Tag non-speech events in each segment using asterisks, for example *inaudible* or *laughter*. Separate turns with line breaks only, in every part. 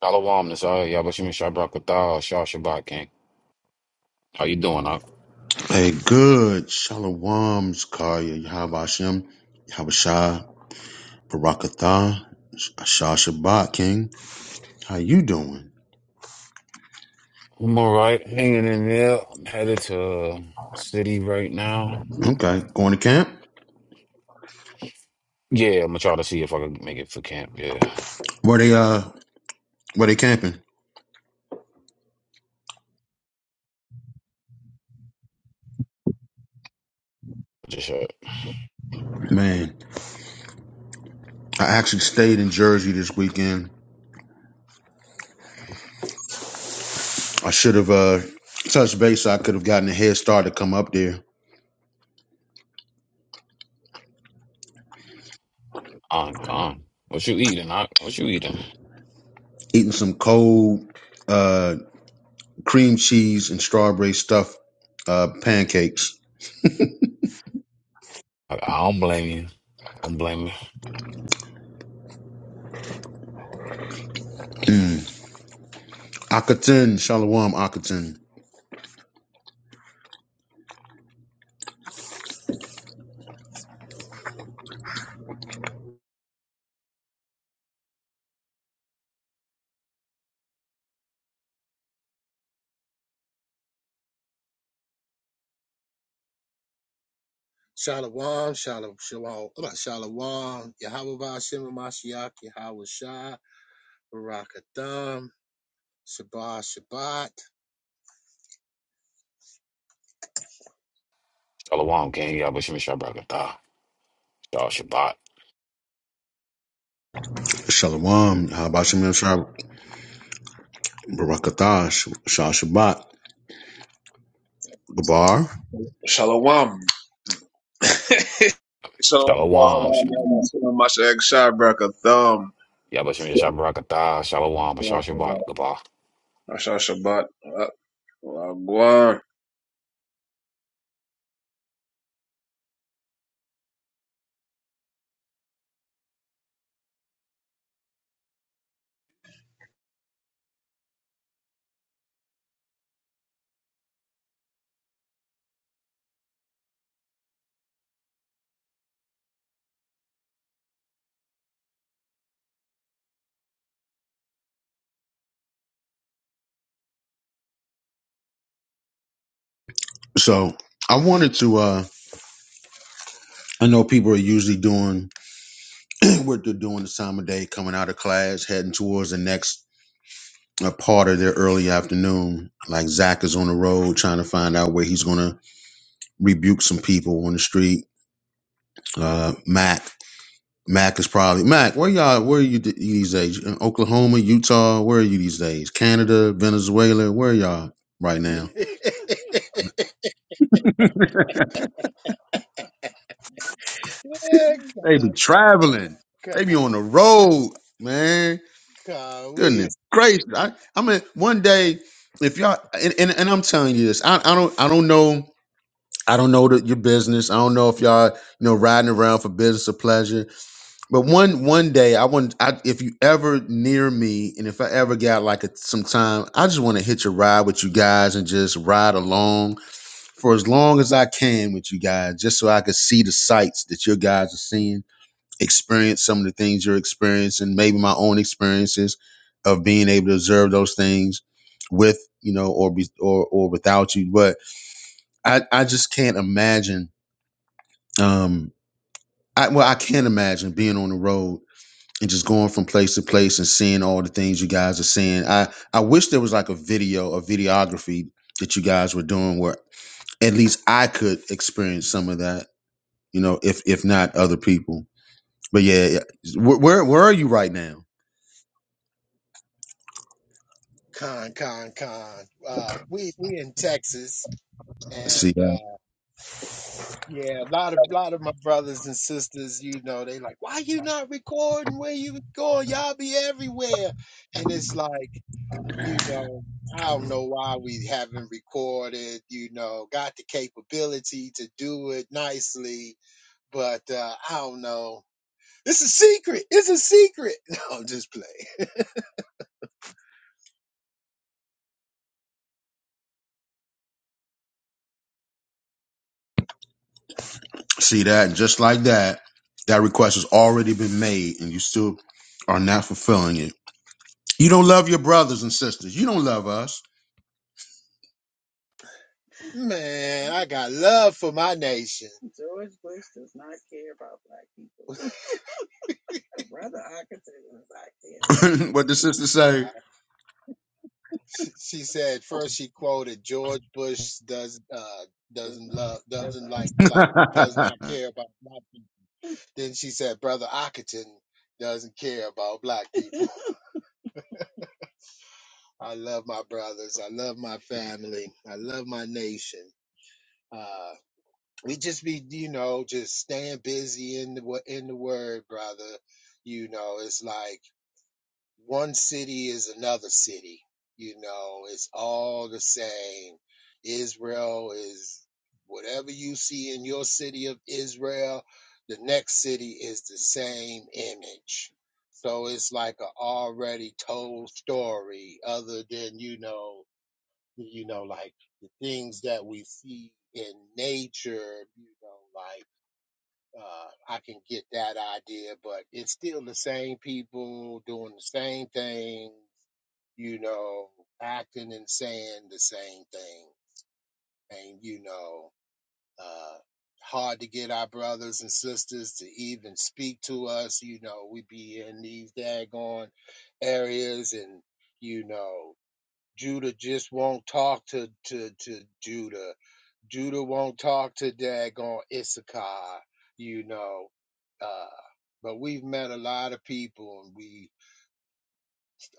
Shalom, Nasai, Yabashim Shabrak Kathar, Shah Shabbat King. How you doing? I-
Hey, good. Shalom, Zakaya, Yahweh Hashem, Yahweh Shah, Barakatha, Shah Shabbat, King. How you doing?
I'm all right, hanging in there. I'm headed to uh, city right now.
Okay, going to camp?
Yeah, I'm gonna try to see if I can make it for camp. Yeah,
Where they, uh, where they camping?
just uh,
Man, I actually stayed in Jersey this weekend. I should have, uh, touched base. So I could have gotten a head start to come up there.
I'm gone. What you eating? I, what you eating?
Eating some cold, uh, cream cheese and strawberry stuffed, uh, pancakes.
I, I don't blame you. I don't blame you.
Mm. Akaten, Shalom Akaten.
Shalom, shalom, shalom, uh, shalom, Yahweh Shem Mashiach, Yahweh Shah, Barakatam, Shabbat, Shabbat.
Shalom, King. Yabashim Shabrak Kathar, Shah Shabbat.
Shalom, Habashim Yashar, Barakatash, Shah Shabbat, Gabar.
Shalom. Shalom.
Shalom. Sh-
Shalom. Shalom. Masha Thumb.
Yabashim Shabrak Kathar, Shalom, Shah Shabbat. Goodbye.
Masha Shabbat. Uh, Wagwan.
So I wanted to, uh, I know people are usually doing *clears throat* what they're doing this time of day, coming out of class, heading towards the next uh, part of their early afternoon. Like Zach is on the road trying to find out where he's going to rebuke some people on the street. Uh, Mac, Mac is probably, Mac, where y'all, where are you th- these days? In Oklahoma, Utah, where are you these days? Canada, Venezuela, where are y'all right
*laughs*
now?
yeah,
They be
God,
traveling.
God,
They be on the road, man.
God, *laughs* we
Goodness gracious! I, I mean, one day, if y'all and, and, and I'm telling you this, I, I don't, I don't know, I don't know the, your business. I don't know if y'all, you know, riding around for business or pleasure. But one one day, I want, I, if you ever near me, and if I ever got like a, some time, I just want to hitch a ride with you guys and just ride along for as long as I can with you guys, just so I could see the sights that your guys are seeing experience some of the things you're experiencing, maybe my own experiences of being able to observe those things with you know or be or or without you. But I I just can't imagine. Um, I well I can't imagine being on the road and just going from place to place and seeing all the things you guys are seeing. I I wish there was like a video, a videography that you guys were doing where at least I could experience some of that. You know, if if not other people. But yeah, yeah. where where, where are you right now?
con, con, con. Uh, we we in Texas,
Let's See.
and
uh,
uh, yeah, a lot of lot of my brothers and sisters, you know, they like, why you not recording? Where you going? Y'all be everywhere, and it's like. you know, I don't know why we haven't recorded, you know, got the capability to do it nicely, but uh, I don't know. It's a secret. It's a secret. *laughs* No, I'm just playing.
See that? And just like that, that request has already been made and you still are not fulfilling it. You don't love your brothers and sisters. You don't love us.
Man, I got love for my nation. George Bush does not care about black people. Brother Arkansas was like,
*laughs*
yeah.
what the sisters say.
Nah, she said first she quoted George Bush does uh doesn't does not not love doesn't does not not like like does
*laughs*
black not care about black. people. Then she said brother Ockerton doesn't care about black people. *laughs* I love my brothers. I love my family. I love my nation. Uh, we just be you know just staying busy in the in the word, brother. You know, it's like. one city is another city. You know, it's all the same. Israel is whatever you see in your city of Israel, the next city is the same image. So it's like a already told story, other than you know, you know, like the things that we see in nature. You know, like uh, I can get that idea, but it's still the same people doing the same thing, you know, acting and saying the same thing. And, you know, uh, hard to get our brothers and sisters to even speak to us. You know, we be in these daggone areas and, you know, Judah just won't talk to, to, to Judah. Judah won't talk to daggone Issachar, you know. Uh, but we've met a lot of people and we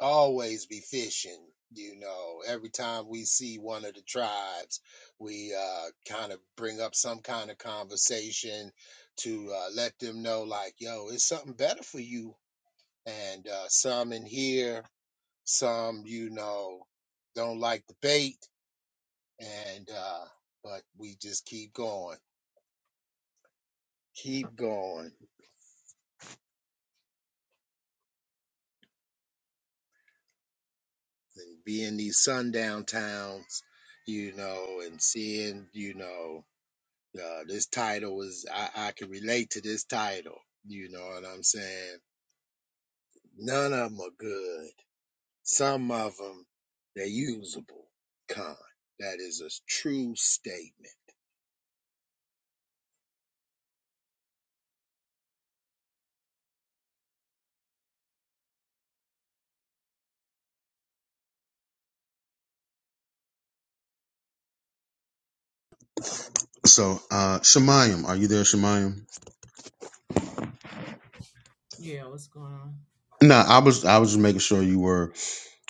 always be fishing. You know, every time we see one of the tribes, we uh, kind of bring up some kind of conversation to uh, let them know, like, yo, it's something better for you. And uh, some in here, some, you know, don't like the bait. And, uh, but we just keep going, keep going, and be in these sundown towns, you know, and seeing, you know, Uh, this title was I, I can relate to this title. You know what I'm saying? None of them are good. Some of them they're usable. Con. That is a true statement.
so uh Shemayim, are you there, Shemayim?
Yeah, what's going on?
No, I was I was just making sure you were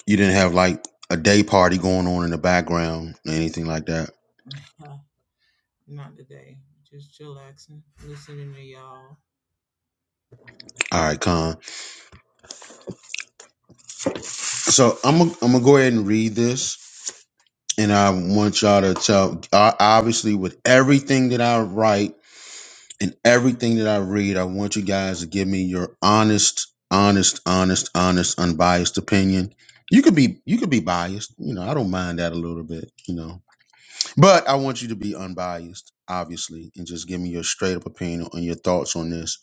you didn't have like a day party going on in the background or anything like that.
Uh, not today. Just chillaxing, listening to y'all.
All right, Con. So I'm gonna I'm gonna go ahead and read this and I want y'all to tell I, obviously with everything that I write in everything that I read, I want you guys to give me your honest, honest, honest, honest, unbiased opinion. You could be you could be biased, you know, I don't mind that a little bit, you know. But I want you to be unbiased, obviously, and just give me your straight up opinion on your thoughts on this.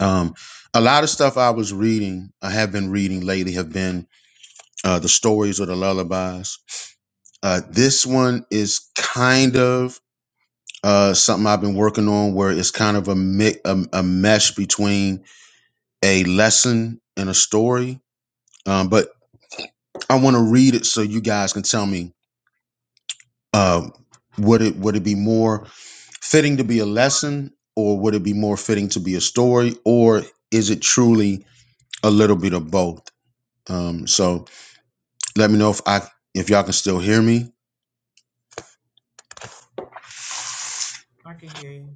Um, a lot of stuff I was reading, I have been reading lately, have been uh, the stories or the lullabies. Uh, this one is kind of uh, something I've been working on, where it's kind of a, mi- a a mesh between a lesson and a story, um, but I want to read it so you guys can tell me uh, would it would it be more fitting to be a lesson, or would it be more fitting to be a story, or is it truly a little bit of both? Um, so let me know if I if y'all can still hear me.
I can hear you.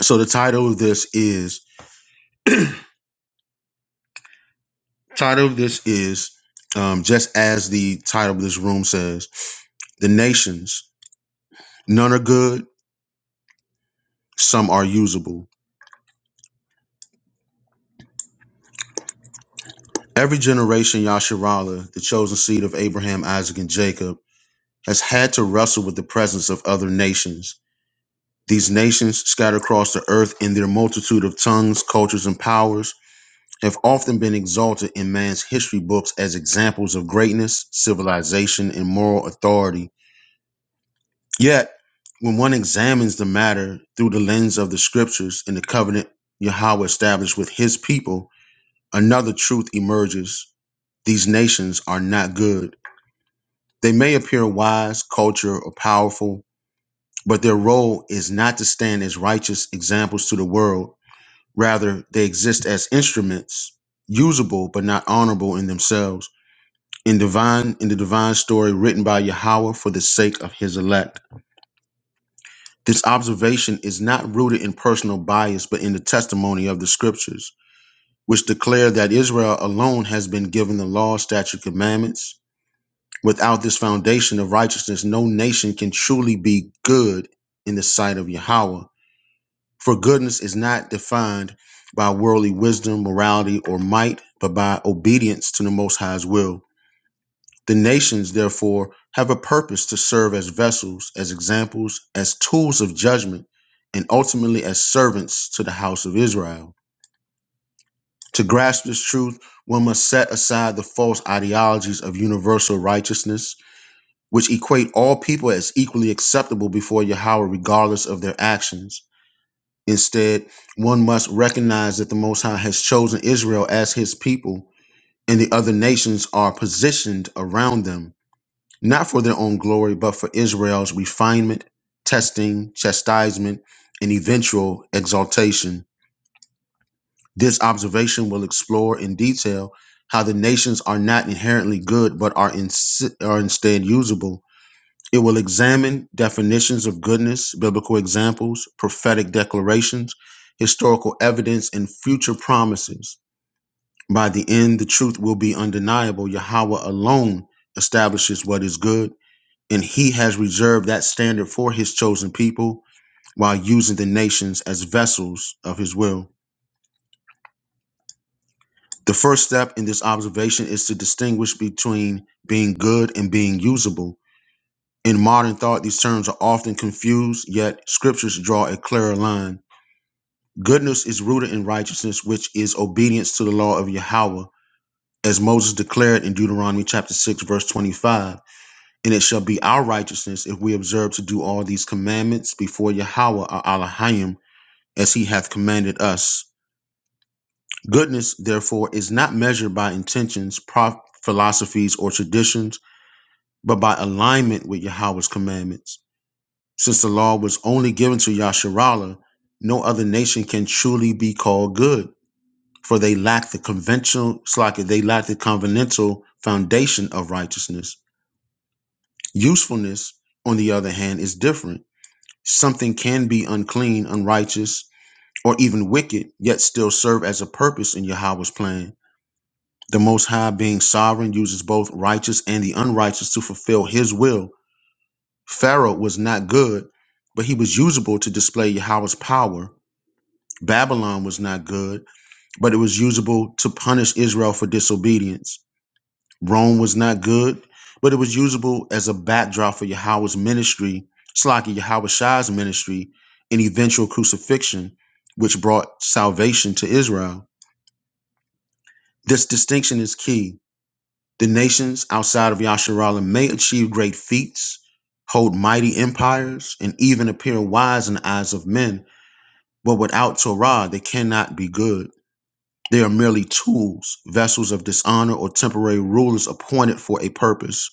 So the title of this is title of this is um, just as the title of this room says, the nations none are good, some are usable. Every generation, Yasharala, the chosen seed of Abraham, Isaac, and Jacob, has had to wrestle with the presence of other nations. These nations, scattered across the earth in their multitude of tongues, cultures, and powers, have often been exalted in man's history books as examples of greatness, civilization, and moral authority. Yet, when one examines the matter through the lens of the scriptures and the covenant Yahweh established with his people, another truth emerges. These nations are not good They may appear wise, cultured, or powerful, but their role is not to stand as righteous examples to the world. Rather, they exist as instruments, usable but not honorable in themselves, in divine in the divine story written by Yahweh for the sake of his elect. This observation is not rooted in personal bias, but in the testimony of the scriptures, which declare that Israel alone has been given the law, statute, commandments, Without this foundation of righteousness, no nation can truly be good in the sight of Yahweh. For goodness is not defined by worldly wisdom, morality, or might, but by obedience to the Most High's will. The nations, therefore, have a purpose to serve as vessels, as examples, as tools of judgment, and ultimately as servants to the house of Israel. To grasp this truth, one must set aside the false ideologies of universal righteousness which equate all people as equally acceptable before Yahweh, regardless of their actions. Instead, one must recognize that the Most High has chosen Israel as his people, and the other nations are positioned around them, not for their own glory, but for Israel's refinement, testing, chastisement, and eventual exaltation. This observation will explore in detail how the nations are not inherently good, but are, in, are instead usable It will examine definitions of goodness, biblical examples, prophetic declarations, historical evidence, and future promises. By the end, the truth will be undeniable. Yahweh alone establishes what is good, and he has reserved that standard for his chosen people while using the nations as vessels of his will. The first step in this observation is to distinguish between being good and being usable. In modern thought, these terms are often confused, yet scriptures draw a clearer line. Goodness is rooted in righteousness, which is obedience to the law of Yahweh, as Moses declared in Deuteronomy chapter 6, verse 25. And it shall be our righteousness if we observe to do all these commandments before Yahweh our Elohim, as he hath commanded us. Goodness, therefore, is not measured by intentions, prof- philosophies, or traditions, but by alignment with Yahweh's commandments. Since the law was only given to Yasharala, no other nation can truly be called good, for they lack the conventional slack they lack the covenantal foundation of righteousness. Usefulness, on the other hand, is different. Something can be unclean, unrighteous, or even wicked, yet still serve as a purpose in Yahweh's plan. The Most High, being sovereign, uses both righteous and the unrighteous to fulfill His will. Pharaoh was not good, but he was usable to display Yahweh's power Babylon was not good, but it was usable to punish Israel for disobedience. Rome was not good, but it was usable as a backdrop for Yahweh's ministry, Slaki Yahweh's ministry, and eventual crucifixion, which brought salvation to Israel. This distinction is key. The nations outside of Yasharala may achieve great feats, hold mighty empires, and even appear wise in the eyes of men, but without Torah, they cannot be good. They are merely tools, vessels of dishonor, or temporary rulers appointed for a purpose.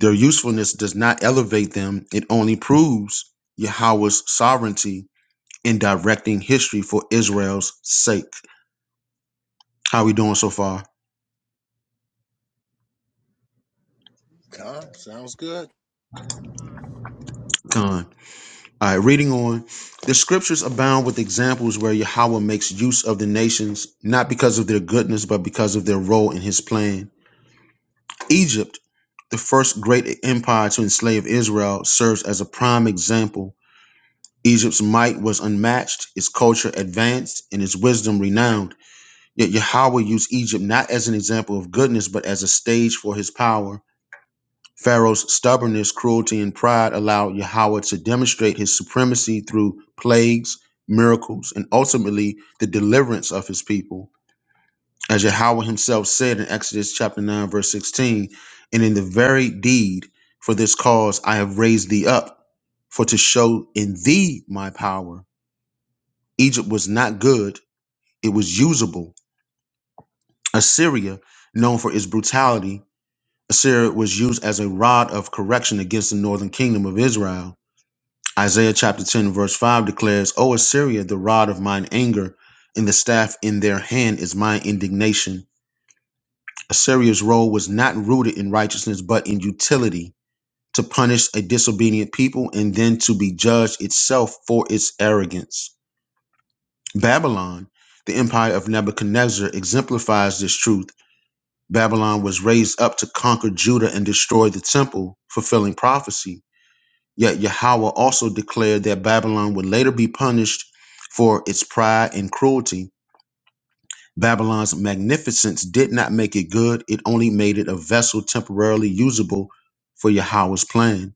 Their usefulness does not elevate them, it only proves Yahweh's sovereignty in directing history for Israel's sake. How we doing so far?
Con. Sounds good.
Mm.
Con. All right, reading on. The scriptures abound with examples where Yahweh makes use of the nations, not because of their goodness, but because of their role in his plan. Egypt, the first great empire to enslave Israel, serves as a prime example Egypt's might was unmatched, its culture advanced, and its wisdom renowned. Yet Yahweh used Egypt not as an example of goodness, but as a stage for his power. Pharaoh's stubbornness, cruelty, and pride allowed Yahweh to demonstrate his supremacy through plagues, miracles, and ultimately the deliverance of his people. As Yahweh himself said in Exodus chapter 9, verse 16, and in the very deed for this cause I have raised thee up, for to show in thee my power Egypt was not good, it was usable. Assyria, known for its brutality, Assyria was used as a rod of correction against the northern kingdom of Israel. Isaiah chapter 10, verse 5 declares, O Assyria, the rod of mine anger, and the staff in their hand is my indignation. Assyria's role was not rooted in righteousness, but in utility to punish a disobedient people and then to be judged itself for its arrogance. Babylon, the empire of Nebuchadnezzar, exemplifies this truth. Babylon was raised up to conquer Judah and destroy the temple, fulfilling prophecy. Yet Yahweh also declared that Babylon would later be punished for its pride and cruelty. Babylon's magnificence did not make it good, it only made it a vessel temporarily usable for Yahweh's plan.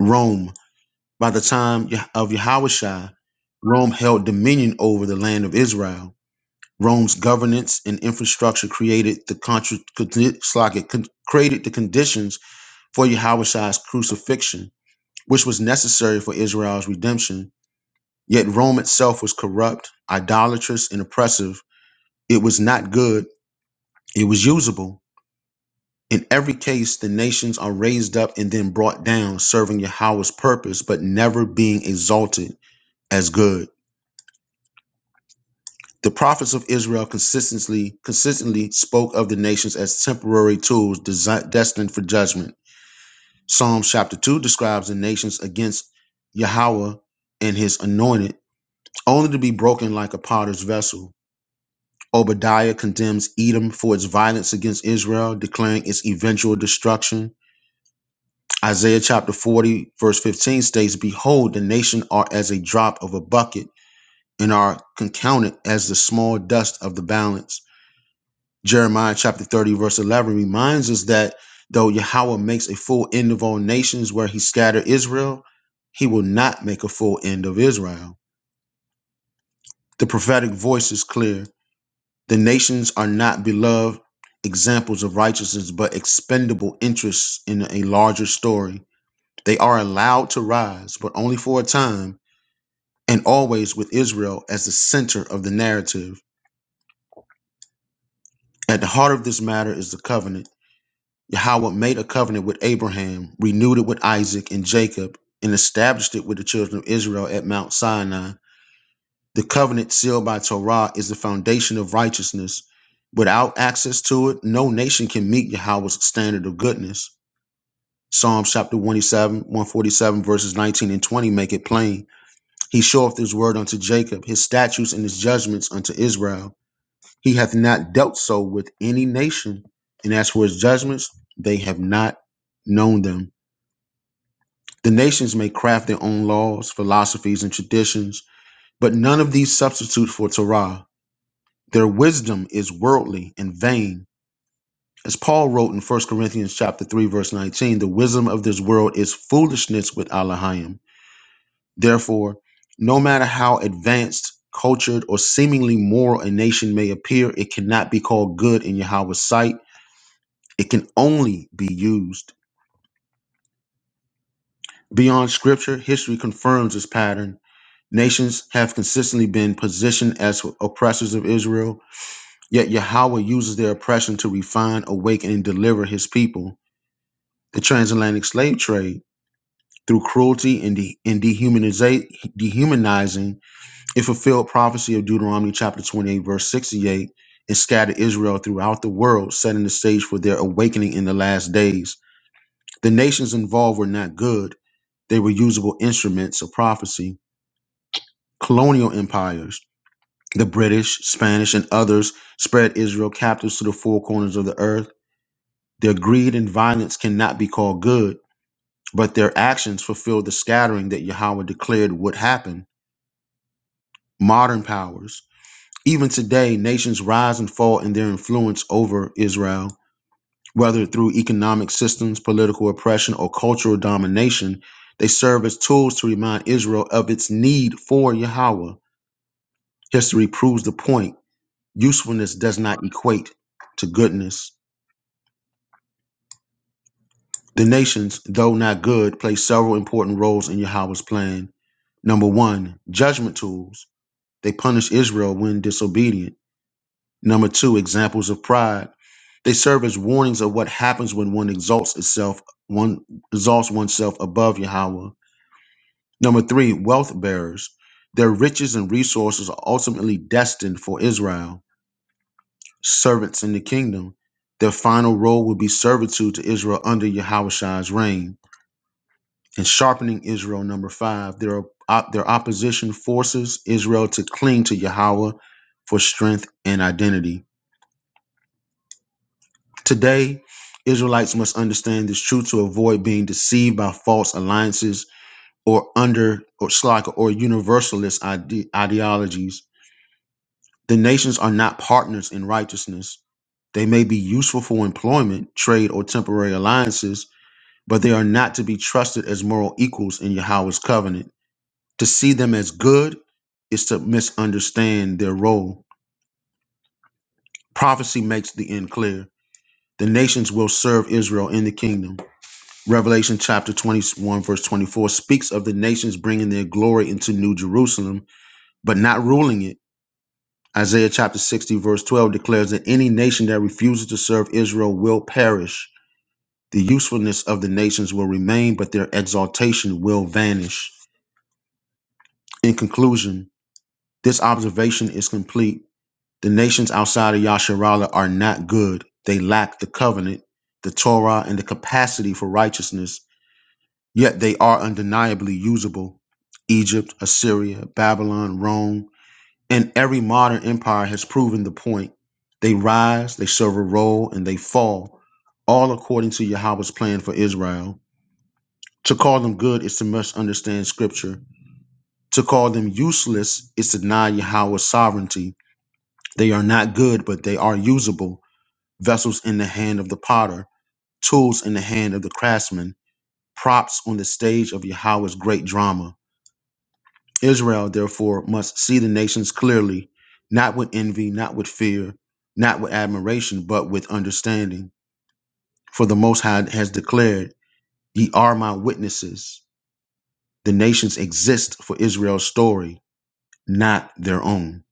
Rome, by the time of Yahushua, Rome held dominion over the land of Israel. Rome's governance and infrastructure created the contra- condi- slack it con- created the conditions for Yahushua's crucifixion, which was necessary for Israel's redemption. Yet Rome itself was corrupt, idolatrous, and oppressive. It was not good. It was usable. In every case, the nations are raised up and then brought down, serving Yahweh's purpose, but never being exalted as good. The prophets of Israel consistently consistently spoke of the nations as temporary tools desi destined for judgment. Psalm chapter 2 describes the nations against Yahweh and his anointed, only to be broken like a potter's vessel. Obadiah condemns Edom for its violence against Israel, declaring its eventual destruction. Isaiah chapter 40, verse 15 states, Behold, the nation are as a drop of a bucket and are counted as the small dust of the balance. Jeremiah chapter 30, verse 11 reminds us that though Yahweh makes a full end of all nations where he scattered Israel, he will not make a full end of Israel. The prophetic voice is clear. The nations are not beloved examples of righteousness, but expendable interests in a larger story. They are allowed to rise, but only for a time, and always with Israel as the center of the narrative. At the heart of this matter is the covenant Yahweh made a covenant with Abraham, renewed it with Isaac and Jacob, and established it with the children of Israel at Mount Sinai. The covenant sealed by Torah is the foundation of righteousness. Without access to it, no nation can meet Yahweh's standard of goodness. Psalm chapter 147, 147, verses 19 and 20 make it plain. He showeth his word unto Jacob, his statutes and his judgments unto Israel. He hath not dealt so with any nation. And as for his judgments, they have not known them. The nations may craft their own laws, philosophies, and traditions, but none of these substitute for Torah. Their wisdom is worldly and vain. As Paul wrote in First Corinthians chapter 3 verse 19, the wisdom of this world is foolishness with Elohim. Therefore, no matter how advanced, cultured, or seemingly moral a nation may appear, it cannot be called good in Yahweh's sight. It can only be used. Beyond scripture, history confirms this pattern. Nations have consistently been positioned as oppressors of Israel, yet Yahweh uses their oppression to refine, awaken, and deliver his people. The transatlantic slave trade, through cruelty and, de- and dehumaniza- dehumanizing, it fulfilled prophecy of Deuteronomy chapter 28, verse 68, and scattered Israel throughout the world, setting the stage for their awakening in the last days. The nations involved were not good, they were usable instruments of prophecy. Colonial empires. The British, Spanish, and others spread Israel captives to the four corners of the earth. Their greed and violence cannot be called good, but their actions fulfilled the scattering that Yahweh declared would happen. Modern powers. Even today, nations rise and fall in their influence over Israel. Whether through economic systems, political oppression, or cultural domination, they serve as tools to remind Israel of its need for Yahweh. History proves the point. Usefulness does not equate to goodness. The nations, though not good, play several important roles in Yahweh's plan. Number one, judgment tools. They punish Israel when disobedient. Number two, examples of pride. They serve as warnings of what happens when one exalts itself, one exalts oneself above Yahweh. Number three, wealth bearers. Their riches and resources are ultimately destined for Israel. Servants in the kingdom. Their final role will be servitude to Israel under Yahweh's reign. In sharpening Israel. Number five, their op- their opposition forces Israel to cling to Yahweh for strength and identity. Today, Israelites must understand this truth to avoid being deceived by false alliances or under or slack or universalist ide- ideologies. The nations are not partners in righteousness. They may be useful for employment, trade, or temporary alliances, but they are not to be trusted as moral equals in Yahweh's covenant. To see them as good is to misunderstand their role. Prophecy makes the end clear. The nations will serve Israel in the kingdom. Revelation chapter 21, verse 24 speaks of the nations bringing their glory into New Jerusalem, but not ruling it. Isaiah chapter 60, verse 12 declares that any nation that refuses to serve Israel will perish. The usefulness of the nations will remain, but their exaltation will vanish. In conclusion, this observation is complete The nations outside of Yasharala are not good. They lack the covenant, the Torah, and the capacity for righteousness, yet they are undeniably usable. Egypt, Assyria, Babylon, Rome, and every modern empire has proven the point. They rise, they serve a role, and they fall, all according to Yahweh's plan for Israel. To call them good is to misunderstand scripture. To call them useless is to deny Yahweh's sovereignty. They are not good, but they are usable. vessels in the hand of the potter, tools in the hand of the craftsman, props on the stage of Yahweh's great drama. Israel, therefore, must see the nations clearly, not with envy, not with fear, not with admiration, but with understanding. For the Most High has declared, Ye are my witnesses. The nations exist for Israel's story, not their own.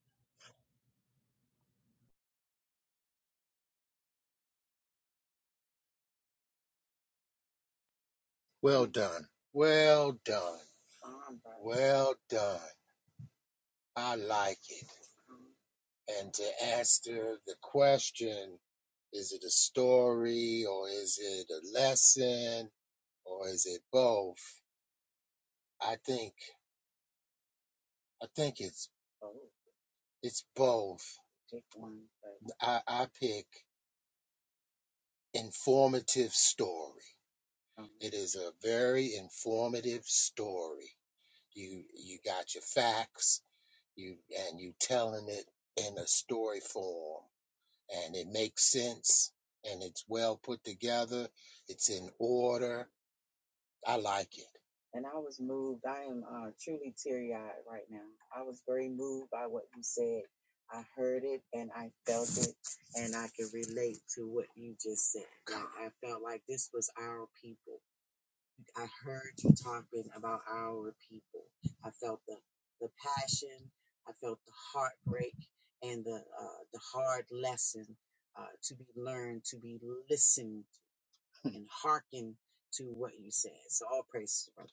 Well done. Well done. Well done. I like it. And to answer the question, is it a story or is it a lesson or is it both? I think I think it's oh. it's both. Pick one. I, I pick informative story. Oh. It is a very informative story. You you got your facts, you and you telling it in a story form, and it makes sense, and it's well put together. It's in order I like it. And I was moved. I am uh, truly teary eyed right now. I was very moved by what you said. I heard it and I felt it, and I could relate to what you just said. Like, I felt like this was our people. I heard you talking about our people. I felt the, the passion, I felt the heartbreak, and the, uh, the hard lesson uh, to be learned, to be listened and hearkened to what you said. So, all praise, brother.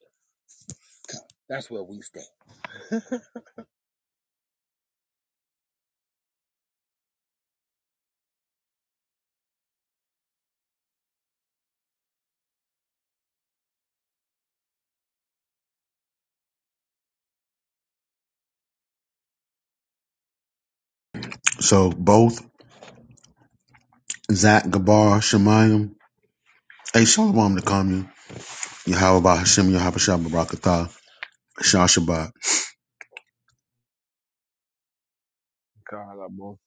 So both Zach, Gabar, Shemayim, hey, Shalom to commune. Yahweh Hashem, Yahweh Shabbat Barakatah, Shah Shabbat.
God, I got both.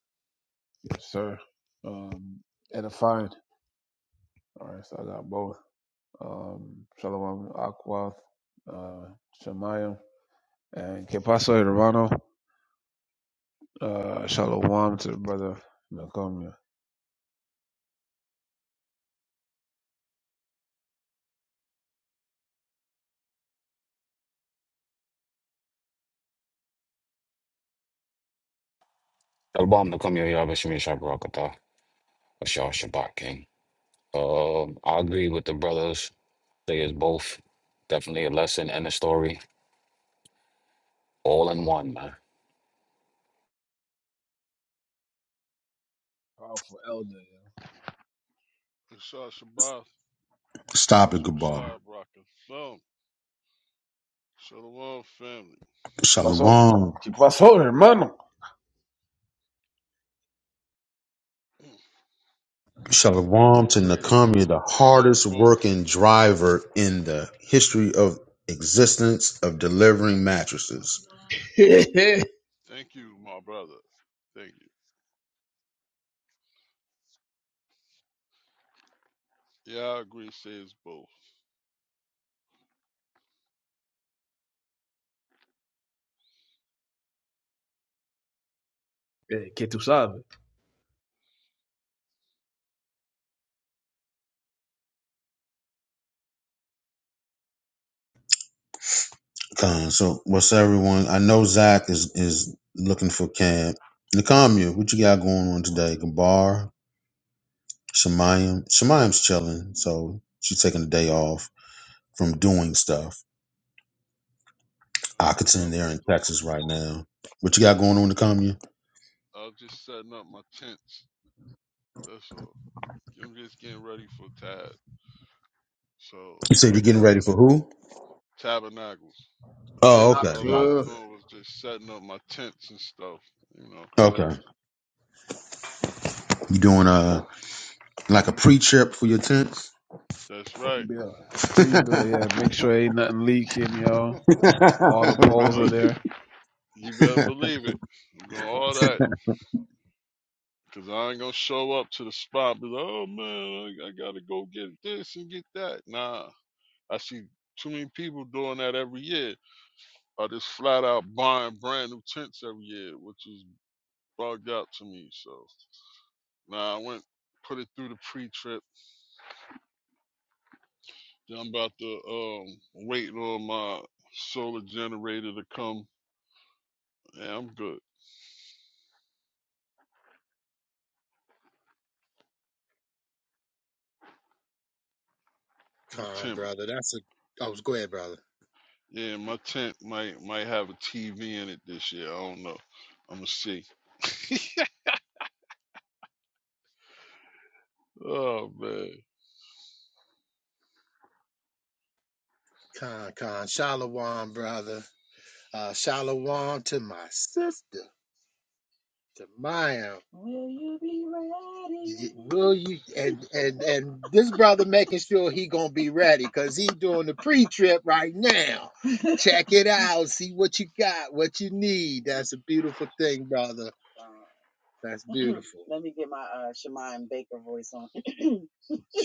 Yes, sir. Um, edifying. All right, so I got both. Um, Shalom Akwath, uh, Shemayim, and Kepaso Hermano. Uh, Shalom to the brother Nakamia.
Shalom, come here. Yabashim Shabrak Kathar, Shah Shabbat King. Um, I agree with the brothers. They is both definitely a lesson and a story all in one, man.
Powerful elder. yo.
Inshallah Shabbat.
Stop it,
Yabashim
Gabar.
Shah Baraka. So, Shalom family.
Paso.
Shalom.
Kepaso Hermano.
Shalom
All
to
praises.
Nakami, the
I'll say
hardest
both.
working driver in the history of existence of delivering mattresses.
*laughs*
Thank you, my brother. Thank you. Yeah, I agree. Say it's both.
Hey, get to something.
Con, so what's everyone? I know Zach is is looking for Cam. Nakamiya, what you got going on today? Gabar, Shemayim. Shemayim's chilling, so she's taking a day off from doing stuff. I could
Uh, what I
send
was
there in Texas
doing,
right now. What you got going on, Nakamiya?
I was just setting up my tents. That's all. I'm just getting ready for Tab. So
You said
I
you're getting
got
ready for who?
tabernacles.
I better
Oh, okay.
So
not
all
Gotcha.
I was
cook.
doing was just setting up my tents and stuff. You know.
Okay. You doing a like a pre trip for your tents?
That's right.
*laughs*
Pre-bill, yeah. Make sure ain't nothing leaking, you know. All the
right.
poles are
*laughs*
Uh,
there.
you, you better believe it. I'm doing all that. Cause I ain't gonna show up to the spot, be like, oh man, I, I gotta go get this and get that. Nah, I see too many people doing that every year, or just flat out buying brand new tents every year, which is bugged out to me. So, nah, I went put it through the pre-trip. Then I'm about to um wait on my solar generator to come. Yeah, I'm good. My
Con,
tent,
brother. That's a. I was go ahead, brother.
yeah, my tent might might have a TV in it this year. I don't know. I'm gonna see. Oh man.
Con, con. Shalom, brother. Uh, shalom to my sister, to Maya. Will you be ready? Will you? And and and this brother making sure he gonna be ready because he doing the pre-trip right now. Check it out. See what you got. What you need. That's a beautiful thing, brother. That's *laughs* beautiful. *clears throat* Let me get my uh, Shemaim Baker voice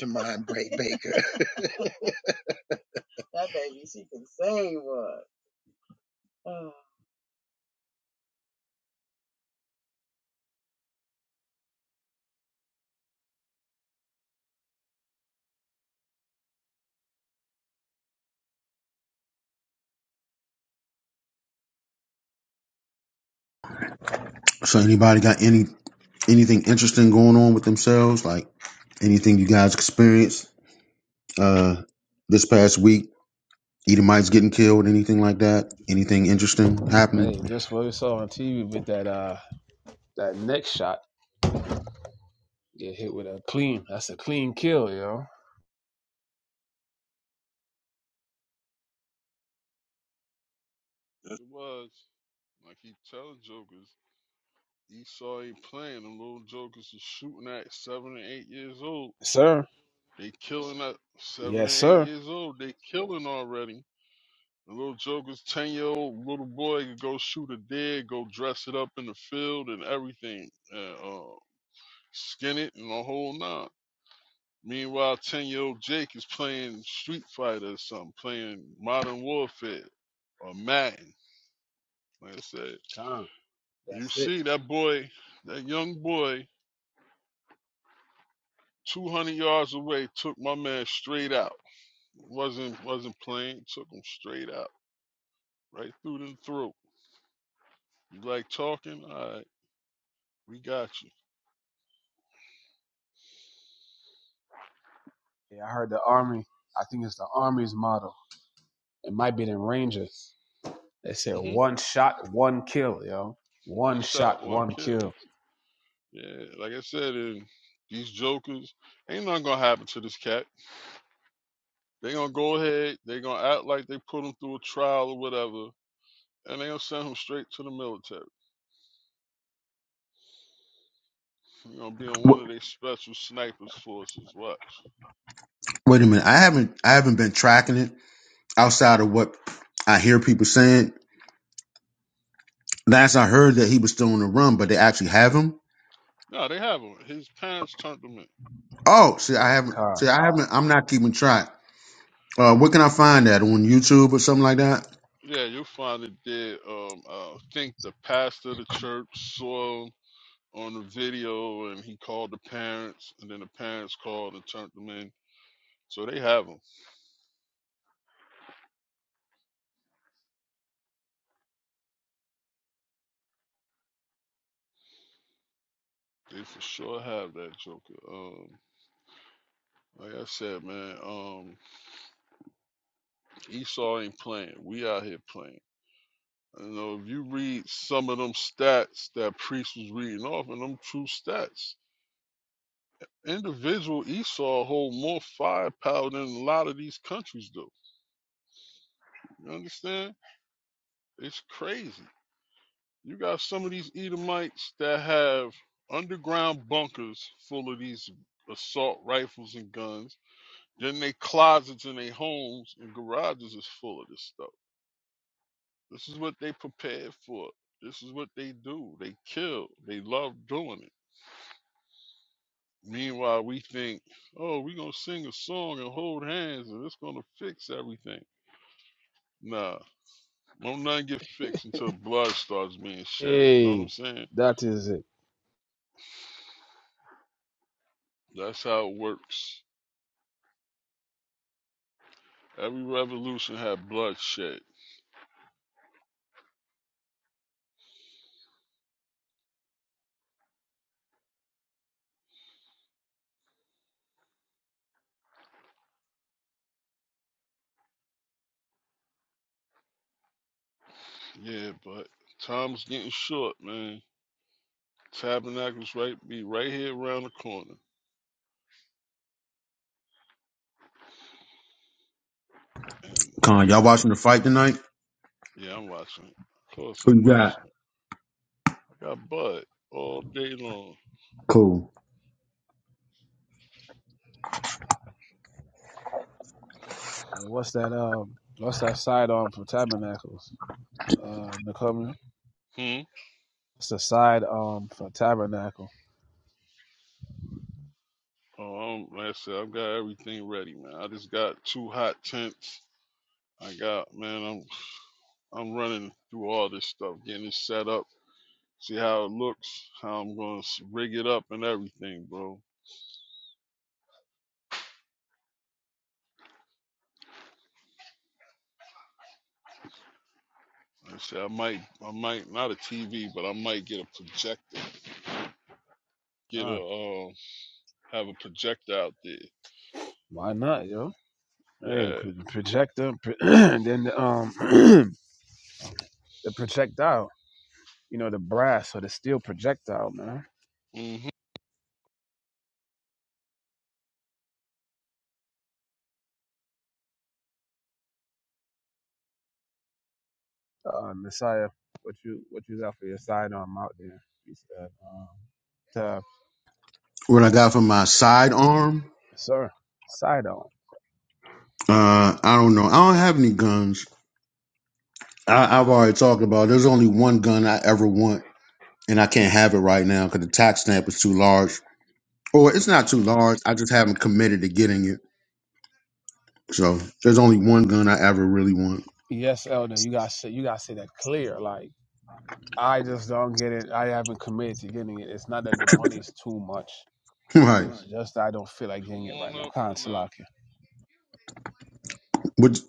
Shemai Bra- *clears throat* Baker. *laughs* That baby, she can sing what? Oh.
So anybody got any anything interesting going on with themselves? Like anything you guys experienced uh this past week? Edomites getting killed, anything like that? Anything interesting happening?
Hey, just what we saw on TV with that uh that neck shot. Get hit with a clean. That's a clean kill, yo.
Yes, it was. Like he tells jokers, Esau ain't playing. Them little jokers is shooting at seven and eight years old.
sir.
They killing at seven
Yes,
and eight
sir.
years old. They killing already. The little jokers, ten year old little boy could go shoot a deer, go dress it up in the field and everything, and, uh, skin it and the whole nine. Meanwhile, ten year old Jake is playing Street Fighter or something, playing Modern Warfare or Madden. Like I said.
Come.
You
That's it.
see that boy, that young boy, 200 yards away, took my man straight out. wasn't wasn't playing. Took him straight out, right through the throat. You like talking? All right, we got
Yeah, I heard the army. I think it's the army's motto. It might be the Rangers. They said
you. hmm
one shot, one kill, yo.
One
One
shot,
shot,
one
one
kill.
kill.
Yeah, like I said, and these jokers ain't nothing gonna happen to this cat. They gonna go ahead. They gonna act like they put him through a trial or whatever, and they gonna send him straight to the military. He gonna be on one
Wh-
of their special snipers forces. Watch.
Wait a minute. I haven't I haven't been tracking it outside of what I hear people saying. Last I heard that he was still on the run, but they actually have him.
No, they have him. His parents turned him in.
Oh, see, I
Yeah,
haven't.
come.
See, I haven't. I'm not keeping track. Uh, where can I find that on YouTube or something like that?
Yeah, you find it did. Um, I think the pastor of the church saw him on the video, and he called the parents, and then the parents called and turned them in. So they have him. They for sure have that Joker. Um, like I said, man, um, Esau ain't playing. We out here playing. You know, if you read some of them stats that Priest was reading off, and them true stats, individual Esau hold more firepower than a lot of these countries do. You understand? It's crazy. You got some of these Edomites that have underground bunkers full of these assault rifles and guns. Then they closets in their homes and garages is full of this stuff. This is what they prepared for. This is what they do. They kill. They love doing it. Meanwhile, we think, oh, we're gonna sing a song and hold hands and it's gonna fix everything. Nah, won't nothing get fixed until blood starts being shedded. You know what I'm
Hey,
saying?
that is it.
That's how it works. Every revolution had bloodshed. Yeah, but time's getting short, man. Tabernacles right be right here around the corner. And
Con, y'all watching the fight tonight?
yeah, I'm watching it. Of course
Who
I'm
you got?
watching it. I got Bud all day long.
Cool.
And what's that? Um, what's that sidearm for tabernacles? Uh, Nicole,
Hmm?
It's the sidearm for tabernacle?
Oh, I'm, like I said, I've got everything ready, man. I just got two hot tents. I got, man, I'm I'm running through all this stuff, getting it set up, see how it looks, how I'm gonna rig it up and everything, bro. Like I said I might, I might not a TV, but I might get a projector. Get a,
God,
um, have a projector out there.
why not, yo? Hey,
Yeah.
pro- projector, pro- *clears throat* and then the, um, *clears throat* the projectile. You know, the brass or the steel projectile, man.
hmm
Uh, Messiah, what you what you got for your sidearm out there? He said, um, to,
What I got for my sidearm?
sir, sidearm.
Uh, I don't know. I don't have any guns. I, I've already talked about. it. There's only one gun I ever want, and I can't have it right now because the tax stamp is too large. Or it's not too
Uh,
large. I just haven't committed to getting it. So there's only one gun I ever really want.
Yes, elder, you got to say you got to say that clear, like. I just don't get it. I haven't committed to getting it. It's not that the money's too much.
*laughs* right.
It's just that I don't feel like
come
getting it right
on
now.
up,
Khan
Kana.
Salakia.
What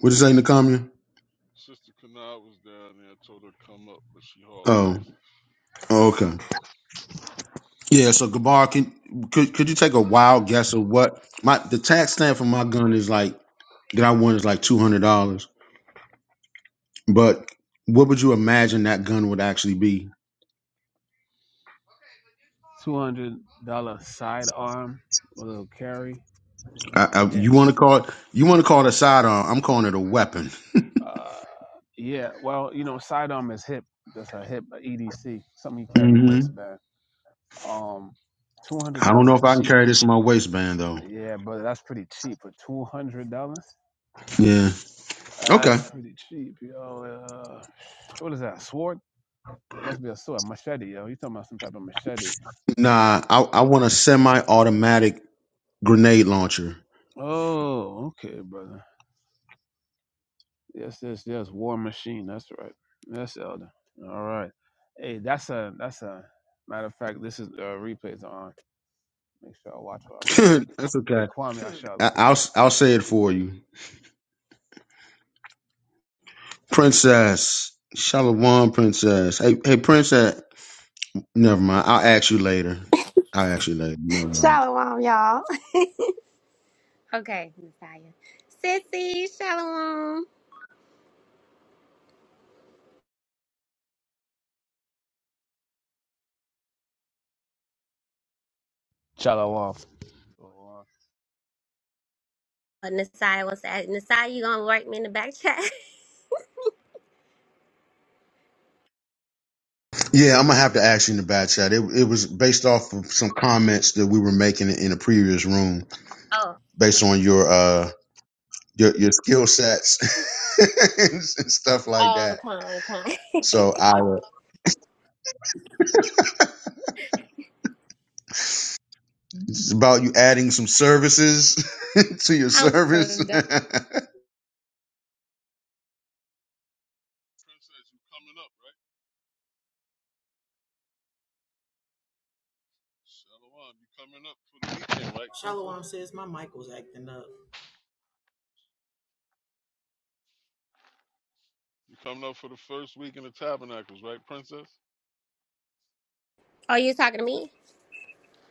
What you say, Nakamia?
Sister Kana was down there. I told her to come up, but she hauled
Oh.
ass. Yeah.
Okay. Yeah. So Gabar, can could could you take a wild guess of what my the tax stamp for my gun is like that I won is like two hundred dollars, but what would you imagine that gun would actually be?
Two hundred dollar sidearm, a little carry.
I, I, you
Damn.
want to call it you want to call it a sidearm? I'm calling it a weapon.
Uh, yeah. Well, you know, sidearm is hip. That's a hip, a EDC, something you carry in a
hmm
waistband. Um, two hundred
I don't
dollars
know
is
if I can
cheap.
carry this in my waistband though.
Yeah, but that's pretty cheap for two hundred dollars.
Yeah. Okay.
That's pretty cheap, yo. Uh, what is that? A sword? Must be a sword, machete, yo. You talking about some type of machete?
Nah. I I want a semi-automatic grenade launcher.
Oh, okay, brother. Yes, yes, yes. War Machine. That's right. Yes, Elder. All right. Hey, that's a that's a matter of fact. This is uh, replays are on. Make sure I watch what I'm
*laughs*
saying.
That's
Hey,
okay.
Kwame.
I, I'll I'll say it for you. Princess. Shalom, Princess. Hey, hey, Princess. Never mind. I'll ask you later. I'll ask you later. Never mind.
Shalom, y'all. Okay, Messiah. Sissy, Shalom.
Shout out off.
But Messiah was at Messiah, you gonna work me in the back chat? *laughs*
Yeah, I'm gonna have to ask you in the back chat. It, it was based off of some comments that we were making in a previous room,
Oh.
based on your uh your your skill sets *laughs* and stuff like
Oh,
that.
kind, kind.
So I it's about you adding some services *laughs* to your
*laughs* I'm so
service.
done.
Princess, you coming up, right? Shalom, you coming up for the weekend, right, Princess?
Shalom says my mic was acting up.
You coming up for the first week in the Tabernacles, right, Princess?
Oh, you talking to me?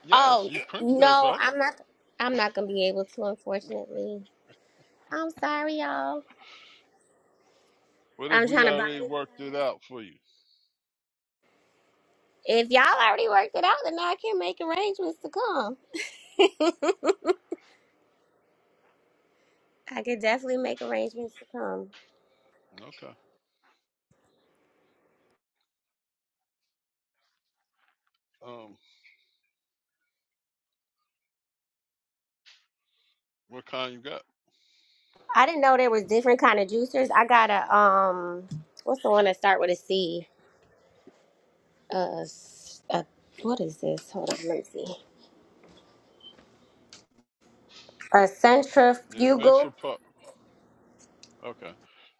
Yes,
Oh,
you Princess,
no,
right?
I'm not I'm not gonna be able to, unfortunately. I'm sorry, y'all.
What if
I'm
we
trying to buy
already
this.
worked it out for you?
If y'all already worked it out, then I can make arrangements to come. *laughs* I could definitely make arrangements to come.
Okay. Um, what kind you got?
I didn't know there was different kind of juicers. I got a um, what's the one that start with a C? Uh, s- uh what is this? Hold on, let me see. A
The
centrifugal?
Invincible, Pup. Okay.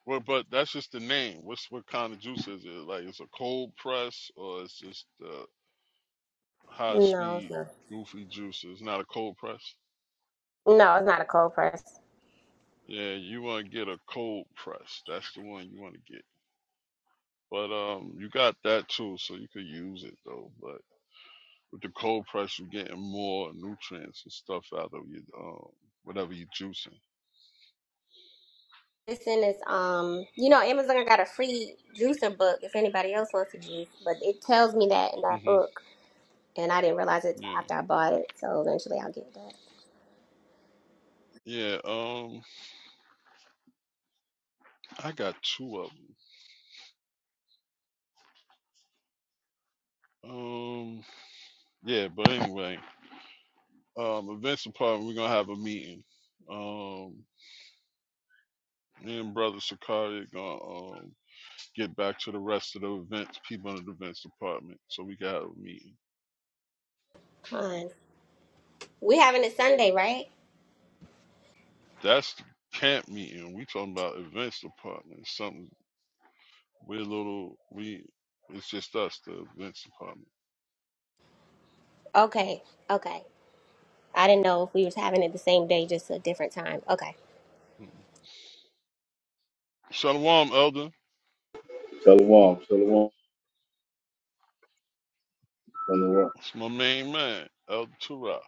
Well, but that's just the name. What's what kind of juice is it? Like it's a cold press or it's just uh, high
No, it's
speed
not.
goofy juice. It's not a cold press.
No, it's not a cold press.
Yeah, you want to get a cold press. That's the one you want to get. But um, you got that too, so you could use it though. But with the cold press, you're getting more nutrients and stuff out of your um whatever you're juicing.
This in is um, you know, Amazon got a free juicer book if anybody else wants to juice, but it tells me that in that
hmm
book, and I didn't realize it till
Yeah,
after I bought it. So eventually, I'll get that.
yeah. Um, I got two of them. Um, yeah, but anyway. Um, eventually, probably we're gonna have a meeting. Um, me and Brother Sakari gonna um, get back to the rest of the events, people in the events department, so we can have a meeting.
Fine. We having it Sunday, right?
That's the camp meeting. We talking about events department. Something we're a little we. It's just us, the events department.
Okay, okay. I didn't know if we was having it the same day, just a different time. Okay.
Mm. Shalom, Elder.
Shalom, shalom, shalom.
It's my main man, Elder Tura.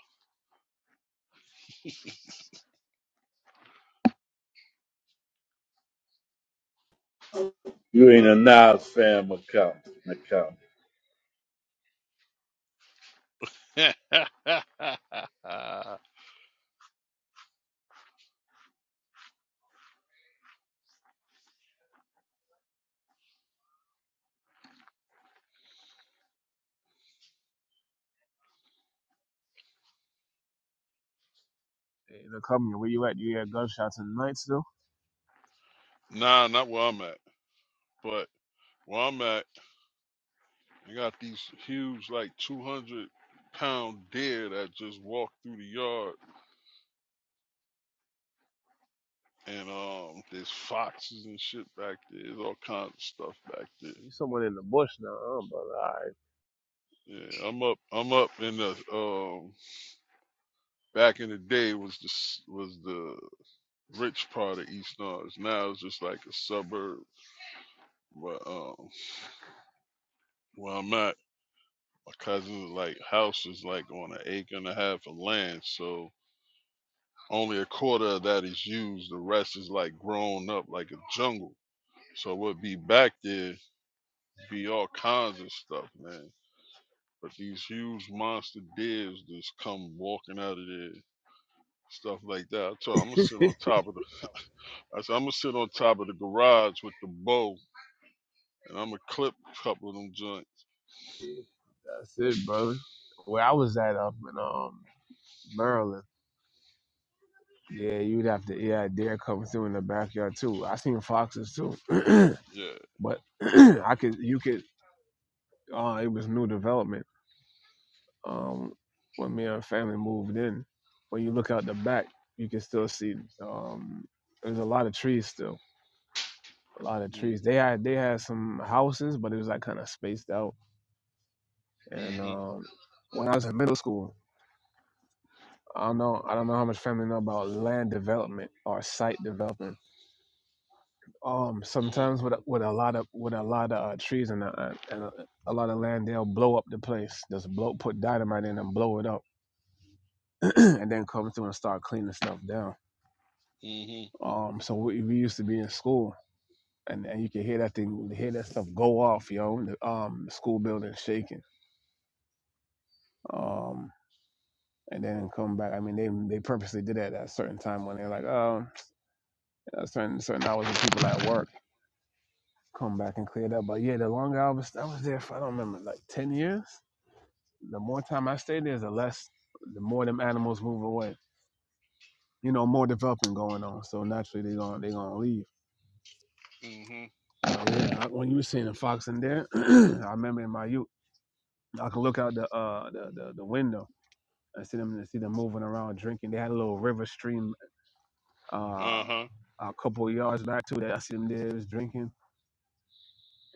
You ain't a Nas fan, Macau, Macau.
*laughs* nah,
Hey, look, come here. Where you at? You hear gunshots in the night still?
not where I'm at, but where I'm at. They got these huge, like 200 pound deer that just walk through the yard. And um, there's foxes and shit back there. There's all kinds of stuff back there.
You somewhere in the bush now, huh, brother? All
Yeah, I'm up. I'm up in the um. Back in the day was the was the rich part of East Orange. Now it's just like a suburb. But um, where I'm at, my cousin's like house is like on an acre and a half of land. So only a quarter of that is used. The rest is like grown up like a jungle. So we'll be back there, be all kinds of stuff, man. But these huge monster deers just come walking out of there, stuff like that. I told him, I'm gonna sit on
right. *laughs*
top of the, I said I'm gonna sit on top of the garage with the bow, and I'm gonna clip a couple of them joints.
Yeah, that's it, brother. Where I was at up in um Maryland. Yeah, you'd have to. Yeah, deer coming through in the backyard too. I seen foxes too. *clears throat*
Yeah.
But *clears throat* I could, you could, uh, it was new development. Um, when me and her family moved in, when you look out the back, you can still see, um, there's a lot of trees still, a lot of trees. They
Mhm.
had, they had some houses, but it was like kind of spaced out. And,
Mhm.
um, when I was in middle school, I don't know, I don't know how much family know about land development or site development Um,
Mhm.
sometimes with a- with a lot of with a lot of uh, trees and a, and a, a lot of land, they'll blow up the place. Just blow, put dynamite in and blow it up, *clears throat* and then come through and start cleaning stuff down.
Mhm.
Um, so we, we used to be in school, and, and you could hear that thing, hear that stuff go off, yo. The, um, the school building shaking. Um, and then come back. I mean, they they purposely did that at a certain time when they're like, oh, *tsk* certain certain hours when people at work come back and clear that. But yeah, the longer I was I was there for I don't remember like ten years. The more time I stay there, the less, the more them animals move away. You know, more developing going on, so naturally they are gonna they gonna leave.
Mhm.
But yeah, I, when you were seeing the fox in there, *clears throat* I remember in my youth, I could look out the uh the the, the window and see them see them moving around drinking. They had a little river stream uh
Uh huh.
a couple of yards back too that I see them there was drinking.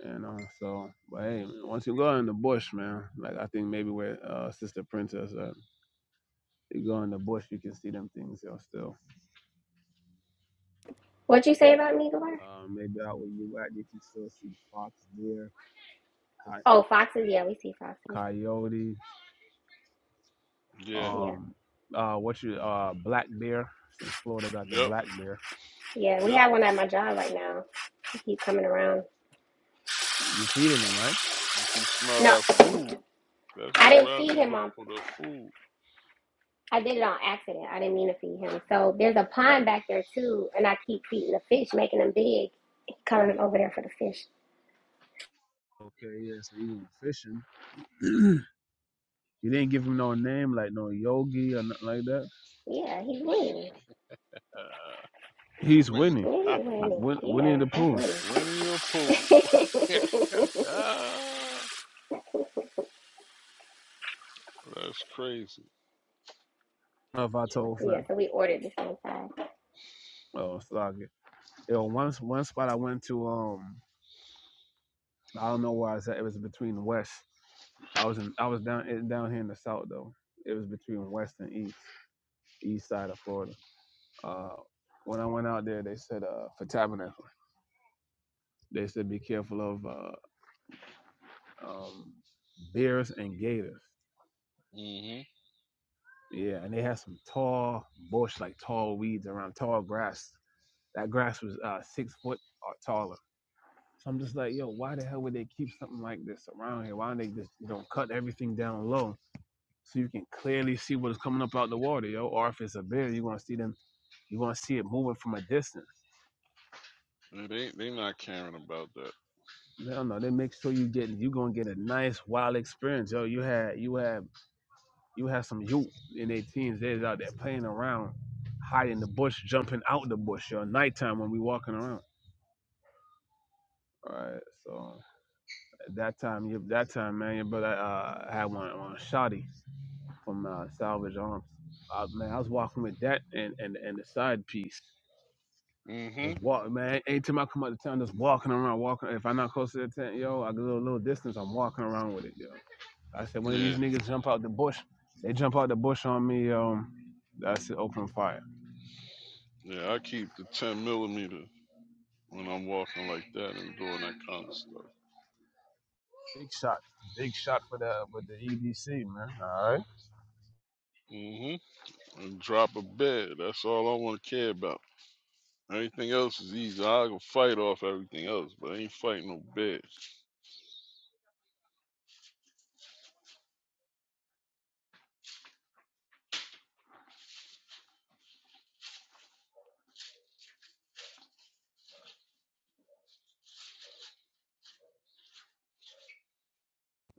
And uh, so, but hey, once you go in the bush, man, like I think maybe where uh, Sister Princess, uh, you go in the bush, you can see them things, yo, still.
What'd you say about me Migler?
Uh, maybe out where you at, you can still see fox deer, coy-
Oh, foxes. Yeah, we see foxes.
coyotes,
Yeah.
Yeah,
um, uh, what you uh, black bear. Since Florida got the
Yep.
black bear,
yeah. We
Yep.
have one at my job right now. He keep coming around.
you feeding them, right?
If you smell
No,
that food, that's what
I
you
didn't
around
feed
there
him
looking
on.
for. The food.
I did it on accident. I didn't mean to feed him. So there's a pond back there too, and I keep feeding the fish, making them big. He coming over there for the fish.
Okay, yeah. So even fishing, *clears throat* you didn't give him no name like no Yogi or nothing like that.
Yeah, he's winning.
Uh, he
He's
went.
Winnie,
Yeah,
I
he's winning.
Win- Winnie
Yeah,
the
that's
Pooh. I
went in the pool.
winning.
*laughs* Ah, that's crazy.
don't know if I
*laughs*
told
yeah,
him.
so we ordered the same side.
Oh, sorry. Yo, one one spot I went to, um, I don't know where I was at. It was between West. I was in, I was down down here in the south though. It was between west and east, east side of Florida. Uh, when I went out there, they said uh, for tabernacle, they said be careful of uh, um, bears and gators.
Mm-hmm.
Yeah, and they had some tall bush, like tall weeds around tall grass. That grass was uh, six foot or taller. So I'm just like, yo, why the hell would they keep something like this around here? Why don't they just you know cut everything down low so you can clearly see what is coming up out the water, yo? Or if it's a bear, you're gonna see them You're gonna see it moving from a distance.
Yeah, they they not caring about that.
They don't know. They make sure you get. you gonna get a nice wild experience. Yo, you had you had you had some youth in their teens. They was out there playing around, hiding in the bush, jumping out the bush. Yo, nighttime when we walking around. All right, so at that time, you that time, man, your brother uh, had one on Shotty from uh, Salvage Arms. Uh, man, I was walking with that and and and the side piece.
Mm-hmm.
Just walk, man. Anytime I come out of town, just walking around, walking. If I'm not close to the tent, yo, I go a little little distance. I'm walking around with it, yo. I said, when these
Yeah,
niggas jump out the bush, they jump out the bush on me. Um, that's it, open fire.
yeah. I keep the ten millimeter when I'm walking like that and doing that kind of stuff.
Big shot, big shot for the with the EDC, man. All right.
Mm-hmm. And drop a bed. That's all I want to care about. Everything else is easy. I go fight off everything else, but I ain't fighting no bed.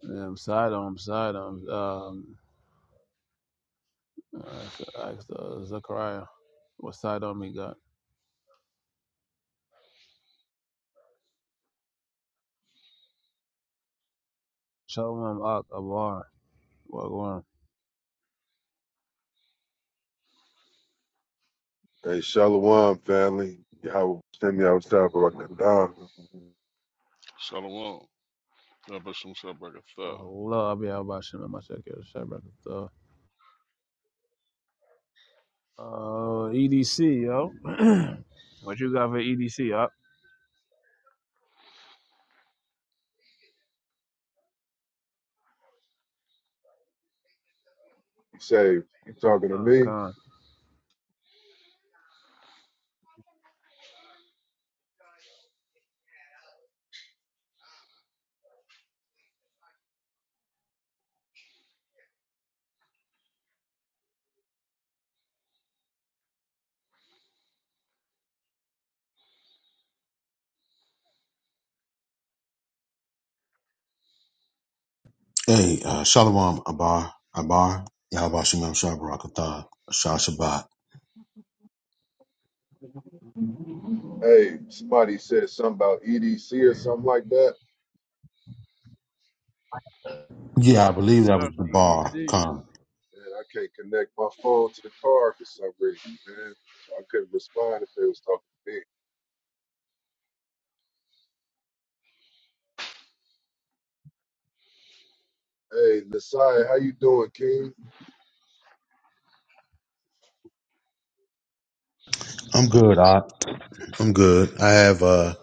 Yeah, sidearm, sidearm. Um, I should ask uh, Zachariah what sidearm he got. Shalom Ak Abar. Wagwan.
Hey, Shalom family. Y'all send me outside for a condom. You
Shalom. God bless
Oh, Allah, I'll be out by Shimon, my second, Shabbat. Uh, EDC, yo. *clears throat* what you got for EDC, yo?
say, you talking to
Uh,
me?
con.
*laughs* hey, uh, Shalom, Abar, Abar, Yahweh Shem Shabbat, Shah Shabbat.
Hey, somebody said something about EDC or something like that.
Yeah, I believe
Yes,
that was
sir.
the bar.
EDC.
Con.
And I can't connect my phone to the car for some reason, man. So I couldn't respond if they was talking to me. Hey, Nasai, how you doing, King?
I'm good. I I'm good. I have uh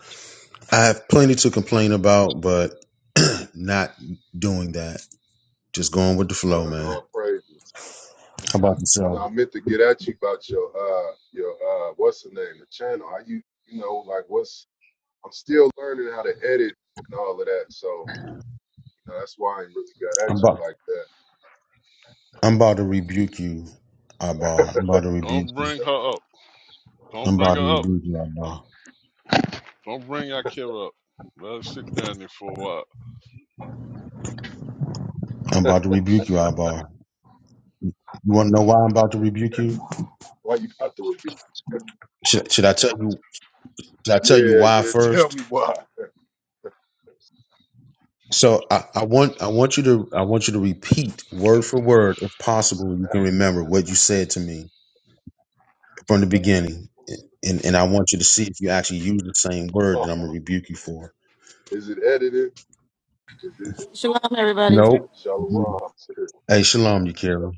I have plenty to complain about, but *clears throat* not doing that. Just going with the
Kind
flow,
of
man.
all praises.
How
I,
about
you
yourself?
know, I meant to get at you about your uh your uh what's the name, the channel. How you you know, like what's I'm still learning how to edit and all of that. So Now, that's why I ain't really got
I'm
at you
about
like that.
I'm about to rebuke you, Ibar. I'm about to rebuke
Don't bring her up. Don't
I'm about
bring
to
her up.
rebuke you, Ibar.
Don't bring Akira up. Let her sit down there for a while.
I'm about to rebuke you, Ibar. You wanna know why I'm about to rebuke you?
Why you about to repeat? *laughs*
Should, should I tell you should I tell you
Yeah,
why
yeah.
first?
Tell me why. *laughs*
So I, I want I want you to I want you to repeat word for word, if possible, you can remember what you said to me from the beginning, and and I want you to see if you actually use the same word
Oh,
that I'm gonna rebuke you for.
Is it edited? Is it
Shalom, everybody.
Nope.
Shalom? *laughs*
Hey, shalom, Yakira.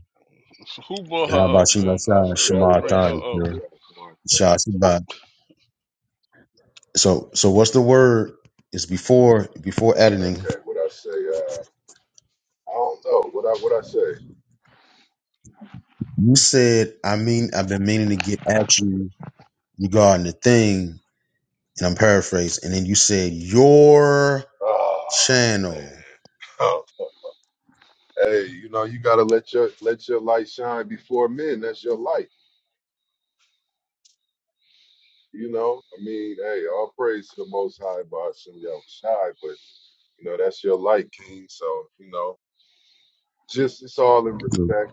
So who brought
How
her
about
up,
you,
man? I
Masai?
said
yeah, I
don't
Shema
would buy
bring
Atah,
shit
her up.
on
Yakira.
Shalom.
Shah Shabbat. So so what's the word? It's before before editing.
Okay, what I say? Uh, I don't know. What I what I say?
You said I mean I've been meaning to get at you regarding the thing, and I'm paraphrasing, and then you said your
Oh
channel.
man. *laughs* hey, you know you gotta let your let your light shine before men. That's your light. You know, I mean, hey, all praise to the Most High, Bashim Yahweh Shai, but You know, that's your light, King. So, you know, just it's all in
Yeah,
respect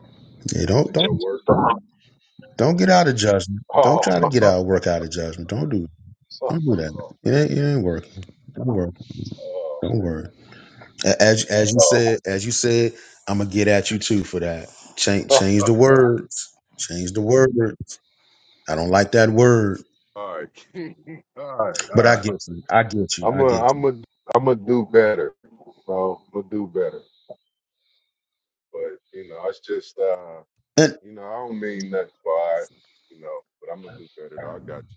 don't
to
don't
your work.
don't get out of judgment. Don't
Oh,
try to
*laughs*
get out work out of judgment. Don't do
oh
don't do that. It ain't it ain't working. Don't work. Don't worry. A- As as you So said, as you said, I'm gonna get at you too for that.
man.
Change
*laughs*
change the words. Change the word. I don't like that word,
all right, King. *laughs* All right,
but
all
I
right.
get you. I get you.
I'm
I
a,
get you.
I'm a, I'm a do better. So I'm gonna do better. But you know, it's just, uh,
And
you know, I don't mean nothing by, it, you know, but I'm gonna do better. Though. I got you.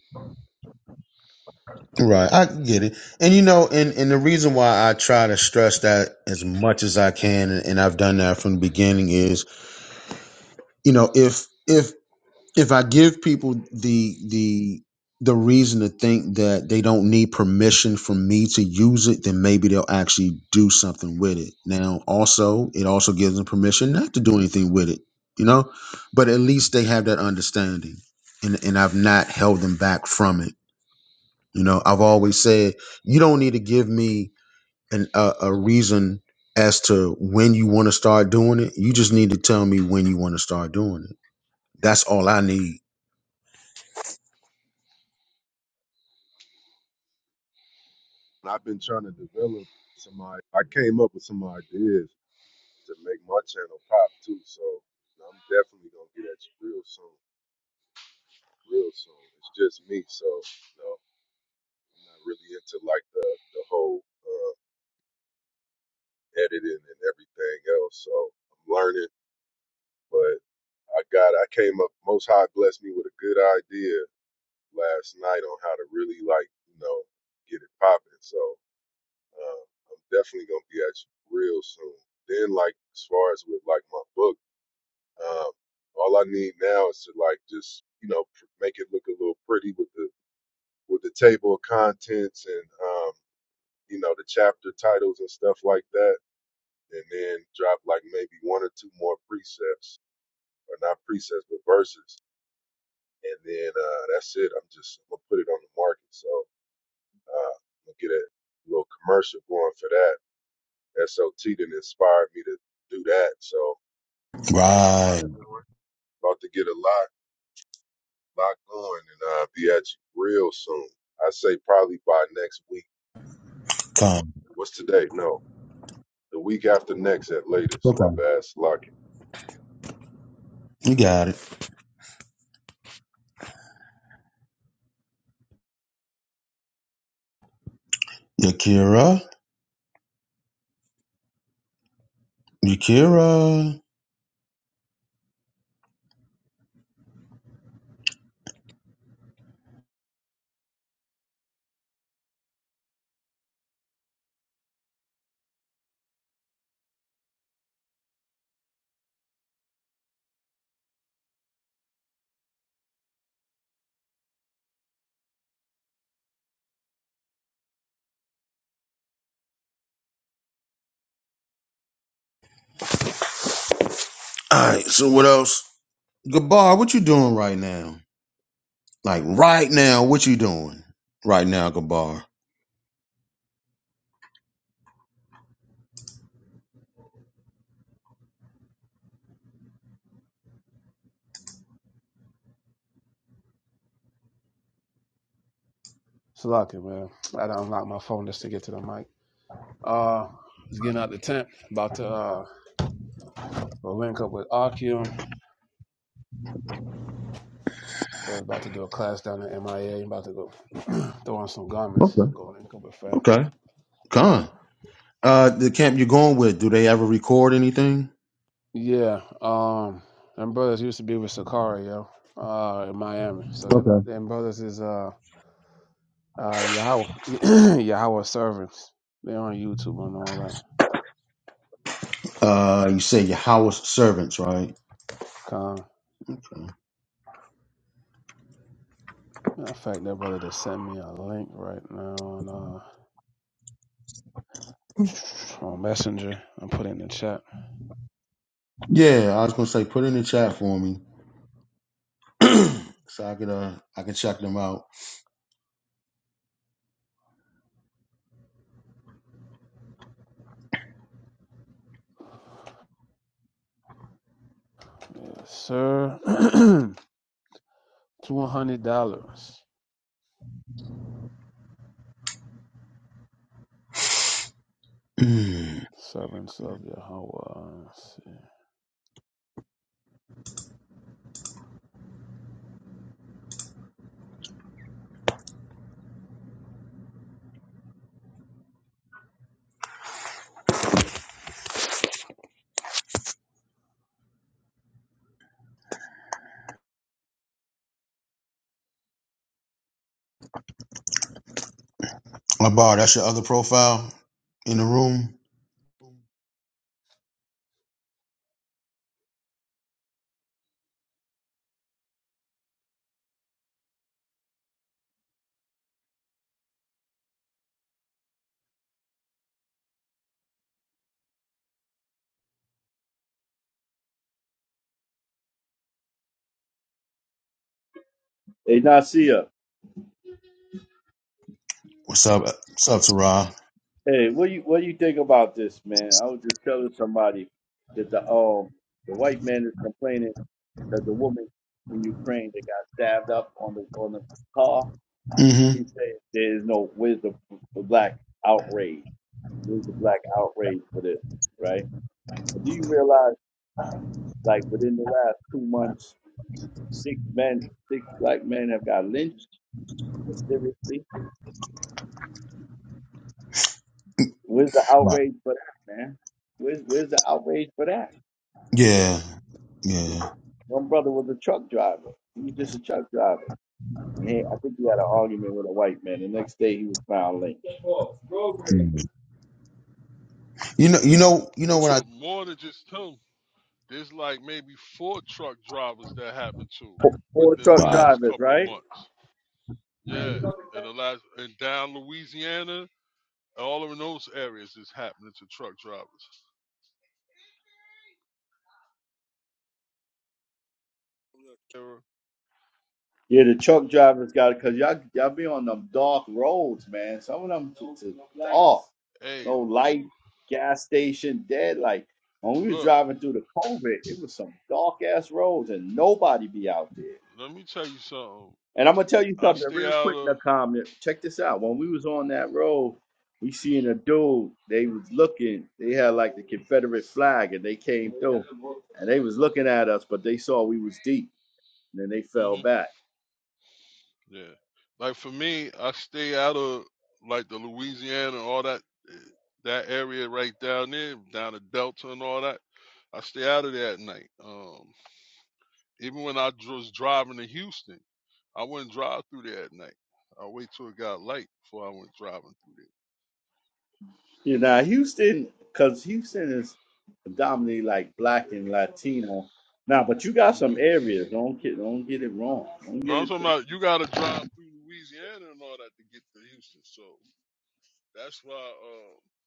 right, I get it. And you know, and and the reason why I try to stress that as much as I can, and, and I've done that from the beginning, is you know if if if I give people the the the reason to think that they don't need permission from me to use it, then maybe they'll actually do something with it. Now, also, it also gives them permission not to do anything with it, you know. But at least they have that understanding, and and I've not held them back from it. You know, I've always said you don't need to give me an a, a reason as to when you want to start doing it. You just need to tell me when you want to start doing it. That's all I need.
And I've been trying to develop some. I I came up with some ideas to make my channel pop too. So I'm definitely gonna get at you real soon. real soon. It's just me, so no, I'm not really into like the the whole uh, editing and everything else. So I'm learning, but I got I came up. Most High blessed me with a good idea last night on how to really like you know get it popping. So uh, I'm definitely gonna be at you real soon. Then like as far as with like my book, um, all I need now is to like just you know pr- make it look a little pretty with the with the table of contents and um you know, the chapter titles and stuff like that, and then drop like maybe one or two more precepts, or not precepts, but verses. And then uh, that's it. I'm just I'm gonna put it on the market. So uh, I'm gonna get a little commercial going for that. SOT didn't inspire me to do that. So it's a
Right.
lot going. About to get a lot, lot going, and uh, be at you real soon. I say probably by next week.
Come.
What's today? No, the week after next at latest. My
Okay.
bad, Slocky.
You got it. Yakira. Yakira. All right. So what else? Gabar, what you doing right now? Like right now, what you doing right now, Gabar?
It's lucky, man. I had to unlock my phone just to get to the mic. Uh, was getting out the tent, about to uh well, link up with Archeum. About to do a class down at MIA. About to go *clears throat* throw on some garments.
Okay.
Go link up with fam.
Okay. Come. Uh, the camp you're going with, do they ever record anything?
Yeah, um, them brothers used to be with Sakari, yo, uh, in Miami. So them,
Okay.
them brothers is uh, uh, Yahweh, *clears throat* Yahweh servants. They're on YouTube and all that.
Uh, you say your house servants, right?
Con. Matter of fact, that brother just sent me a link right now on uh *sniffs* *tsk* on Messenger. I'm putting in the chat.
Yeah, I was gonna say put in the chat for me so I could uh I can check them out.
Yes, sir, *clears throat* two hundred dollars.
*clears throat* Gabar,
Servants of Yahweh. Let's
that's your other profile in the room.
Hey, Nasia.
What's up? What's up, Sarah?
Hey, what you what do you think about this, man? I was just telling somebody that the um the white man is complaining that the woman in Ukraine that got stabbed up on the on the car.
hmm
He said there is no where's the, the black outrage? Where's the black outrage for this, right? And do you realize, like within the last two months, six men, six black men have got lynched mysteriously? Where's the
Right.
outrage for that, man? Where's where's the outrage for that?
Yeah. Yeah.
One brother was a truck driver. He was just a truck driver. And he, I think he had an argument with a white man. The next day he was found linked.
Mhm. You know, you know, you know
But
what I.
more than just him, there's like maybe four truck drivers that happened to
Four, four
within the
truck
Wow.
last
drivers,
couple of
right?
months. Yeah, and the last and down Louisiana, all of those areas is happening to truck drivers. Era,
Yeah, the truck drivers got it because y'all, y'all be on them dark roads, man. Some of them t- t- off.
Hey,
No
you
light, gas station, dead Like When we was
look.
driving through the COVID, it was some dark ass roads and nobody be out there.
Let me tell you something.
And I'm gonna tell you
I
something
stay
real
out
quick,
of.
Nakam. Check this out. When we was on that road, we seen a dude. They was looking. They had like the Confederate flag, and they came through, and they was looking at us, but they saw we was deep, and then they fell
hmm
back.
Yeah. Like for me, I stay out of like the Louisiana and all that eh, that area right down there, down the Delta and all that. I stay out of there at night. Um, even when I dr- was driving to Houston, I wouldn't drive through there at night. I wait till it got light before I went driving through
You know, Houston, because Houston is predominantly like black and Latino. Now, but you got
there. hmm
some areas. Don't get don't get it wrong. Don't
No,
get
I'm
it
talking
twisted.
about you got to drive through Louisiana and all that to get to Houston. So that's why uh,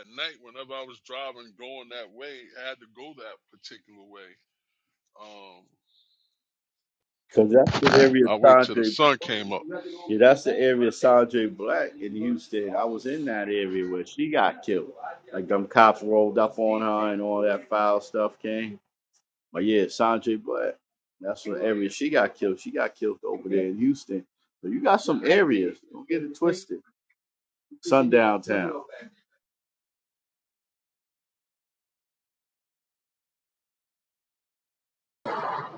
at night, whenever I was driving going that way, I had to go that particular way Um,
Because that's the area
I wait till the
Sanjay
sun came up.
Yeah, that's the area of Sandra Black in Houston. I was in that area where she got killed. Like them cops rolled up on her and all that foul stuff came. But yeah, Sandra Black. That's the area she got killed. She got killed over there in Houston. So you got some areas. Don't get it twisted. Sundown town.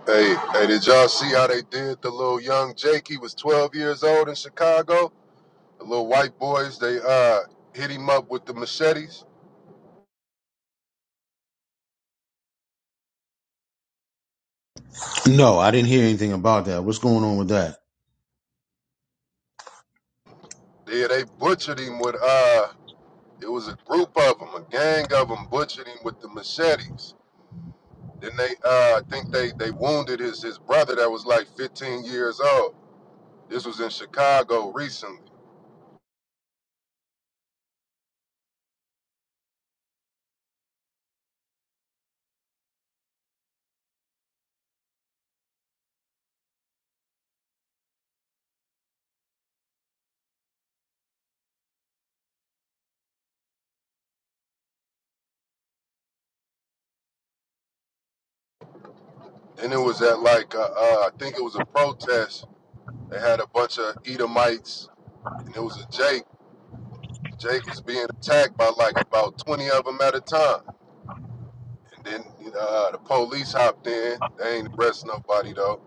Hey, hey, did y'all see how they did the little young Jake? He was 12 years old in Chicago. The little white boys, they uh hit him up with the machetes.
No, I didn't hear anything about that. What's going on with that?
They they butchered him with uh it was a group of them, a gang of them butchered him with the machetes. Then they uh I think they they wounded his his brother that was like 15 years old. This was in Chicago recently. And it was at like uh, uh I think it was a protest. They had a bunch of Edomites and it was a Jake Jake was being attacked by like about 20 of them at a time. And then uh, the police hopped in. They ain't arrest nobody though.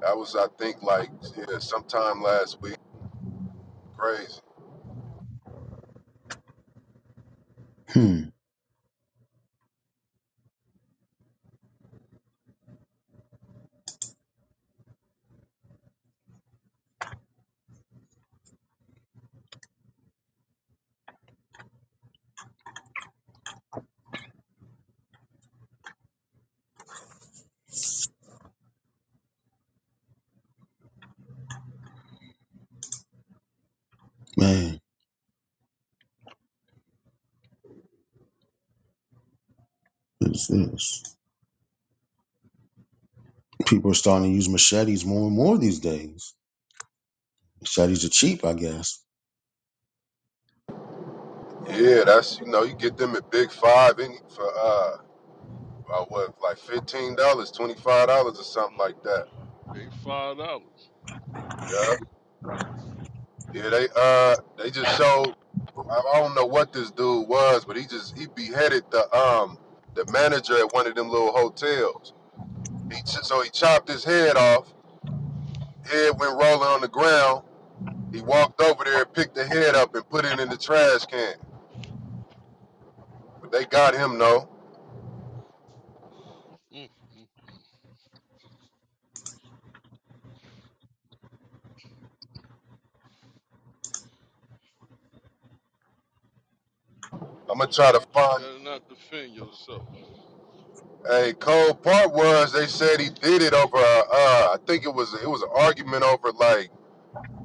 That was, I think, like yeah, sometime last week. Crazy.
Hmm, man, it's, it's, people are starting to use machetes more and more these days. Machetes are cheap, I guess.
Yeah, that's you know you get them at Big Five any for uh about what like fifteen dollars, twenty five dollars or something
Mm,
like that.
They five dollars.
Yeah, yeah. They uh they just showed. I, I don't know what this dude was, but he just he beheaded the um the manager at one of them little hotels. He ch- so he chopped his head off Head went rolling on the ground. He walked over there, and picked the head up, and put it in the trash can. But they got him, though.
Mm, mm, mm.
I'm gonna try to
But you
find.
better not defend yourself.
A cold part was they said he did it over. Uh, uh, I think it was it was an argument over like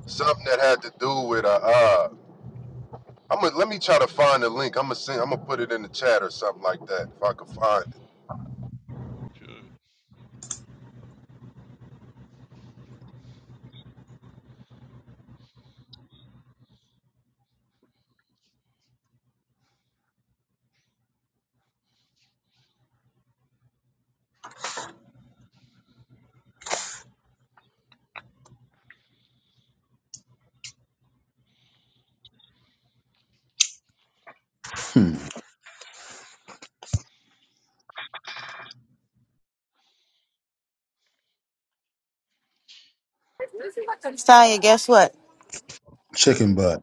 something that had to do with. Uh, uh, I'm gonna let me try to find the link. I'm gonna send. I'm gonna put it in the chat or something like that if I can find
Okay.
Hmm,
Saya, guess what?
chicken butt.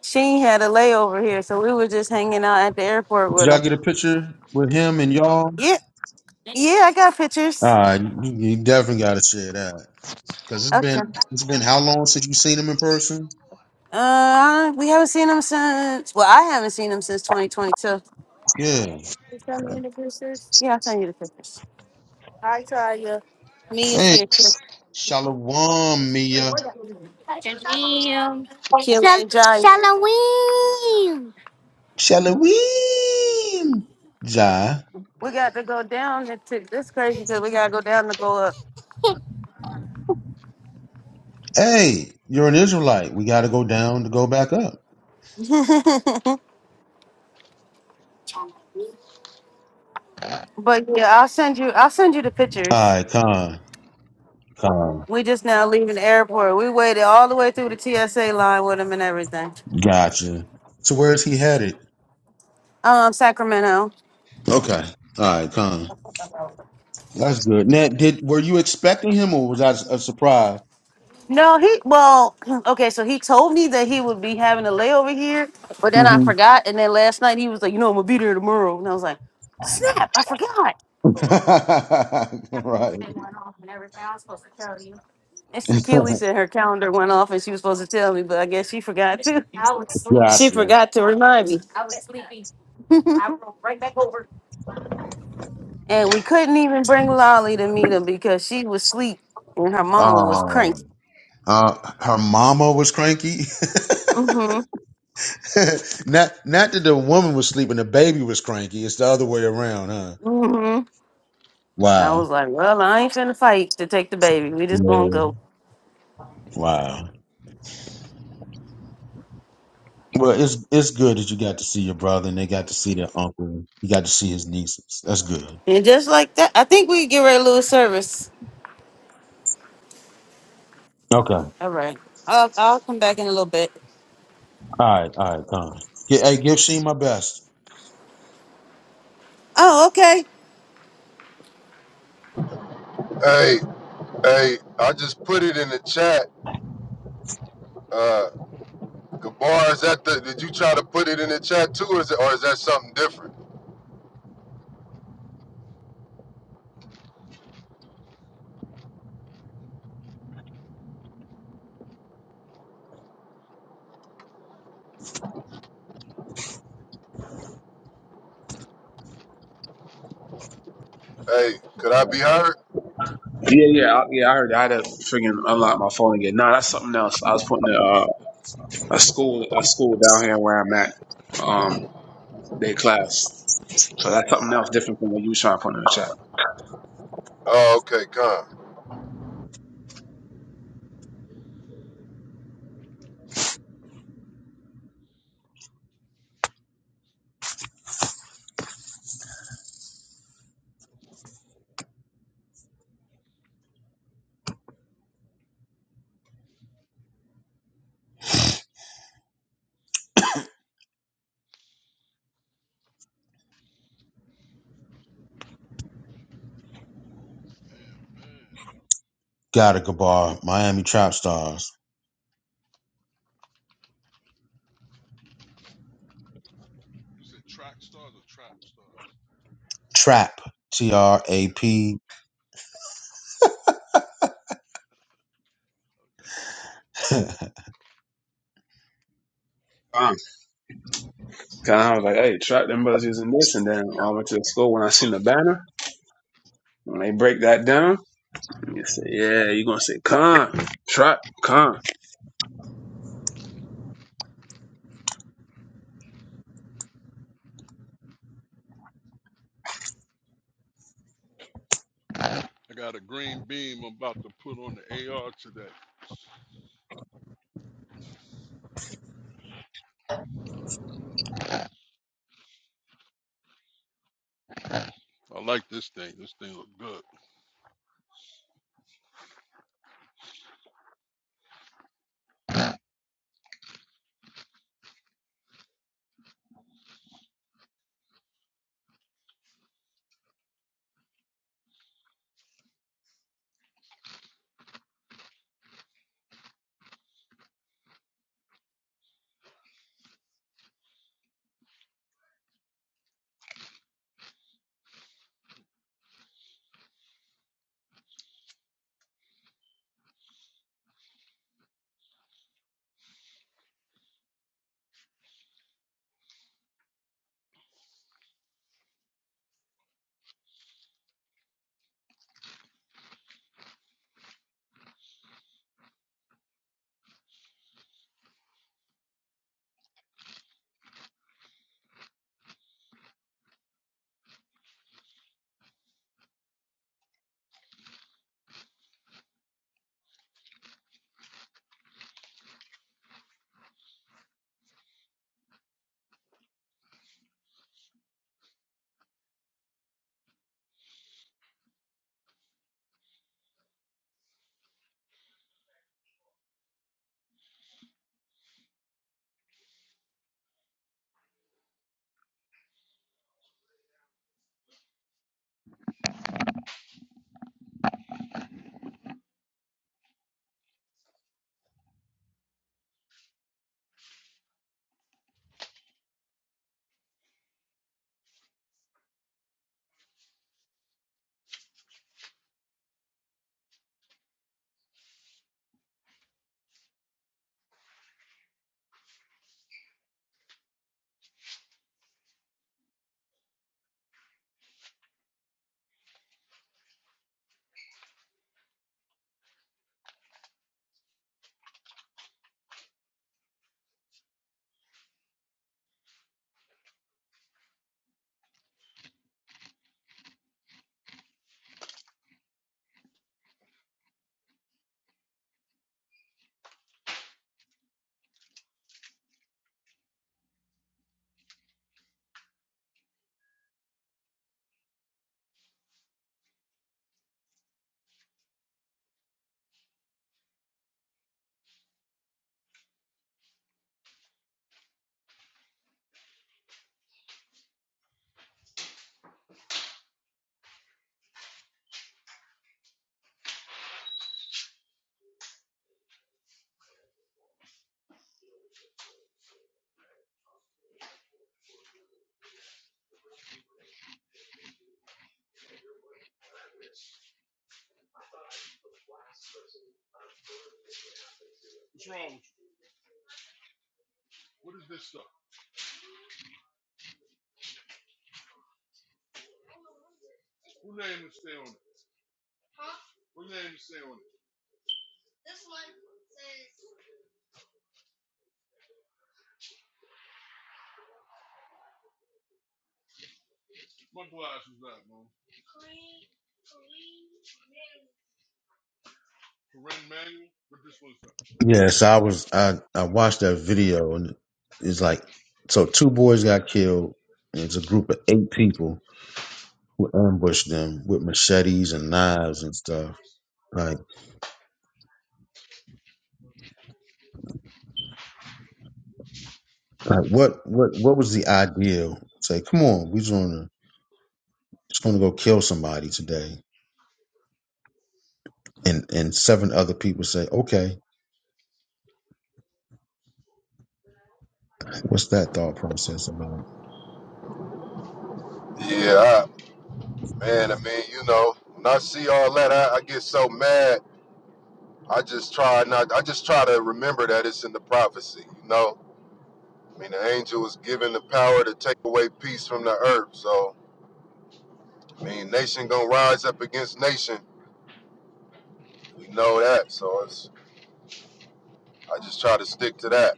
Sheen had a layover here, so we were just hanging out at the airport
Did
with
y'all
him.
get a picture with him and y'all?
Yeah, yeah, I got
All
pictures.
right, you you definitely got to share that because it's been
Okay.
it's been how long since you seen him in person?
Uh, we haven't seen him since. Well, I haven't seen him since 2022.
Yeah.
You send me the pictures. Yeah, I'll send you the pictures. Hi, Saya. Me is
Hey,
here. too.
shalom, Mia.
Kim Shal- and Jai. Shalom. We
Shalawim. Jah.
We got to go down. It's this crazy because we gotta go down to go up.
Hey, you're an Israelite. We got to go down to go back up.
*laughs* but yeah, I'll send you. I'll send you the
All
pictures.
right, Con. Con.
We just now leaving the airport. We waited all the way through the TSA line with him and everything.
Gotcha. So where's he headed?
Um, Sacramento.
Okay. All right, Con. That's good. Now, did were you expecting him, or was that a surprise?
No, he well, *clears throat* okay, so he told me that he would be having a layover here, but then I
hmm
forgot. And then last night he was like, you know, I'm gonna be there tomorrow. And I was like, Snap, I forgot.
*laughs* right.
Instant Keely said her calendar went off and she was supposed to tell me, but I guess she forgot too. *laughs* She
Gotcha.
forgot to remind me. *laughs* I'll right back over. *laughs* And we couldn't even bring Lolly to meet him because she was asleep and her mama was cranky.
Um. Uh, her mama was cranky. *laughs* not, not that the woman was sleeping, the baby was cranky. It's the other way around, huh?
hmm I
Wow.
was like, well, I ain't finna fight to take the baby. We just gonna
Yeah.
go.
Wow. Well, it's it's good that you got to see your brother and they got to see their uncle. You got to see his nieces. That's good.
And just like that, I think we get ready to lose service.
Okay. All
All right. I'll, I'll come back in a little bit.
right. All right. Con. Get, hey, give Sheen my best.
Oh, okay.
it. Hey, hey, I just put it in the chat. Uh, Gabar, is that the? Did you try to put it in the chat too, or is, it, or is that something different? Hey, could
see.
I be heard?
Yeah, yeah, I, yeah. I heard. That. I had to freaking unlock my phone again. Nah, that's something else. I was putting a, uh, a school a school down here where I'm at. Um, their class. So that's something else different from what you was trying to put in the chat.
Oh, okay, come.
Damn, man.
Got it, Gabar. Miami Trap Stars.
You said track stars or trap stars?
Trap. T R
Oh,
A P.
okay. Okay,
*laughs*
Um, 'cause I was like, hey, trap them brothers using this, and then I went to the school when I seen the banner. When they break that down, you say, yeah, you gonna say con trap con.
okay. I got a green beam I'm about to put on the AR today. I like this thing. This thing look good. Oh, What is this stuff? What name is stay on it? What name is stay on it? My glasses that, man. Corinne Manuel? What this one's that?
Yes, I was. I I watched that video and it's like, so two boys got killed. And it's a group of eight people who ambushed them with
What is
machetes
that?
and knives and stuff. like. Like what what what was the ideal? Say, come on, we just wanna just wanna go kill somebody today. And and seven other people say, Okay, what's that thought process about?
Yeah, I, man. I mean, you know, when I see all that, I, I get so mad. I just try not. I just try to remember that it's in the prophecy. You know, I mean, the angel was given the power to take away peace from the earth. So, I mean, nation gonna rise up against nation. We know that. So it's. I just try to stick to that.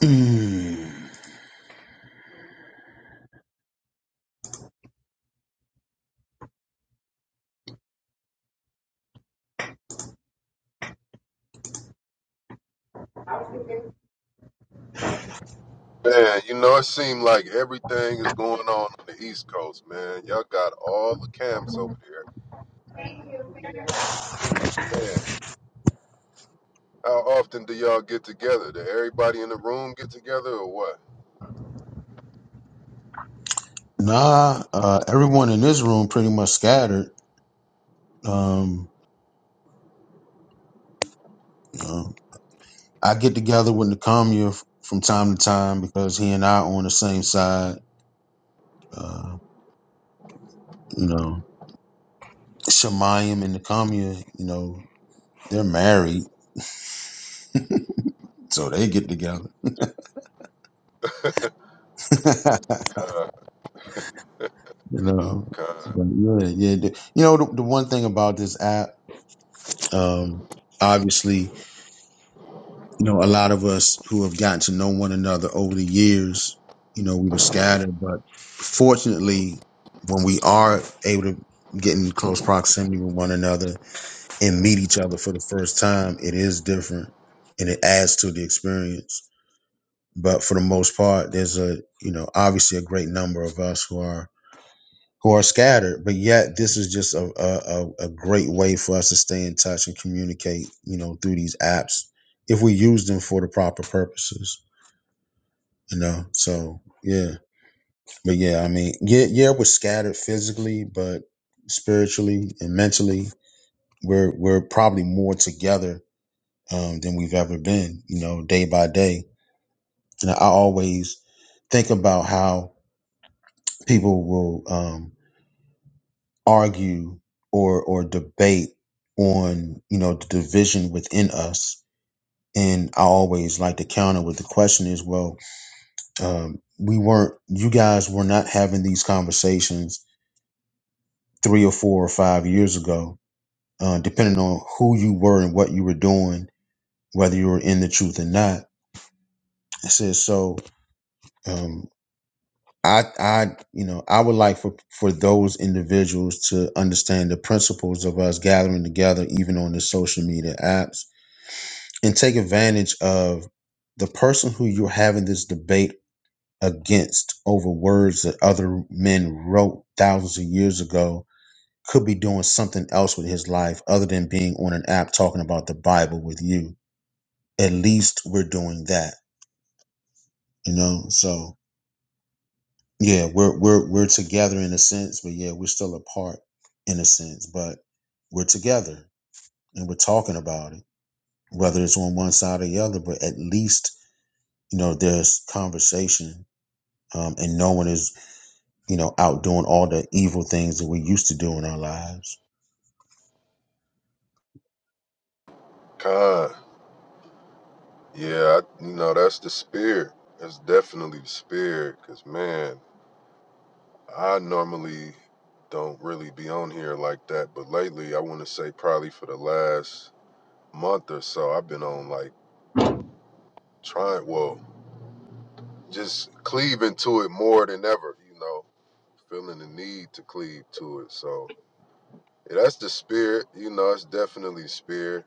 Mm,
Man, you know, it seemed like everything is going on on the East Coast, man. Y'all got all the camps over there. Yeah. How often do y'all get together? Do everybody in the room get together or what?
nah, uh everyone in this room pretty much scattered. Um you know, I get together with Nakamia f- from time to time because he and I are on the same side. Uh, you know, Shemayim and Nakamia, you know, they're married, so they get together. *laughs*
Con,
You know,
con,
but yeah, yeah. The, you know, the, the one thing about this app, um, obviously, you know, a lot of us who have gotten to know one another over the years, you know, we were scattered, but fortunately, when we are able to get in close proximity with one another and meet each other for the first time, it is different and it adds to the experience. But for the most part, there's a, you know, obviously a great number of us who are who are scattered. But yet, this is just a, a, a a great way for us to stay in touch and communicate, you know, through these apps if we use them for the proper purposes, you know. So, yeah. But yeah, I mean, yeah, yeah, we're scattered physically, but spiritually and mentally, we're we're probably more together um, than we've ever been, you know, day by day. And I always think about how people will. um, argue or or debate on you know the division within us and i always like to counter with the question is well um, we weren't you guys were not having these conversations three or four or five years ago uh, depending on who you were and what you were doing whether you were in the truth or not I said so um, i i you know i would like for for those individuals to understand the principles of us gathering together even on the social media apps and take advantage of the person who you're having this debate against over words that other men wrote thousands of years ago could be doing something else with his life other than being on an app talking about the Bible with you. At least we're doing that, you know? So yeah, we're we're we're together in a sense, but yeah, we're still apart in a sense, but we're together and we're talking about it, whether it's on one side or the other, but at least, you know, there's conversation um, and no one is, you know, out doing all the evil things that we used to do in our lives.
con. Yeah, I, you know, that's the spirit. That's definitely the spirit. Because, man, I normally don't really be on here like that. But lately, I want to say probably for the last month or so, I've been on like trying, well, just cleaving to it more than ever, you know, feeling the need to cleave to it. So, yeah, that's the spirit. You know, it's definitely the spirit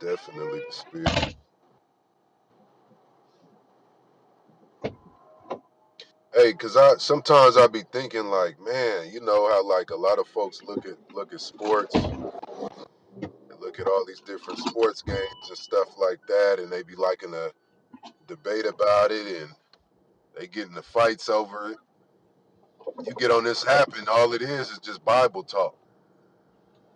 Definitely the spirit. Hey, cause I sometimes I be thinking like, man, you know how like a lot of folks look at look at sports and look at all these different sports games and stuff like that, and they be liking to debate about it and they get into fights over it. You get on this app and all it is is just Bible talk.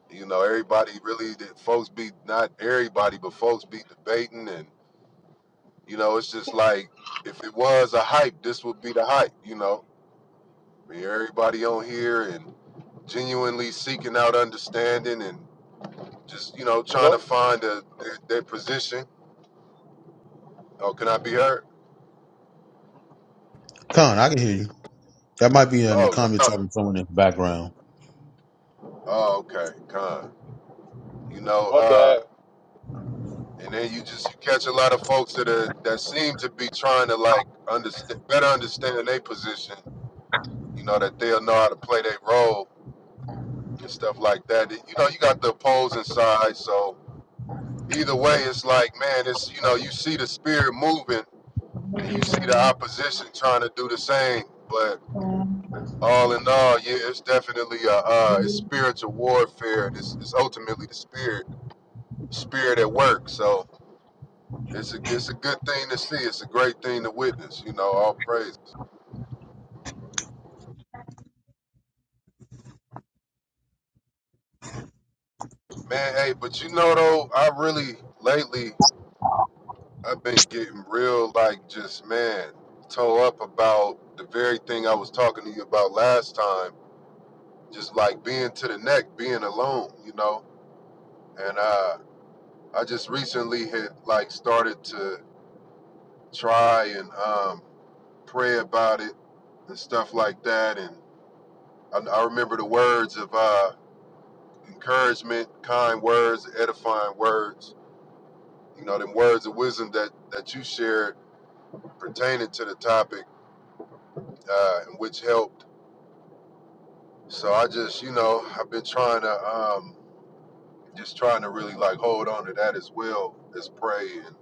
You know, everybody really that folks be not everybody, but folks be debating and you know, it's just like if it was a hype, this would be the hype, you know. I mean, everybody on here and genuinely seeking out understanding and just you know trying to
Hello?
find a, their, their position. Oh, can I be heard?
Con, I can hear you. That might be in the
Oh,
comments
*laughs*
talking to someone in the background.
oh, okay, con. You know,
My bad.
uh, and then you just you catch a lot of folks that are that seem to be trying to like understand better understand their position. You know that they'll know how to play their role and stuff like that. You know, you got the opposing side, so either way, it's like man, it's you know you see the spirit moving and you see the opposition trying to do the same, but all in all, yeah, it's definitely a uh, it's spiritual warfare. It's, it's ultimately the spirit spirit at work. So it's a it's a good thing to see. It's a great thing to witness. You know, all praise, man. Hey, but you know though, I really lately I've been getting real like just man toe up about the very thing I was talking to you about last time. Just like being to the neck, being alone. You know, and uh, I just recently had like started to try and um pray about it and stuff like that. And I, I remember the words of uh, encouragement, kind words, edifying words. You know, them words of wisdom that that you shared pertaining to the topic, uh, and which helped. So I just, you know, I've been trying to, um, just trying to really like hold on to that as well as pray and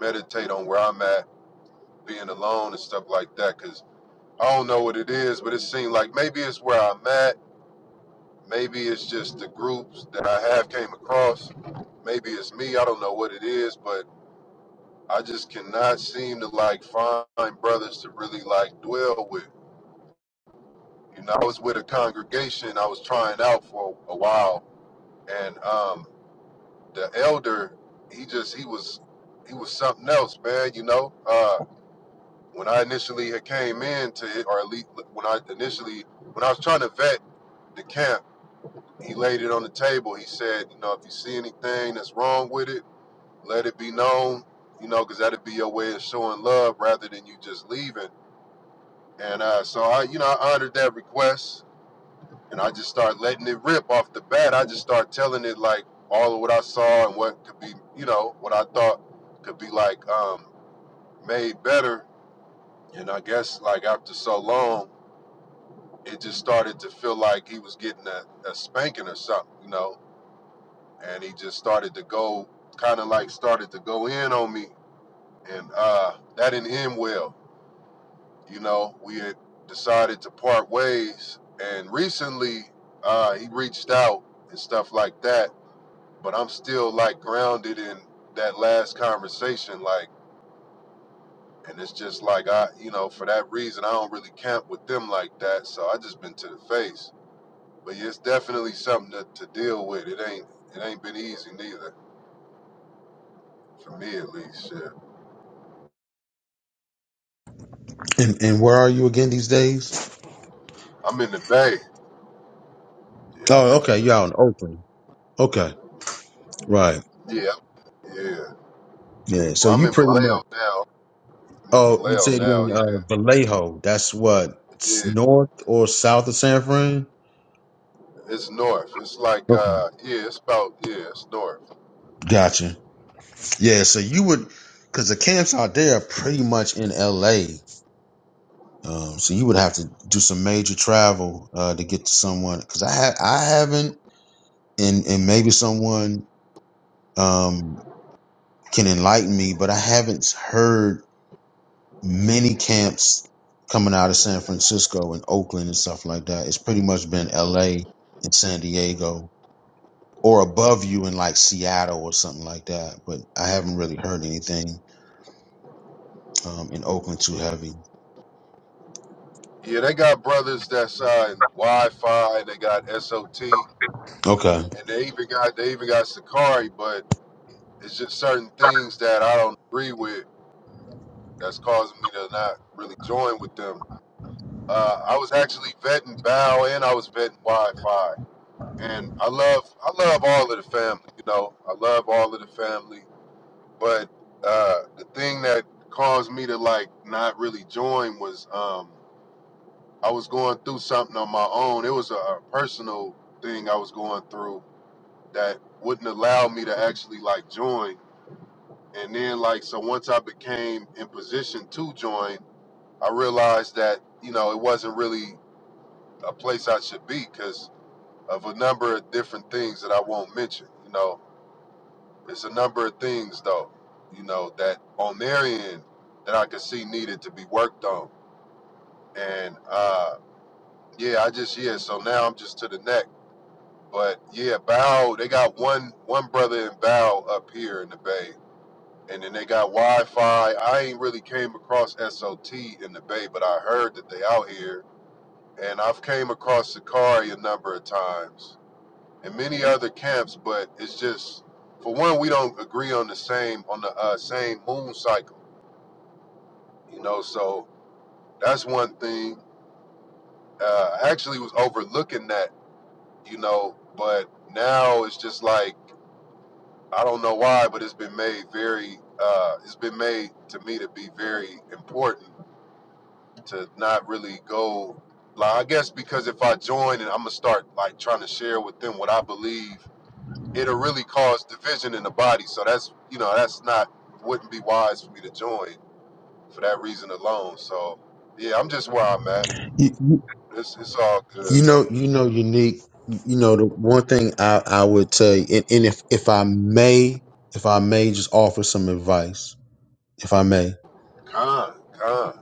meditate on where I'm at, being alone and stuff like that. Cause I don't know what it is, but it seemed like maybe it's where I'm at Maybe it's just the groups that I have came across. Maybe it's me. I don't know what it is, but I just cannot seem to like find brothers to really like dwell with. You know, I was with a congregation I was trying out for a while, and um, the elder, he just he was he was something else, man. You know, uh, when I initially had came in to it, or at least when I initially when I was trying to vet the camp He laid it on the table. He said, you know, if you see anything that's wrong with it, let it be known, you know, because that'd be your way of showing love rather than you just leaving. And uh, so I, you know, I honored that request and I just started letting it rip off the bat. I just started telling it like all of what I saw and what could be, you know, what I thought could be like um, made better. And I guess like after so long, it just started to feel like he was getting a, a spanking or something, you know and he just started to go kind of like started to go in on me and uh that didn't end well you know we had decided to part ways and recently uh he reached out and stuff like that but i'm still like grounded in that last conversation like and it's just like i you know for that reason i don't really camp with them like that so i just been to the face but yeah, it's definitely something to, to deal with it ain't it ain't been easy neither for me at least shit
And and where are you again these days?
I'm in the Bay. Yeah, I'm
Oh,
in.
okay, you're out in Oakland. Okay, right.
The, yeah, yeah.
Yeah, so
Well, I'm
you
in
pretty much.
Vallejo now. I'm in
Oh, you
Vallejo
said you're
now.
in
Yeah,
uh, Vallejo. That's what s-
yeah.
north or south of San Fran.
It's north. It's like
Okay,
uh, yeah. It's about yeah. It's north.
gotcha. Yeah, so you would, because the camps out there are pretty much in L.A. Um, so you would have to do some major travel uh, to get to someone because I ha- I haven't, and and maybe someone um, can enlighten me, but I haven't heard many camps coming out of San Francisco and Oakland and stuff like that. It's pretty much been L.A. and San Diego or above you in like Seattle or something like that. But I haven't really heard anything um, in Oakland too heavy.
Yeah, they got brothers that's uh, in Wi-Fi. and They got SOT, and
Okay.
they even got they even got Sakari. But it's just certain things that I don't agree with. That's causing me to not really join with them. Uh, I was actually vetting Bow and I was vetting Wi-Fi. and I love I love all of the family. You know, I love all of the family. But uh, the thing that caused me to like not really join was um, I was going through something on my own. It was a, a personal thing I was going through that wouldn't allow me to actually like join. And then like so once I became in position to join, I realized that you know it wasn't really a place I should be because of a number of different things that I won't mention. You know, It's a number of things though, you know, that on their end that I could see needed to be worked on. And uh yeah, I just yeah, so now I'm just to the neck. But yeah, Bow, they got one one brother in Bow up here in the Bay. And then they got Wi Fi. I ain't really came across SOT in the Bay, but I heard that they out here. And I've came across Sakari a number of times and many other camps, but it's just for one, we don't agree on the same on the uh, same moon cycle you know so that's one thing uh I actually was overlooking that you know but now it's just like i don't know why but it's been made very uh it's been made to me to be very important to not really go like i guess because if i join and i'm gonna start like trying to share with them what i believe it'll really cause division in the body so that's you know that's not wouldn't be wise for me to join for that reason alone so yeah i'm just where i'm at It's it's all good
You know,
though.
you know, unique. You know, the one thing I I would tell you, and, and if if I may, if I may, just offer some advice, if I may.
Con, con,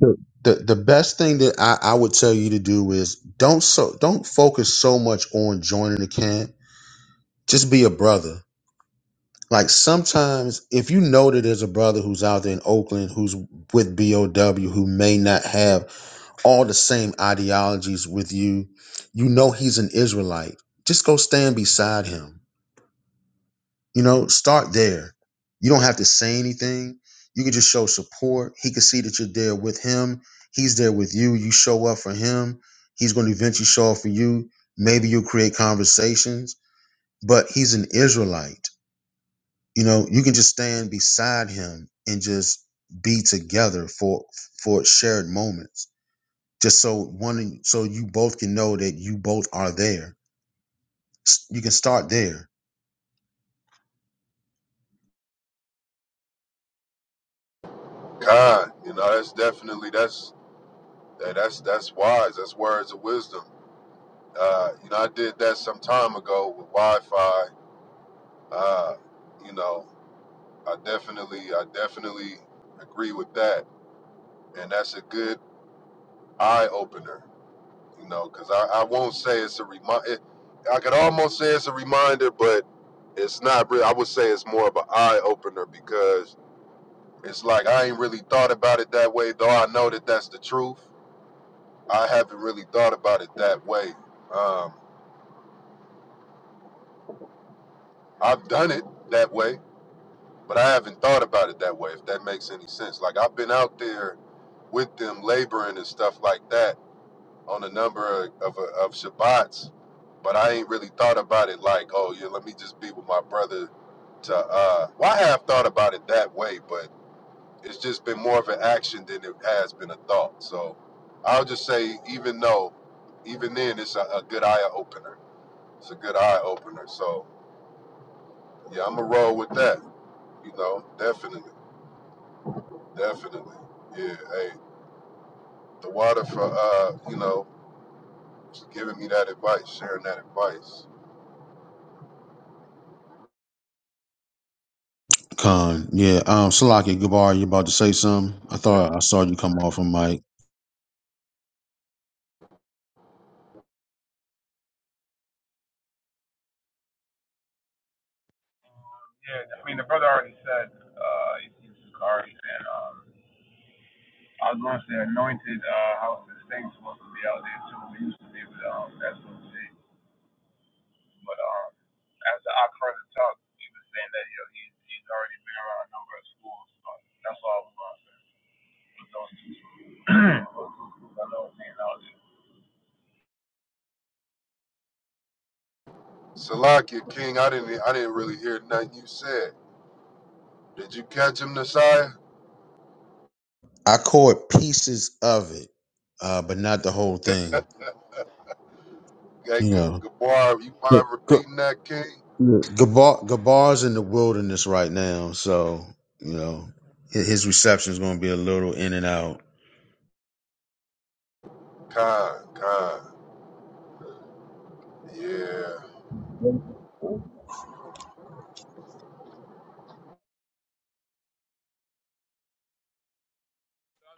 Sure. The the best thing that I I would tell you to do is don't so don't focus so much on joining the camp. Just be a brother. Like sometimes, if you know that there's a brother who's out there in Oakland who's with BOW who may not have all the same ideologies with you, you know he's an Israelite. Just go stand beside him You know, start there. You don't have to say anything. You can just show support. He can see that you're there with him. He's there with you. You show up for him. He's going to eventually show up for you. Maybe you'll create conversations, but he's an Israelite. You know, you can just stand beside him and just be together for for shared moments. Just so one so you both can know that you both are there. S- You can start there
con. You know, that's definitely that's that, that's that's wise. That's words of wisdom. Uh, you know, I did that some time ago with Wi-Fi. Uh, you know, I definitely I definitely agree with that, and that's a good eye opener. You know, because I, I won't say it's a remind. It, I could almost say it's a reminder, but it's not. Really, I would say it's more of an eye opener because It's like I ain't really thought about it that way, though I know that that's the truth. I haven't really thought about it that way. Um, I've done it that way, but I haven't thought about it that way, if that makes any sense. Like, I've been out there with them laboring and stuff like that on a number of, of, of Shabbats, but I ain't really thought about it like, oh, yeah, let me just be with my brother. To, uh, well, I have thought about it that way, but. it's just been more of an action than it has been a thought. So I'll just say, even though, even then, it's a, a good eye opener. It's a good eye opener. So yeah, I'm gonna roll with that. You know, definitely, definitely. Yeah, hey, the water for uh, you know, giving me that advice, sharing that advice.
Con, yeah. Um, Salaki Gabar, you about to say something? I thought I saw you come off a mic.
Yeah, I mean the brother already said uh, he's already saying. I was going to say Anointed uh, House of Saints supposed to be out there too. We used to be with um, SOG, but um, after I kind of talked, saying that you know, he, he's already been around a number of schools, so that's all I was going to say with those two schools. *clears throat* Those two schools *clears throat* I know being out there.
Salakia King, I didn't, I didn't really hear nothing you said. Did you catch him, Nasiah?
I caught pieces of it, uh, but not the whole thing.
Hey,
You
G-
know,
Gabar, you
G-
mind
G-
repeating that, King?
Gabar Gabar's in the wilderness right now, so you know his, his reception is going to be a little in and out.
Con, con. Yeah,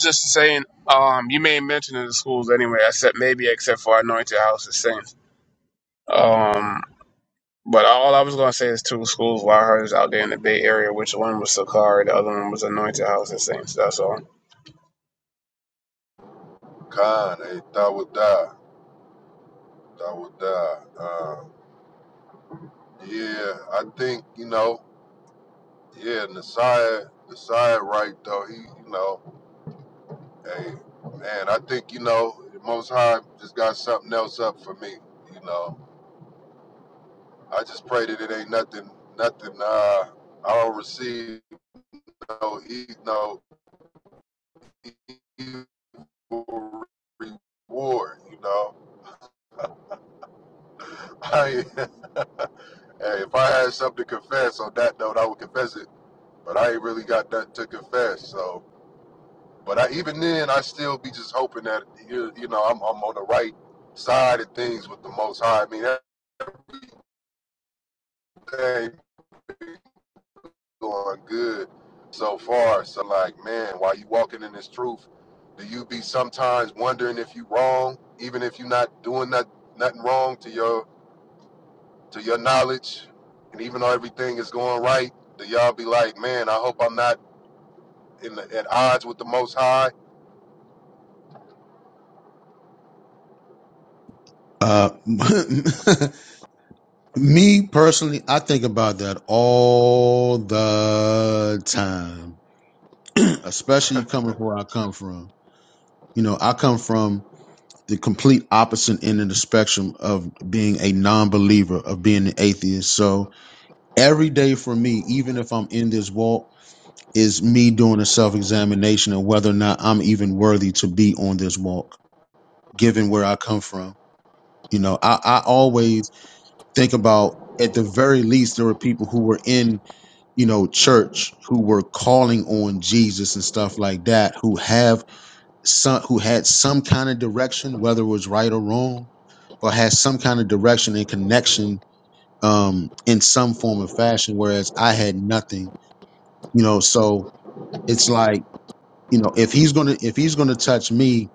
Just saying, um, you may mention in the schools anyway, except maybe except for Anointed House of Saints. Um, but all I was gonna say is two schools where I heard is out there in the Bay Area, which one was Sakari, the other one was Anointed House of Saints. That's all.
Con, hey, that would die. That would die. Um, yeah, I think, you know, yeah, Nasiah, Nasiah right though, he, you know, hey, man, I think, you know, the most high just got something else up for me, you know. I just pray that it ain't nothing nothing uh I don't receive no e no evil reward, you know. *laughs* I, hey, if I had something to confess on that note, I would confess it but I ain't really got nothing to confess. So, but I, even then, I still be just hoping that you, you know I'm, I'm on the right side of things with the Most High. I mean, everything going good so far. So, like, man, while you walking in this truth, do you be sometimes wondering if you wrong, even if you're not doing not, nothing wrong to your to your knowledge, and even though everything is going right, do y'all be like, man, I hope I'm not in the, at odds with the Most High
Uh, *laughs* me personally, I think about that all the time, *clears throat* especially coming from where I come from. You know, I come from the complete opposite end of the spectrum of being a non-believer of being an atheist so every day for me even if i'm in this walk is me doing a self-examination of whether or not i'm even worthy to be on this walk given where i come from you know i, I always think about at the very least there were people who were in you know church who were calling on jesus and stuff like that who have some who had some kind of direction, whether it was right or wrong, but had some kind of direction and connection um, in some form or fashion. Whereas I had nothing, you know. So it's like you know, if he's gonna if he's gonna touch me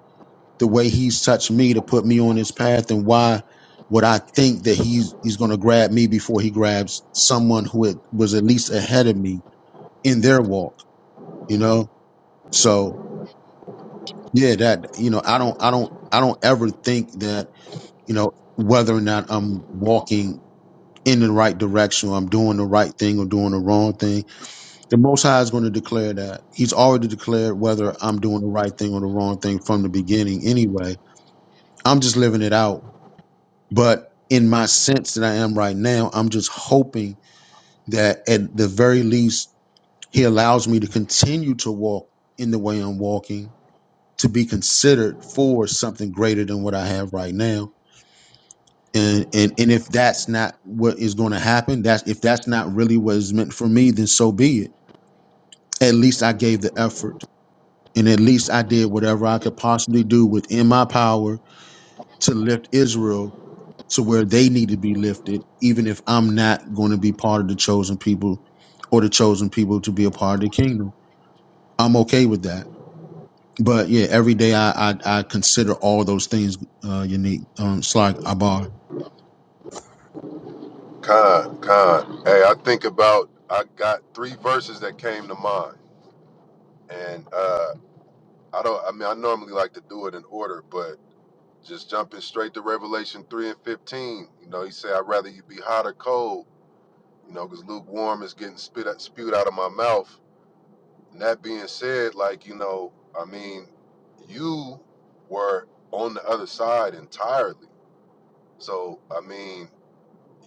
the way he's touched me to put me on his path, then why would I think that he's he's gonna grab me before he grabs someone who had, was at least ahead of me in their walk, you know? So yeah, that you know, I don't I don't I don't ever think that you know, whether or not I'm walking in the right direction or I'm doing the right thing or doing the wrong thing. The Most High is going to declare that. He's already declared whether I'm doing the right thing or the wrong thing from the beginning anyway. I'm just living it out. But in my sense that I am right now, I'm just hoping that at the very least, He allows me to continue to walk in the way I'm walking to be considered for something greater than what I have right now and and and if that's not what is going to happen that's if that's not really what is meant for me then so be it at least i gave the effort and at least i did whatever i could possibly do within my power to lift israel to where they need to be lifted even if i'm not going to be part of the chosen people or the chosen people to be a part of the kingdom i'm okay with that but yeah every day i i, I consider all those things uh unique um slack Abar.
Con, con. Hey, I think about I got three verses that came to mind. And uh I don't I mean I normally like to do it in order, but just jumping straight to Revelation three and fifteen, you know, he said I'd rather you be hot or cold, you know, because lukewarm is getting spit out spewed out of my mouth. And that being said, like, you know, I mean, you were on the other side entirely. So I mean,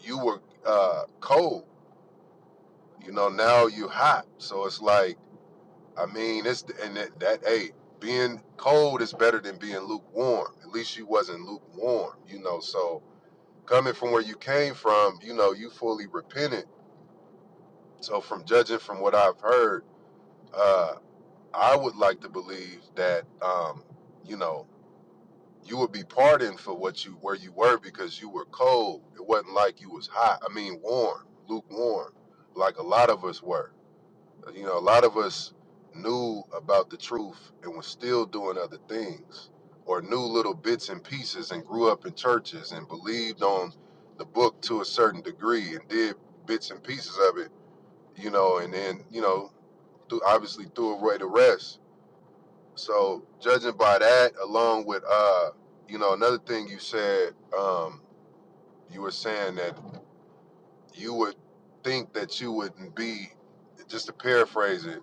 you were uh cold, you know, now you hot. So it's like I mean, it's and that, that hey, being cold is better than being lukewarm. At least you wasn't lukewarm, you know. So coming from where you came from, you know, you fully repented. So from judging from what I've heard, uh, I would like to believe that um, you know, you would be pardoned for what you where you were because you were cold. It wasn't like you was hot. I mean warm, lukewarm, like a lot of us were. You know, a lot of us knew about the truth and was still doing other things or knew little bits and pieces and grew up in churches and believed on the book to a certain degree and did bits and pieces of it, you know, and then, you know, through, obviously threw away the rest. So judging by that, along with, uh, you know, another thing you said, um, you were saying that you would think that you wouldn't be, just to paraphrase it,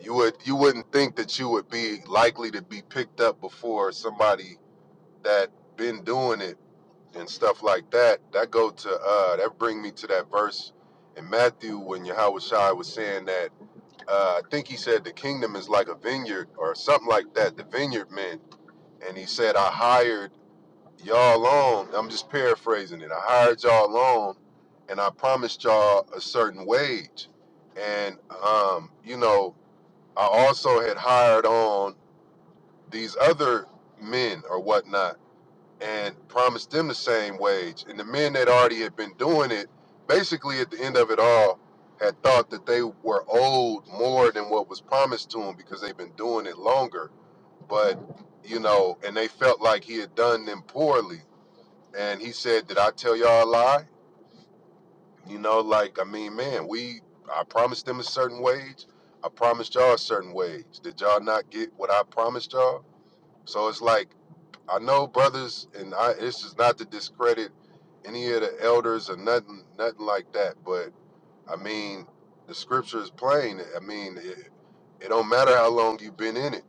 You would you wouldn't think that you would be likely to be picked up before somebody that been doing it and stuff like that. That go to uh that bring me to that verse in Matthew when Yahushua was saying that uh I think he said the kingdom is like a vineyard or something like that, the vineyard men. And he said, I hired y'all on. I'm just paraphrasing it. I hired y'all on and I promised y'all a certain wage. And um, you know, I also had hired on these other men or whatnot and promised them the same wage. And the men that already had been doing it, basically at the end of it all, had thought that they were owed more than what was promised to them because they've been doing it longer. But, you know, and they felt like he had done them poorly. And he said, Did I tell y'all a lie? You know, like, I mean, man, we, I promised them a certain wage. I promised y'all a certain wage. Did y'all not get what I promised y'all? So it's like I know brothers, and I, it's just not to discredit any of the elders or nothing, nothing like that. But I mean, the scripture is plain. I mean, it, it don't matter how long you've been in it,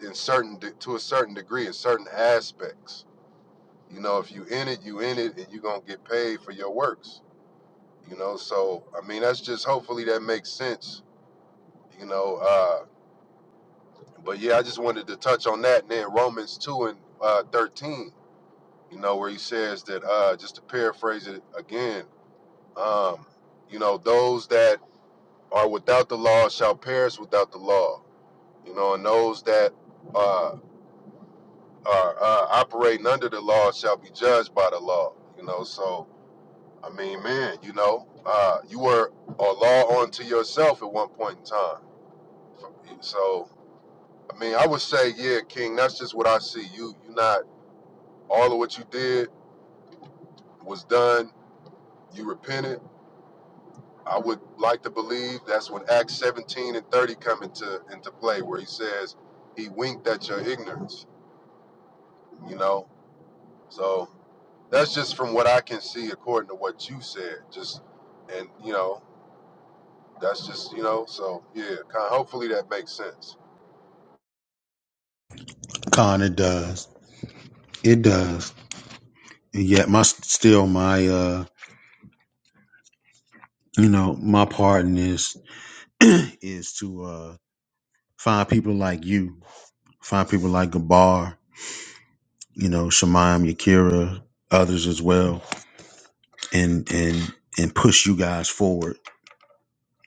in certain de- to a certain degree, in certain aspects. You know, if you in it, you in it, and you gonna get paid for your works. You know, so I mean, that's just hopefully that makes sense. You know, uh, but yeah, I just wanted to touch on that. And then Romans two and uh, thirteen. you know, where he says that, uh, just to paraphrase it again, um, you know, those that are without the law shall perish without the law, you know, and those that uh, are uh, operating under the law shall be judged by the law, you know. So, I mean, man, you know, uh, you were a law unto yourself at one point in time. So, I mean, I would say, yeah, King, that's just what I see. You, you are not all of what you did was done. You repented I would like to believe that's when Acts 17 and 30 come into into play, where he says he winked at your ignorance. You know, so that's just from what I can see, according to what you said. Just and you know, that's just you know. So yeah, kind hopefully that makes sense.
Con, it does. It does. And yet my still my uh you know, my part in this *clears throat* is to uh find people like you, find people like Gabar, you know, Shemaim, Yakira, others as well, and and and push you guys forward.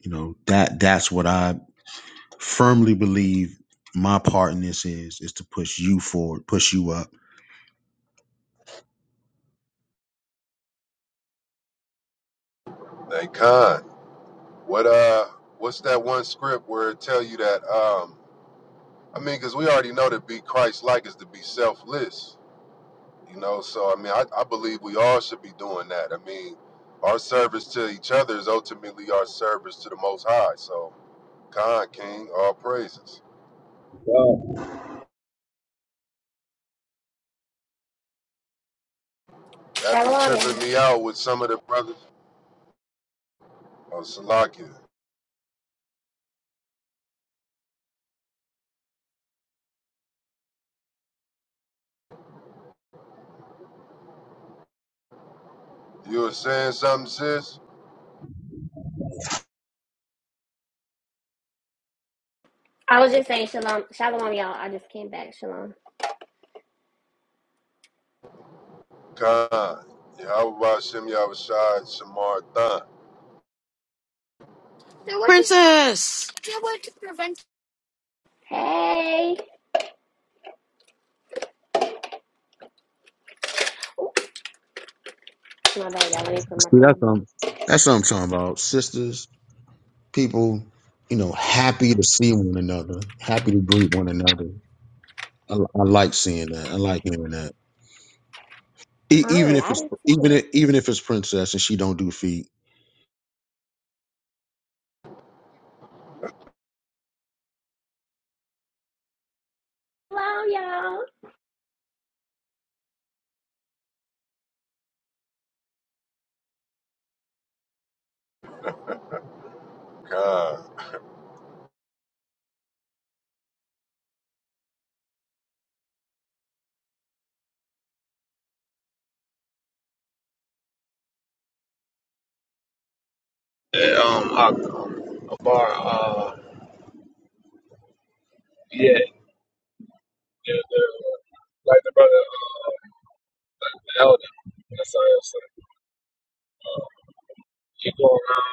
You know, that that's what I firmly believe my part in this is is to push you forward, push you up.
Thank God. What uh, what's that one script where it tell you that um. I mean, because we already know to be Christ-like is to be selfless You know, so I mean, I, I believe we all should be doing that. I mean, our service to each other is ultimately our service to the Most High. So, Khan King, all praises.
Um,
That be
Shalom, y'all.
tripping me out with some of the brothers on Salakia. You were saying something, sis?
I was just saying shalom, shalom, y'all. I just came back. Shalom.
Khan. Yahweh Shem Yahushai Shamar Than.
Princess.
Hey. My bad, y'all. Let me my
See,
thing
that's
on.
um, That's what I'm talking about. Sisters, people, you know, happy to see one another, happy to greet one another. I, I like seeing that. I like hearing that. E- even
Con,
if
I
it's
did
even
too.
if, even if it's princess and she don't do feet,
Hello, y'all.
Khan.
I, um, a, bar, uh, yeah, the, the, like the brother, um, the elder, that's all I'm You go around,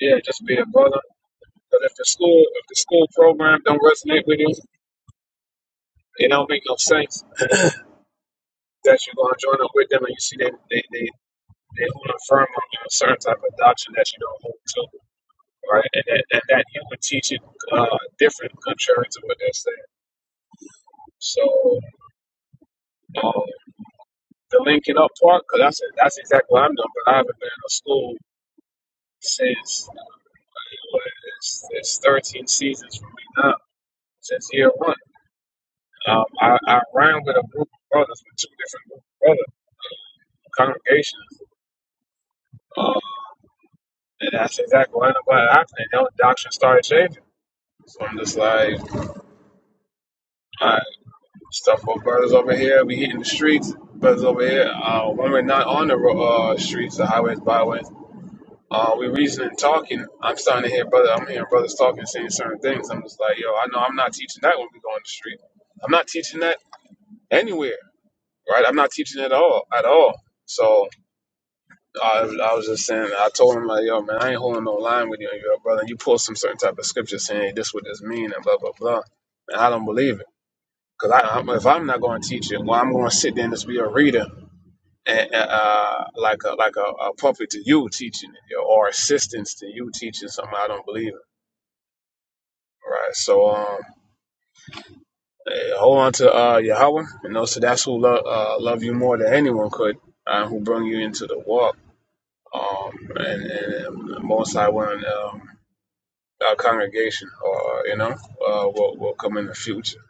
yeah, just be a brother. But if the school, if the school program don't resonate with you, it don't make no sense that you're gonna join up with them, and you see they they they they hold firm on a certain type of doctrine that you don't hold to, right? And that, and that you would teach it uh, different, contrary to what they're saying. So um, the linking up part, because that's that's exactly what I'm doing. But I haven't been in a school since uh, it's, it's 13 seasons for me now, since year one. Um, I, I ran with a group of brothers, with two different group of brothers, congregations. Um, and that's exactly what happened. And the doctrine started changing. So I'm just like, all right, stuff with brothers over here, we hitting the streets. Brothers over here, uh, when we're not on the ro- uh, streets, the highways, byways, uh, we reasoning, talking. I'm starting to hear brother, I'm hearing brothers talking, saying certain things. I'm just like, yo, I know I'm not teaching that when we go on the street. I'm not teaching that anywhere, right? I'm not teaching at all, at all. So I, I was just saying, I told him like, yo, man, I ain't holding no line with you, and your brother. You pull some certain type of scripture saying hey, this what this mean and blah blah blah, and I don't believe it. Cause I, I'm, if I'm not going to teach it, well, I'm going to sit there and just be a reader, and, and, uh, like a like a, a puppet to you teaching it, yo, or assistance to you teaching something I don't believe in. Right. So um, eh, hold on to uh, Yahweh, and know so that's who lo- uh, love you more than anyone could, uh, who bring you into the walk um, and, and most I want um, our congregation, or you know, uh, will will come in the future.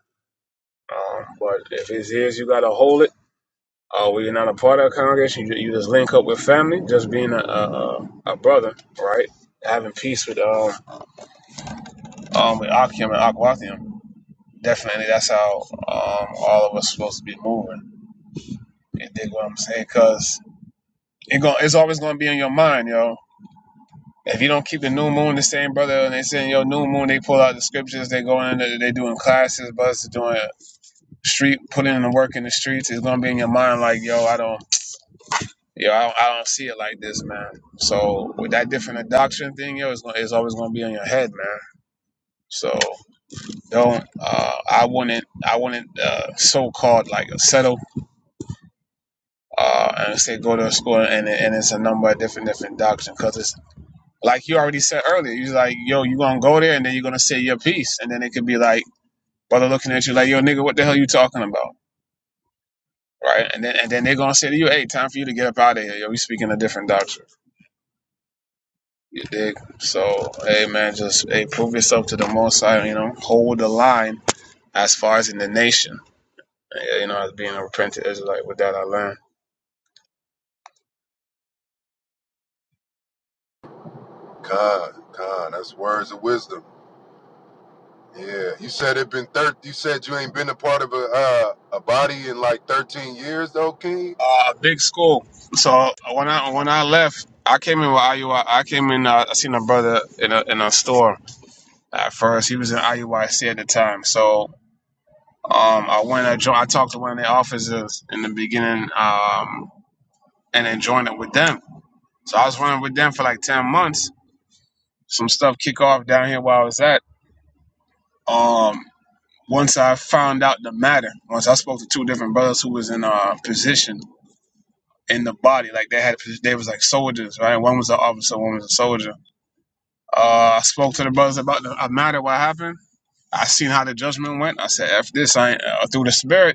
Um, but if it's his, you gotta hold it. Uh, we are not a part of a congregation. You, you just link up with family, just being a a, a a brother, right? Having peace with um um with Akim and Akwathium. Definitely, that's how um all of us supposed to be moving. You dig what I'm saying? Cause it go, it's always gonna be in your mind, yo If you don't keep the new moon the same, brother, and they saying yo new moon, they pull out the scriptures, they go in, they they doing classes, brothers doing street, putting in the work in the streets. It's gonna be in your mind like yo, I don't, yo, I don't, I don't see it like this, man. So with that different doctrine thing, yo, it's, gonna, it's always gonna be in your head, man. So don't, uh, I wouldn't, I wouldn't uh, so called like settle uh, and say go to a school and, and it's a number of different different doctrine because it's. Like you already said earlier, he's like, yo, you gonna go there and then you're gonna say your piece, and then it could be like, brother looking at you like, yo, nigga, what the hell you talking about, right? And then and then they're gonna say to you, hey, time for you to get up out of here. Yo, we speaking a different doctrine. You dig? So, hey man, just hey, prove yourself to the Most High. You know, hold the line as far as in the nation. eh, You know, as being a repentant Israelite, with that I learned.
Khan. Khan. That's words of wisdom. Yeah. You said it been thir- you said you ain't been a part of a uh, a body in like thirteen years though, King?
Uh, big school. So when I when I left, I came in with IUI. I I came in. Uh, I seen a brother in a in a store at first. He was in IUIC at the time. So um, I went and joined, I talked to one of the officers in the beginning um, and then joined it with them. So I was running with them for like 10 months. Some stuff kick off down here where I was at. Um, once I found out the matter, once I spoke to two different brothers who was in a position in the body, like they had, they was like soldiers, right? One was an officer, one was a soldier. Uh, I spoke to the brothers about the uh, matter, what happened. I seen how the judgment went. I said, "F this, I ain't, uh, through the spirit."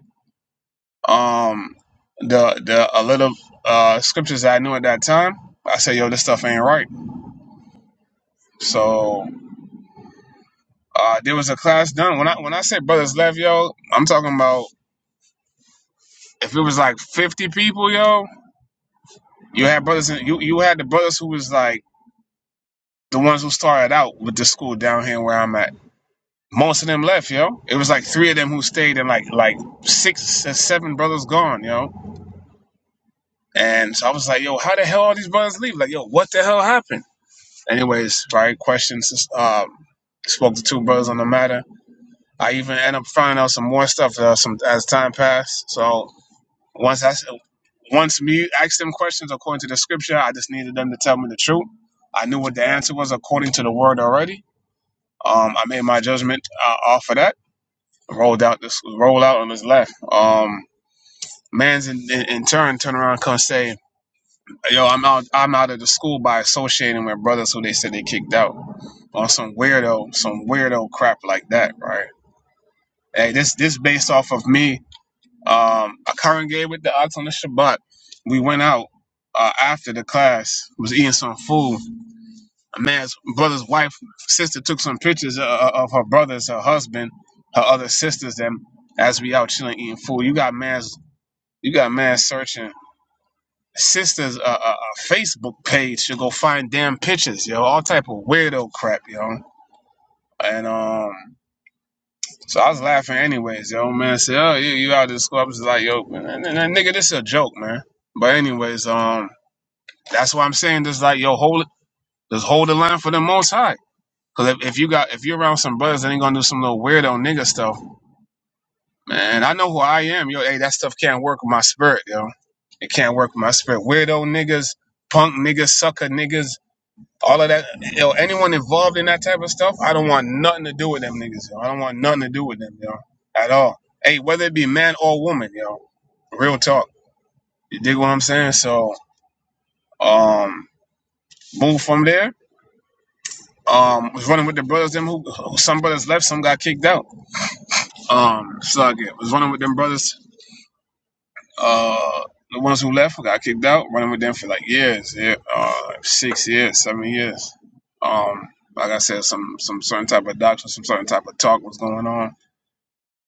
um the the a little uh scriptures that I knew at that time. I said, yo, this stuff ain't right. So uh there was a class done. When I when I say brothers left, yo, I'm talking about if it was like fifty people, yo, you had brothers in, you you had the brothers who was like the ones who started out with the school down here where I'm at. Most of them left, yo. It was like three of them who stayed and like like six or seven brothers gone, yo. And so I was like, yo, how the hell all these brothers leave? Like, yo, what the hell happened? Anyways, right? Questions. Um, spoke to two brothers on the matter. I even end up finding out some more stuff uh, some, as time passed. So once I once me asked them questions according to the scripture, I just needed them to tell me the truth. I knew what the answer was according to the word already. Um, I made my judgment uh, off of that. Rolled out this roll out on his left. Um, man's in, in, in turn turn around and come say, "Yo, I'm out. I'm out of the school by associating with brothers who they said they kicked out." or some weirdo, some weirdo crap like that, right? Hey, this this based off of me. Um, I congregated with the ox on the Shabbat. We went out uh, after the class, was eating some food. A man's brother's wife, sister took some pictures of, of her brothers, her husband, her other sisters, them as we out chilling eating food. You got man's, you got man searching sister's uh, uh, uh, Facebook page to go find damn pictures, yo. All type of weirdo crap, yo. And um. So I was laughing anyways. yo old man I said, "Oh, you you out of the school?" I was like, "Yo, man, and, and, and nigga, this is a joke, man." But anyways, um, that's why I'm saying this. Like, yo, hold it, just hold the line for the Most High. Cause if, if you got if you're around some brothers that ain't gonna do some little weirdo nigga stuff, man, I know who I am. Yo, hey, that stuff can't work with my spirit, yo. It can't work with my spirit. Weirdo niggas, punk niggas, sucker niggas. All of that, yo. anyone involved in that type of stuff, I don't want nothing to do with them niggas. Yo. I don't want nothing to do with them, yo, at all. Hey, whether it be man or woman, yo, real talk. You dig what I'm saying? So, um, move from there. Um, was running with the brothers. Them who who- some brothers left, some got kicked out. Um, slug it. Was running with them brothers Uh, the ones who left who got kicked out, running with them for like years, yeah, uh, like six years, seven years. Um, like I said, some some certain type of doctrine, some certain type of talk was going on.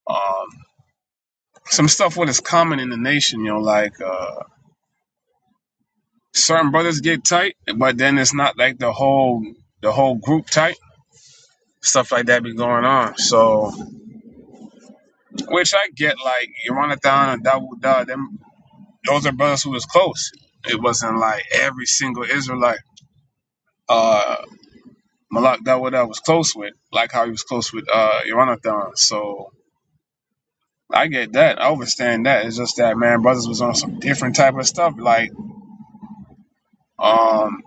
Um, some stuff what is common in the nation, you know, like uh, certain brothers get tight, but then it's not like the whole the whole group tight. Stuff like that be going on. So, which I get, like Yonathan and Dawood, Da, them those are brothers who was close. It wasn't like every single Israelite. Uh, Malak Dawada was close with, like how he was close with uh Iranathon. So I get that. I understand that. It's just that man, brothers was on some different type of stuff. Like, um,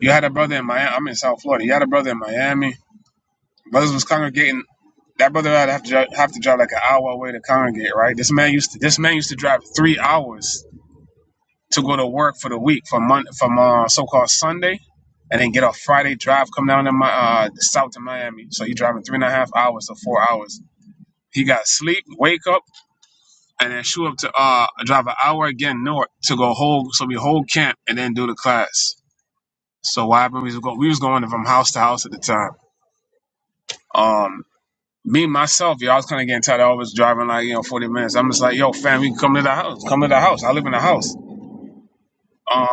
you had a brother in Miami. I'm in South Florida. You had a brother in Miami. Brothers was congregating. That brother had to have to, dri- have to drive like an hour away to congregate, right? This man used to this man used to drive three hours to go to work for the week from Mon- from uh, so called Sunday, and then get a Friday drive, come down to my uh, south to Miami. So he driving three and a half hours to four hours He got sleep, wake up, and then shoot up to uh drive an hour again north to go whole so we whole camp and then do the class. So what happened? We was going, we was going from house to house at the time. Um, me myself, yo, I was kind of getting tired. I was driving like you know forty minutes. I'm just like, yo, fam, we can come to the house. Come to the house. I live in the house. Um,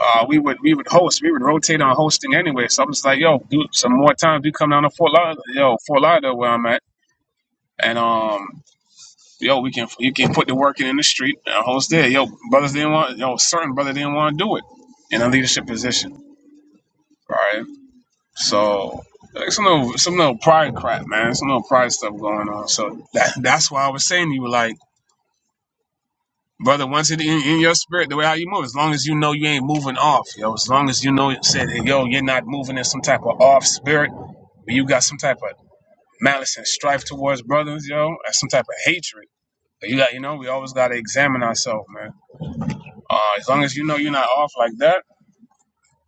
uh, we would we would host. We would rotate on hosting anyway. So I'm just like, yo, do some more times. We come down to Fort Lauderdale, yo, Fort Lauderdale where I'm at, and um. Yo, we can you can put the work in in the street and host there. Yo, brothers didn't want yo certain brother didn't want to do it in a leadership position. All right, so like some little some little pride crap, man. Some little pride stuff going on. So that that's why I was saying to you like. Brother, once it in, in your spirit, the way how you move, as long as you know you ain't moving off, yo, as long as you know, said, hey, yo, you're not moving in some type of off spirit, but you got some type of malice and strife towards brothers, yo, or some type of hatred. you got, you know, we always got to examine ourselves, man. Uh, as long as you know you're not off like that,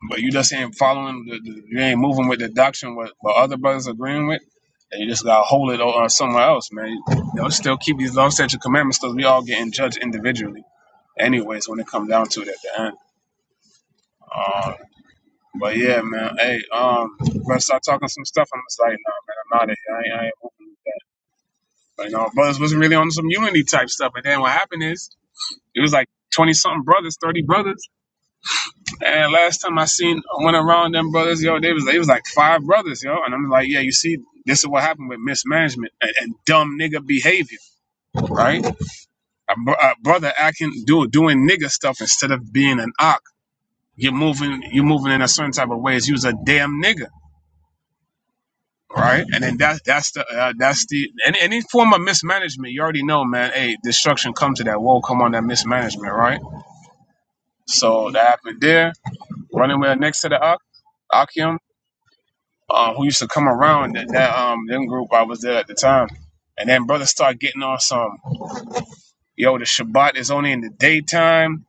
but you just ain't following, the, the, you ain't moving with the doctrine what, what other brothers agreeing with, and you just gotta hold it on somewhere else, man. You know, still keep these law statute commandments because we all getting judged individually, anyways. When it comes down to it at the end. Uh, but yeah, man. Hey, um, when I start talking some stuff, I'm just like, nah, man, I'm out of here. I ain't, I ain't moving with that. But, you know, brothers wasn't really on some unity type stuff, and then what happened is it was like twenty something brothers, thirty brothers. And last time I seen went around them brothers, yo, they was they was like five brothers, yo, and I'm like, yeah, you see, this is what happened with mismanagement and, and dumb nigga behavior, right? A, br- a brother acting do doing nigga stuff instead of being an ock. You're moving, you're moving in a certain type of ways. You's a damn nigga, right? And then that's that's the uh, that's the any, any form of mismanagement. You already know, man. Hey, destruction come to that. Woe come on that mismanagement, right? So that happened there. Running with next to the ock, Akium. uh, who used to come around that, that um them group I was there at the time. And then brothers start getting on some yo, the Shabbat is only in the daytime.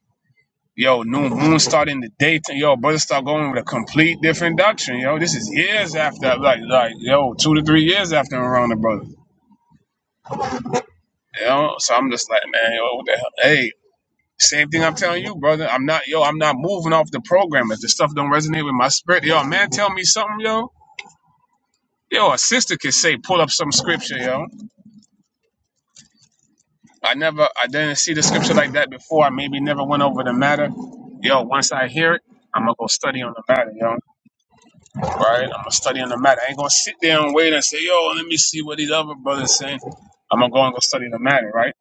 Yo, new moon start in the daytime. Yo, brothers start going with a complete different doctrine. Yo, this is years after like like yo, two to three years after I'm around the brother. You know? So I'm just like, man, yo, what the hell? Hey, same thing I'm telling you, brother. I'm not yo, I'm not moving off the program. If the stuff don't resonate with my spirit, yo, man, tell me something, yo. Yo, a sister can say, pull up some scripture, yo. I never, I didn't see the scripture like that before. I maybe never went over the matter. Yo, once I hear it, I'm gonna go study on the matter, yo. Right? I'm gonna study on the matter. I ain't gonna sit there and wait and say, yo, let me see what these other brothers saying. I'm gonna go and go study the matter, right?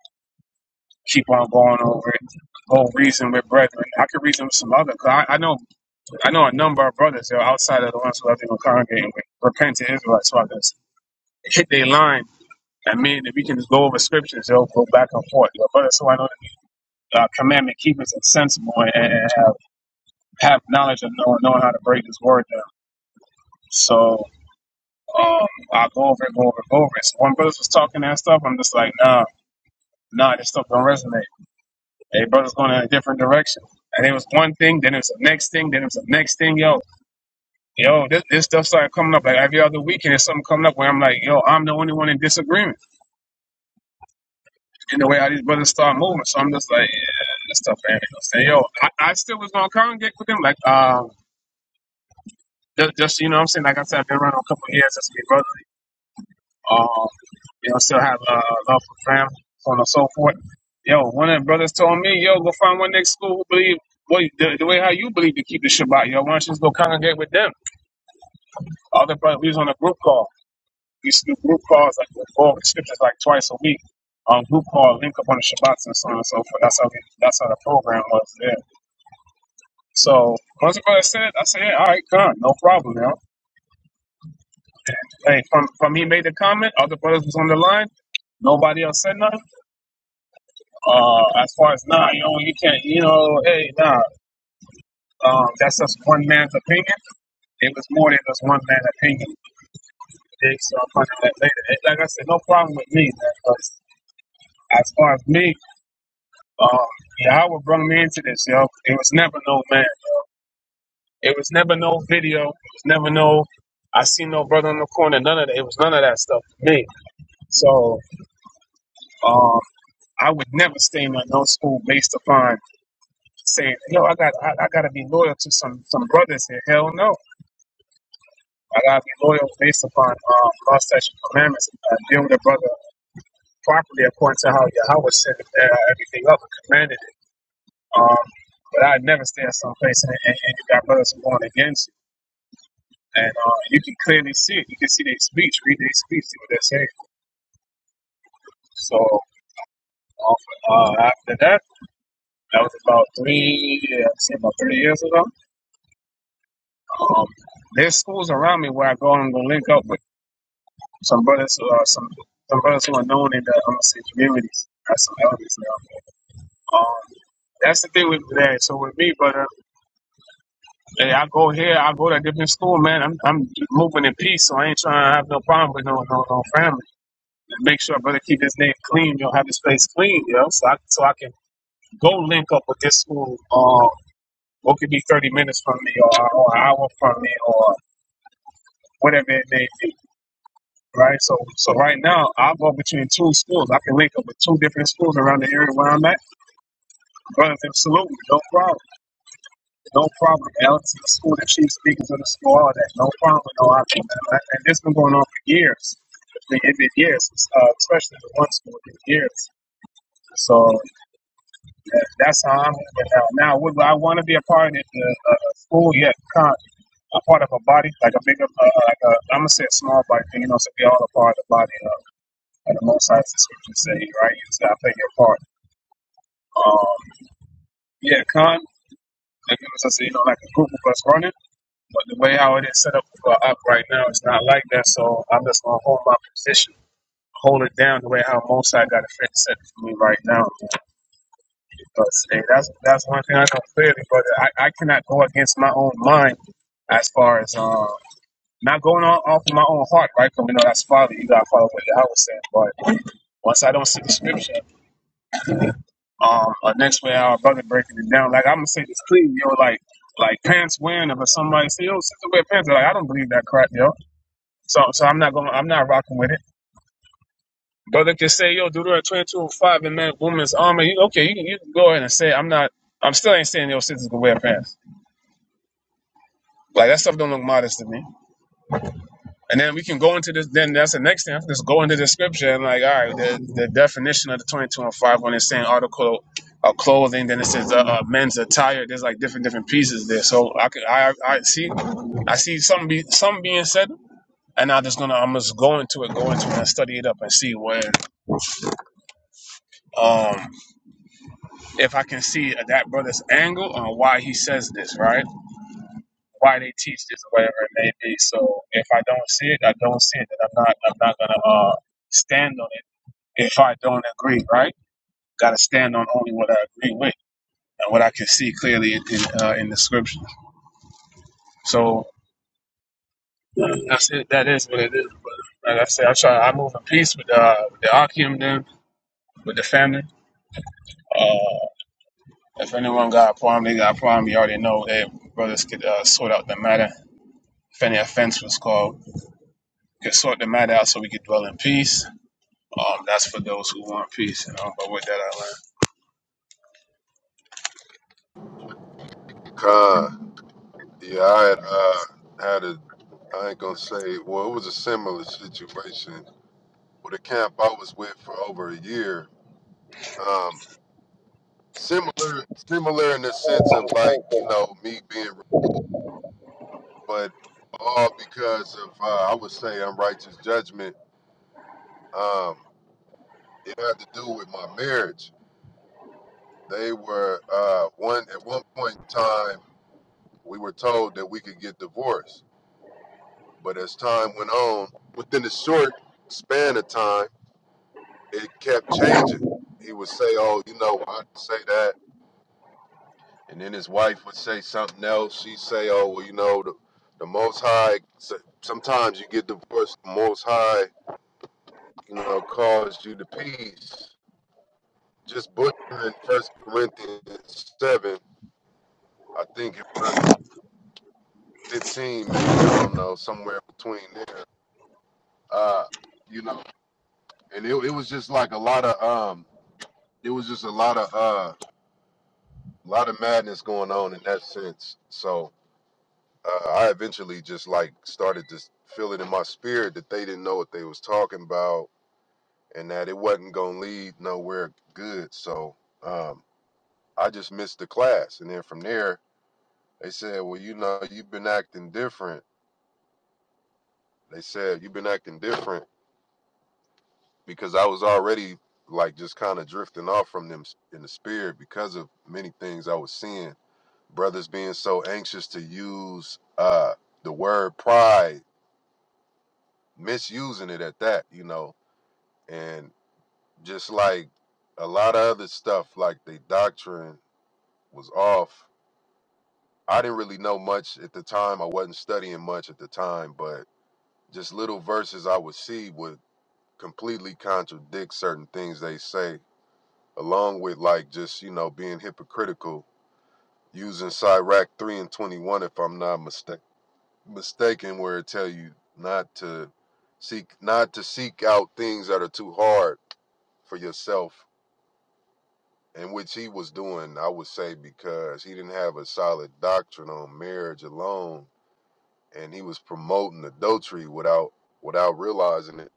Keep on going over it. Go reason with brethren. I could reason with some other. 'cause I, I know, I know a number of brothers yo, outside of the ones who I've been congregating with, repentant Israelites, who hit their line. I mean, if we can just go over scriptures, yo, go back and forth. Yo, brothers who I know uh, commandment keepers and sensible and have, have knowledge of knowing, knowing how to break this word down. So um, I go over it, go over it, go over it. So when brothers was talking that stuff, I'm just like, nah, nah, this stuff don't resonate. Hey, brothers going in a different direction. And it was one thing, then it was the next thing, then it was the next thing. Yo, yo, this, this stuff started coming up. Like every other weekend, there's something coming up where I'm like, yo, I'm the only one in disagreement in the way how these brothers start moving. So I'm just like, yeah, this stuff ain't gonna stay. Yo, I, I still was gonna congregate with them. Like, um, Just, just you know what I'm saying? Like I said, I've been around a couple of years as my brother. Um, you know, still have uh, love for family, so on and so forth. Yo, one of the brothers told me, yo, go find one next school who believe well, the, the way how you believe to keep the Shabbat, yo. Why don't you just go congregate with them? Other brother, we was on a group call. We used to do group calls like with all the scriptures like twice a week. Um, group call, link up on the Shabbats and so on and so forth. That's how we, that's how the program was there. So once the brother said, I said, yeah, all right, come, no problem, yo. Hey, from from he made the comment, other brothers was on the line. Nobody else said nothing. Uh, as far as nah, you know, you can't, you know, hey, nah. Um, that's just one man's opinion. It was more than just one man's opinion. Okay, so I'm gonna later. Eh, Like I said, no problem with me. man, 'cause As far as me, um, Yahweh brought me into this, yo. It was never no man. It was never no video. It was never no. I seen no brother in the corner. None of that. It was none of that stuff for me. So um, I would never stay in no school based upon saying, "Yo, I got I, I got to be loyal to some some brothers here." Hell no, I got to be loyal based upon um, law, statutes, commandments. Uh, deal with a brother properly according to how Yahweh set uh, everything up and commanded it. Um, but I never stay at some place and, and, and you got brothers who going against you. And uh, you can clearly see it. You can see their speech, read their speech, see what they're saying. So uh, after that, that was about three, yeah, I'd say about three years ago. Um, there's schools around me where I go and go link up with some brothers who are some some brothers who are known in the um, say communities as some elders now. Um, that's the thing with that. So with me, brother, hey, I go here, I go to a different school, man. I'm I'm moving in peace, so I ain't trying to have no problem with no no, no family. And make sure, brother, keep his name clean. You know, have his place clean, you know, so I so I can go link up with this school. Um, what could be thirty minutes from me, or, or an hour from me, or whatever it may be. right? So, so right now, I go between two schools. I can link up with two different schools around the area where I'm at. Brothers, absolutely, no problem, no problem. Alex is the school, the chief speakers of the school, all that, no problem, no option. And and this has been going on for years. I mean, It's been years, uh, especially the one school, it's been years. So uh, that's how I'm moving now. Now, would I want to be a part of the uh, school? Yeah, con- a part of a body, like a bigger, uh, like a, I'm gonna say a small body, you know, so we all a part of the body. Uh, And the Most High the scriptures say, right, you just gotta play your part. Um, yeah, Khan, like it was you know, like a group of us running, but the way how it is set up for up right now, it's not like that. So I'm just gonna hold my position, hold it down the way how Most High got a fit set for me right now. Because hey, that's that's one thing I know clearly, brother. I, I cannot go against my own mind as far as um not going on off of my own heart, right? Because we know that's folly. You gotta follow what Yahweh was saying, but once I don't see the scripture. um, uh, next way our brother breaking it down. Like I'm gonna say this clean, yo, like like pants wearing if somebody say, yo, sister wear pants, like I don't believe that crap, yo. So so I'm not gonna I'm not rocking with it. Brother can say, yo, Deuteronomy twenty two oh five and man woman's armor, you, okay, you can you can go ahead and say it. I'm not I'm still ain't saying yo sisters can wear pants. Like that stuff don't look modest to me. And then we can go into this. Then that's the next thing. I can just go into the scripture and like, all right, the, the definition of the twenty-two and five when it's saying article of clothing, then it says uh, uh, men's attire. There's like different different pieces there. So I could I I see I see some be some being said, and I'm just gonna I'm just going to it, go into it, and study it up and see where um if I can see that brother's angle on why he says this, right? Why they teach this, or whatever it may be. So if I don't see it, I don't see it, and I'm not I'm not gonna uh stand on it if I don't agree, right? Got to stand on only what I agree with and what I can see clearly in in, uh, in the scripture. So uh, that's it. That is what it is. But like I said, I try. I move in peace with uh, with the Akim, then with the family. Uh, if anyone got a problem, they got a problem. You already know that brothers could uh, sort out the matter. If any offense was called, we could sort the matter out so we could dwell in peace. Um, that's for those who want peace, you know. But with that, I
Khan. Yeah, I had uh, had a, I ain't gonna say, well, it was a similar situation with a camp I was with for over a year. Um, similar, similar in the sense of like, you know, me being, but all because of, uh, I would say, unrighteous judgment. Um, it had to do with my marriage. They were, uh, one, at one point in time, we were told that we could get divorced. But as time went on, within a short span of time, it kept changing. He would say, "Oh, you know, I say that," and then his wife would say something else. She'd say, "Oh, well, you know, the the Most High." s- Sometimes you get divorced. The Most High, you know, calls you to peace. Just butchering First Corinthians seven, I think in verse fifteen, maybe I don't know, somewhere between there. Uh, you know, and it, it was just like a lot of um, it was just a lot of uh, a lot of madness going on in that sense. So uh, I eventually just like started to feel it in my spirit that they didn't know what they was talking about and that it wasn't gonna lead nowhere good. So um, I just missed the class, and then from there they said, "Well, you know, you've been acting different." They said you've been acting different because I was already like just kind of drifting off from them in the spirit because of many things I was seeing. Brothers being so anxious to use uh, the word pride misusing it at that, you know, And just like a lot of other stuff, like the doctrine was off. I didn't really know much at the time. I wasn't studying much at the time, but just little verses I would see would completely contradict certain things they say, along with like just, you know, being hypocritical, using Sirach 3 and 21, if I'm not mistake mistaken, where it tell you not to seek not to seek out things that are too hard for yourself and which he was doing, I would say, because he didn't have a solid doctrine on marriage alone, and he was promoting adultery without without realizing it.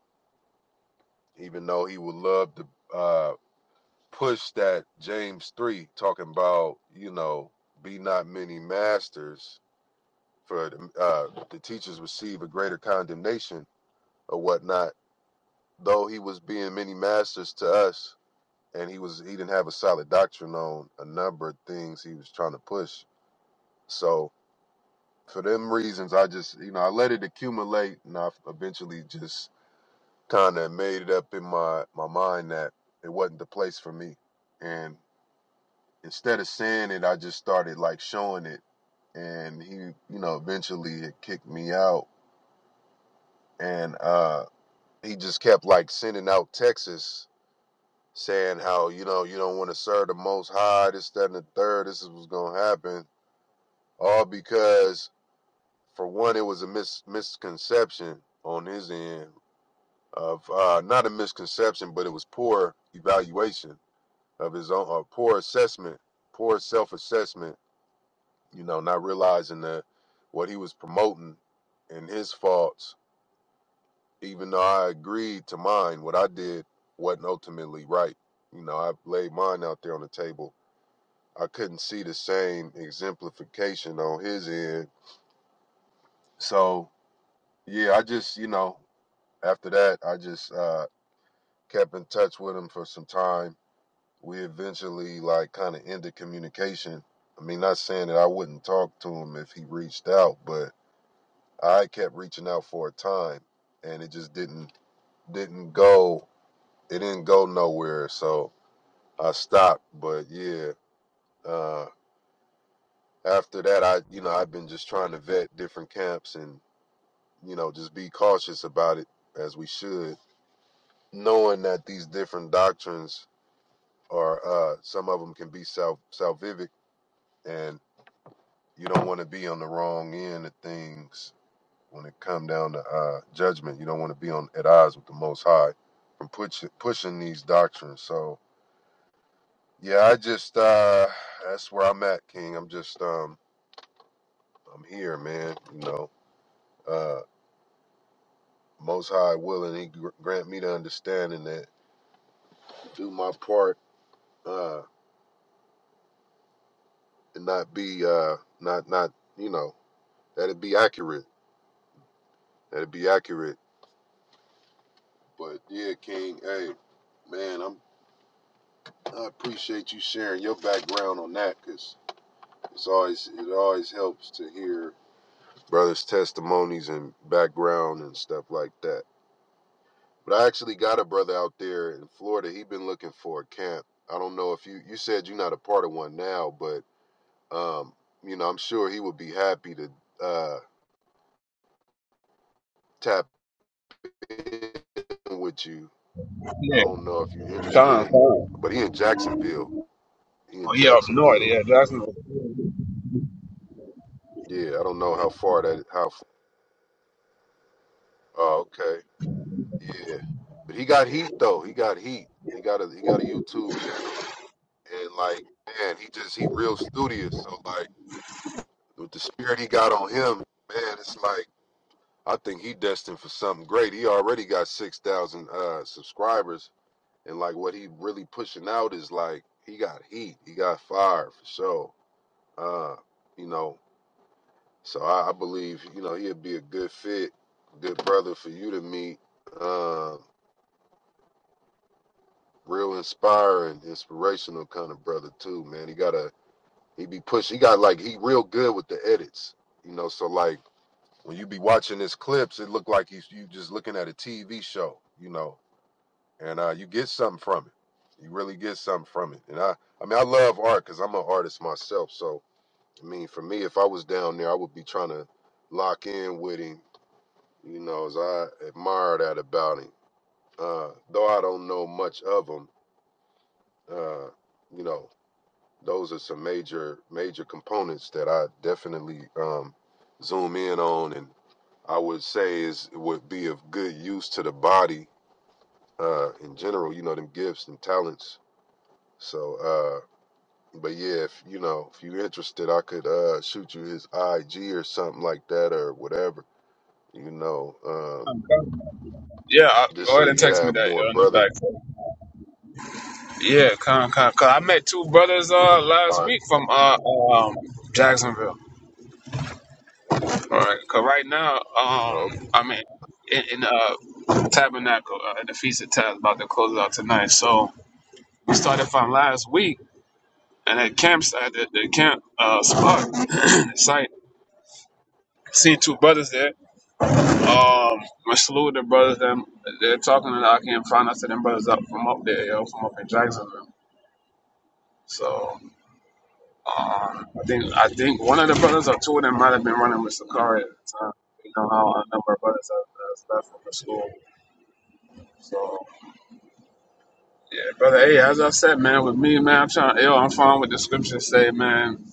Even though he would love to uh, push that James three talking about, you know, be not many masters, for uh, the teachers receive a greater condemnation or whatnot. Though he was being many masters to us, and he was he didn't have a solid doctrine on a number of things he was trying to push. So for them reasons, I just you know I let it accumulate, and I eventually just kind of made it up in my my mind that it wasn't the place for me. And instead of saying it, I just started like showing it, and he you know eventually had kicked me out, and uh, he just kept like sending out Texas saying how you know you don't want to serve the Most High, this that and the third, this is what's gonna happen, all because for one, it was a mis- misconception on his end of uh, not a misconception, but it was poor evaluation of his own, or poor assessment, poor self-assessment. You know, not realizing that what he was promoting and his faults, even though I agreed to mine, what I did wasn't ultimately right. You know, I laid mine out there on the table. I couldn't see the same exemplification on his end. So yeah, I just you know after that I just uh, kept in touch with him for some time we eventually like kind of ended communication. I mean, not saying that I wouldn't talk to him if he reached out, but I kept reaching out for a time, and it just didn't didn't go. It didn't go nowhere, so I stopped. But yeah, uh, after that, I you know I've been just trying to vet different camps and you know just be cautious about it as we should, knowing that these different doctrines are uh, some of them can be self salvific and you don't want to be on the wrong end of things when it come down to uh, judgment. You don't want to be on at odds with the Most High from pushing pushing these doctrines. So yeah, I just uh, that's where I'm at, King. I'm just um, I'm here, man. You know, uh, Most High willing, He gr- grant me the understanding that do my part uh, and not be uh, not not you know that it be accurate, that it be accurate. But yeah, King, hey man, I'm. I appreciate you sharing your background on that because it's always it always helps to hear brothers' testimonies and background and stuff like that. But I actually got a brother out there in Florida. He been looking for a camp. I don't know if you you said you're not a part of one now, but um, you know I'm sure he would be happy to uh, tap in with you. I
learned.
don't know if you're
Yeah,
interested
Khan,
in, but he in Jacksonville. He in
Khan, he up north.
Jacksonville.
Yeah, that's no.
Yeah, I don't know how far that how. Oh, okay. Yeah, but he got heat though. He got heat. He got a he got a YouTube channel, and like man, he just he real studious. So like with the spirit he got on him, man, it's like I think he destined for something great. He already got six thousand uh subscribers, and like what he really pushing out is like he got heat. He got fire for sure. Uh, you know, so I, I believe you know he'd be a good fit, good brother for you to meet. Um, real inspiring, inspirational kind of brother too, man. He got a he be push. He got like he real good with the edits, you know. So like when you be watching his clips, it look like he's you just looking at a TV show, you know. And uh, you get something from it. You really get something from it. And I I mean I love art because I'm an artist myself. So I mean for me, if I was down there, I would be trying to lock in with him, you know. As I admire that about him, uh, though I don't know much of him. Uh, you know, those are some major major components that I definitely um, zoom in on, and I would say is would be of good use to the body uh, in general. You know, them gifts and talents. So, uh, but yeah, if you know if you're interested, I could uh, shoot you his IG or something like that or whatever. You know, um,
Yeah, I,
just
go
so
ahead and
you'd
text me
have
that,
more
yo, in the
brothers.
back. Yeah, con, con, con. I met two brothers uh
All
last
right.
week from uh um Jacksonville. All right, cause right now
Oh,
um I'm in in, in uh Tabernacle uh, in the Feast of Tabs about to close out tonight. So we started from last week and at campsite the, the camp uh spot *clears throat* site. Seen two brothers there. Um, I slew the brothers. Them they're talking and I can't find us to them brothers up from up there, yo, from up in Jacksonville. So. Uh, I think I think one of the brothers or two of them might have been running with Sakari at the time. You know how a number of brothers have, has left from the school. So yeah, brother. Hey, as I said, man, with me, man, I'm trying. Yo, I'm fine with the scriptures say, man.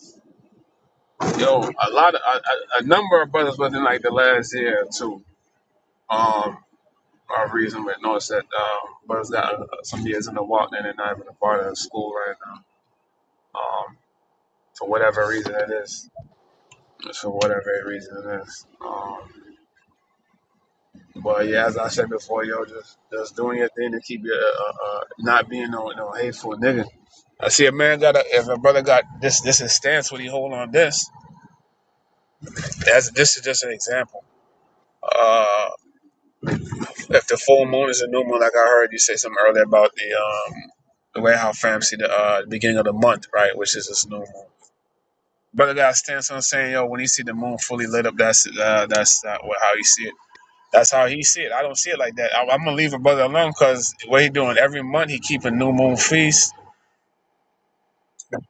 Yo, a lot of a, a a number of brothers within like the last year or two. Um, our reason with noticed that um, brothers got uh, some years in the walk and they're not even a part of the school right now. Um, for whatever reason it is, for whatever reason it is. Um. But yeah, as I said before, yo, just just doing your thing to keep your uh, uh, uh, not being no no hateful nigga. I see a man got a if a brother got this this is stance what he hold on this. That's this is just an example. Uh, if the full moon is a new moon, like I heard you say something earlier about the um the way how fam see the uh beginning of the month, right, which is this new moon. Brother got a stance on saying yo when he see the moon fully lit up, that's uh that's uh, what- how you see it. That's how he see it. I don't see it like that. I, I'm gonna leave a brother alone because what he doing every month, he keep a new moon feast.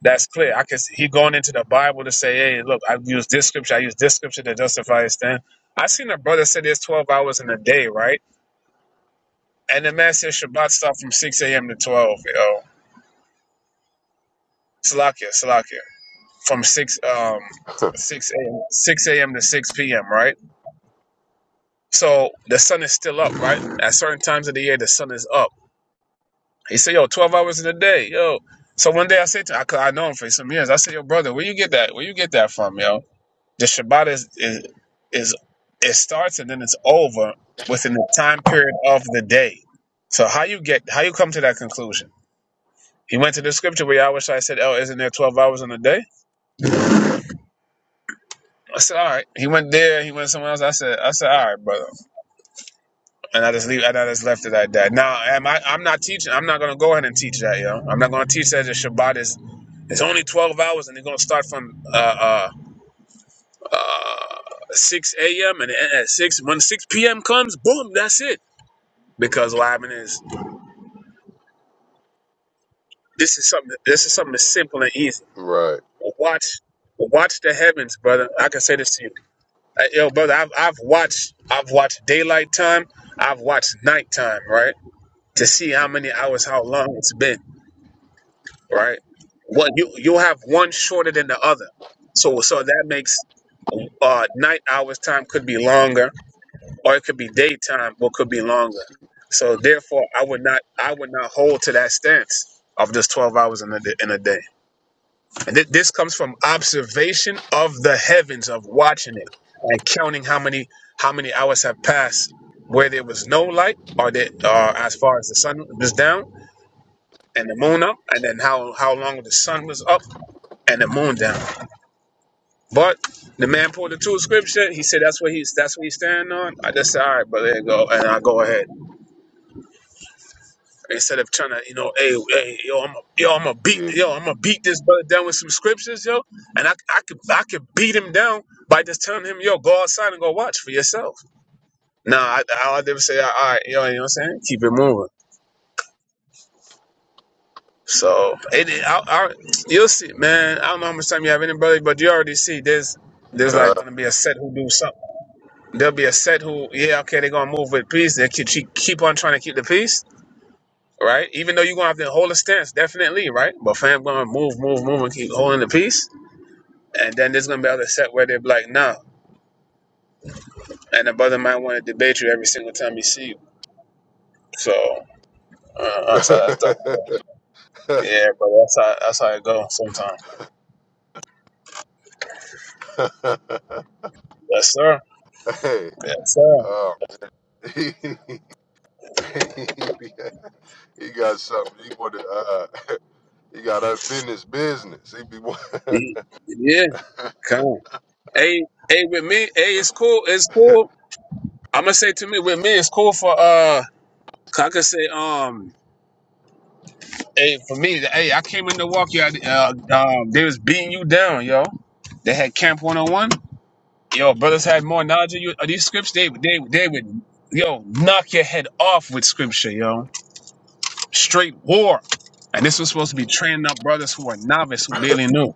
That's clear. I can see he going into the Bible to say, "Hey, look, I use this scripture. I use this scripture to justify his thing." I seen a brother say there's 12 hours in a day, right? And the man said Shabbat start from 6 a.m. to 12. Yo, Salakia, Salakia, from 6 um 6 a.m. 6 a.m. to 6 p.m. Right? So the sun is still up, right? At certain times of the year, the sun is up He said, yo, 12 hours in a day, yo. So one day I said to him, 'cause I know him for some years. I said, yo, brother, where you get that? Where you get that from, yo? The Shabbat is, is, is it starts and then it's over within the time period of the day. So how you get, how you come to that conclusion? He went to the scripture where Yahweh Shai said, oh, isn't there 12 hours in a day? I said, all right. He went there. He went somewhere else. I said, I said, all right, brother. And I just leave. And I just left it at that. Now, am I? I'm not teaching. I'm not gonna go ahead and teach that, yo. I'm not gonna teach that the Shabbat is. It's only 12 hours, and they're gonna start from uh, uh, uh, 6 a.m. and it end at 6 when 6 p.m. comes, boom, that's it. Because what happened is this is something. This is something that's simple and easy.
right.
Watch, watch the heavens, brother. I can say this to you, uh, yo, brother. I've I've watched. I've watched daylight time. I've watched nighttime, right? To see how many hours, how long it's been. right? Well, you you have one shorter than the other, so so that makes uh, night hours time could be longer, or it could be daytime, but could be longer. So therefore, I would not I would not hold to that stance of just twelve hours in a d- in a day. And th- this comes from observation of the heavens of watching it and counting how many how many hours have passed where there was no light, or that uh, as far as the sun was down and the moon up, and then how how long the sun was up and the moon down. But the man pulled the two scripture. He said that's what he's that's what he's standing on. I just said, all right, but there you go, and I go ahead instead of trying to you know, hey, hey, yo, I'm a, yo, I'm gonna beat
Yeah.
yo, I'm gonna beat this brother down with some scriptures, yo, and I I could I could beat him down by just telling him, yo, go outside and go watch for yourself. Nah, I I never say, all right, yo, you know what I'm saying? Keep it moving. So, it, it- I, I, you'll see, man. I don't know how much time you have in it, brother, but you already see there's there's
Con-
like gonna be a set who do something. There'll be a set who, yeah, okay, they're gonna move with peace. They keep keep keep on trying to keep the peace, right? Even though you're gonna have to hold a stance, definitely, right? But fam gonna move, move, move, and keep holding the peace. And then there's gonna be other set where they're like, nah. And the brother might want to debate you every single time he see you. So, uh, uh, so that's tough. Yeah, but that's how that's how it goes sometimes. Yes, sir.
*laughs* hey.
Yes, sir.
uh, *laughs* he got something. He wanted. Uh, *laughs* he got unfinished business. He be. *laughs* wa-
Ye- Yeah, come on. Hey, hey, with me, hey, it's cool. It's cool. I'm gonna say to me, with me, it's cool for uh. I could say, um, hey, for me, hey, I came in Milwaukee. I, uh, um, they was beating you down, yo. They had Camp 101. Yo, brothers had more knowledge of you. Of these scripts, they, they, they would, yo, knock your head off with scripture, yo. Straight war. And this was supposed to be training up brothers who are novice, who barely knew,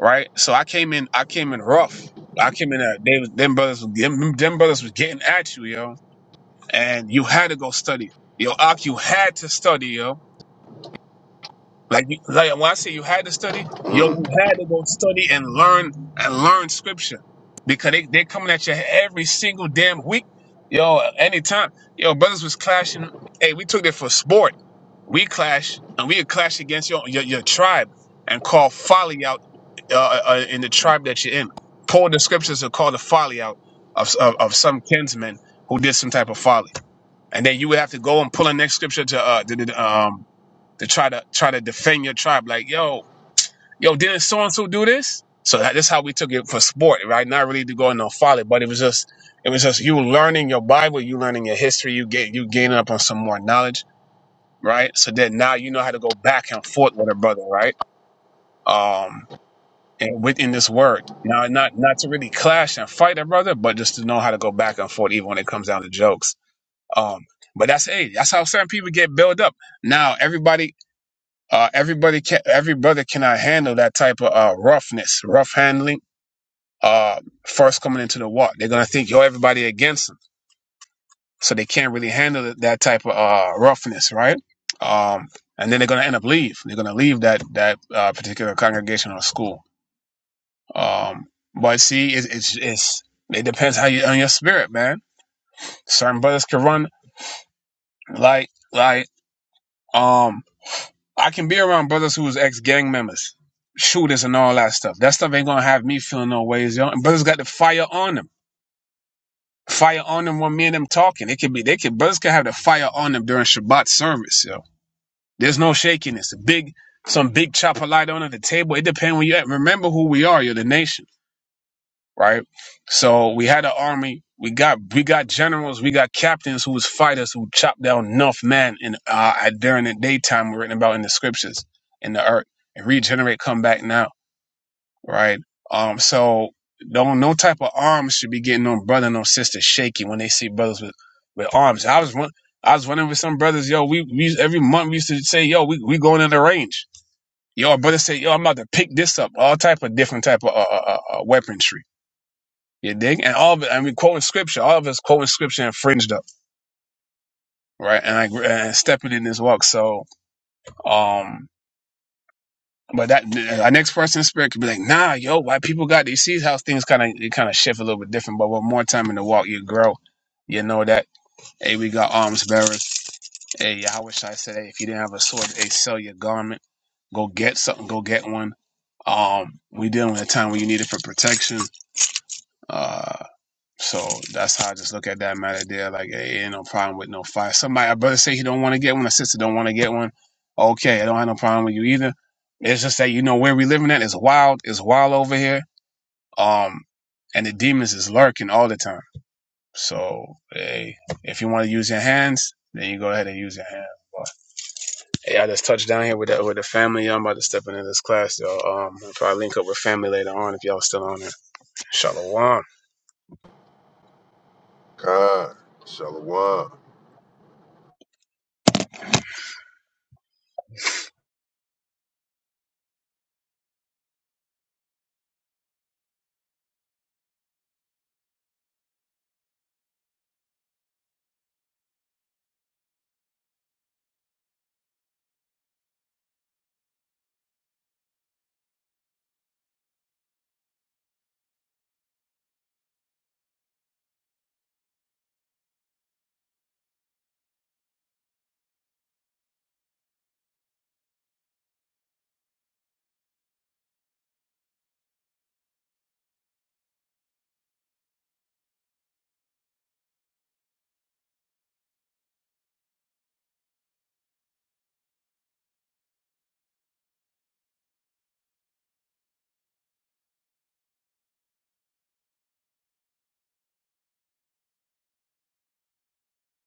right? So I came in, I came in rough. I came in, uh, they, was- them brothers, was- them, them brothers was getting at you, yo. And you had to go study. Yo, Ak, you had to study, yo Like, you- like when I say you had to study, yo,
mm,
you had to go study and learn and learn scripture because they they coming at you every single damn week, yo. Anytime, yo, brothers was clashing. Hey, we took it for sport. We clash and we would clash against your your, your tribe and call folly out uh, uh, uh, in the tribe that you're in. Pull the scriptures and call the folly out of, of of some kinsmen who did some type of folly, and then you would have to go and pull the next scripture to uh, the, the, um to try to try to defend your tribe. Like, yo, yo, didn't so and so do this? So that, that's how we took it for sport, right? Not really to go into a folly, but it was just it was just you learning your Bible, you learning your history, you get you gaining up on some more knowledge, right? So that now you know how to go back and forth with a brother, right? Um, and within this word. Now, not not to really clash and fight a brother, but just to know how to go back and forth, even when it comes down to jokes. Um, but that's hey, that's how certain people get built up. Now everybody Uh, everybody can every brother cannot handle that type of uh, roughness, rough handling. Uh, first coming into the walk, they're gonna think yo everybody against them, so they can't really handle that that type of uh, roughness, right? Um, and then they're gonna end up leave. They're gonna leave that that uh, particular congregation or school. Um, but see, it's, it's it's it depends how you on your spirit, man. Certain brothers can run like like um I can be around brothers who was ex gang members, shooters, and all that stuff. That stuff ain't gonna have me feeling no ways, yo. And brothers got the fire on them. Fire on them when me and them talking. It could be they could brothers can have the fire on them during Shabbat service, yo. There's no shakiness. A big some big chopper light on at the table. It depends where you at. Remember who we are. You're the nation right? So we had an army. We got we got generals, we got captains who was fighters who chopped down enough men in uh at- during the daytime written about in the scriptures in the earth and regenerate come back now, right? Um so don't no type of arms should be getting on brother and on sister shaky when they see brothers with, with arms. I was run, I was running with some brothers, yo, we, we every month we used to say, yo, we, we going in the range. Yo, a brother said, yo, I'm about to pick this up, all type of different type of uh, uh, uh, uh, weaponry you dig? And all of it, I mean, quoting scripture, all of us quoting scripture and fringed up, right? And like and stepping in this walk. So, um, but that our next person in spirit could be like, nah, yo, why people got these? See how things kind of it kind of shift a little bit different. But with more time in the walk, you grow. You know that. Hey, we got arms bearers. Hey, Yahweh Shai said, hey, if you didn't have a sword, hey, sell your garment. Go get something. Go get one. Um, we dealing with a time when you need it for protection. Uh, So that's how I just look at that matter there. Like, hey, ain't no problem with no fire. Somebody, a brother say he don't want to get one, a sister don't want to get one. Okay, I don't have no problem with you either. It's just that you know where we living at is wild. It's wild over here. Um, and the demons is lurking all the time. So, hey, if you want to use your hands, then you go ahead and use your hands. But, Hey, I just touched down here with the, with the family. Y'all I'm about to step into this class, y'all. Um, I'll probably link up with family later on if y'all still on it. Shalom.
God, shalom.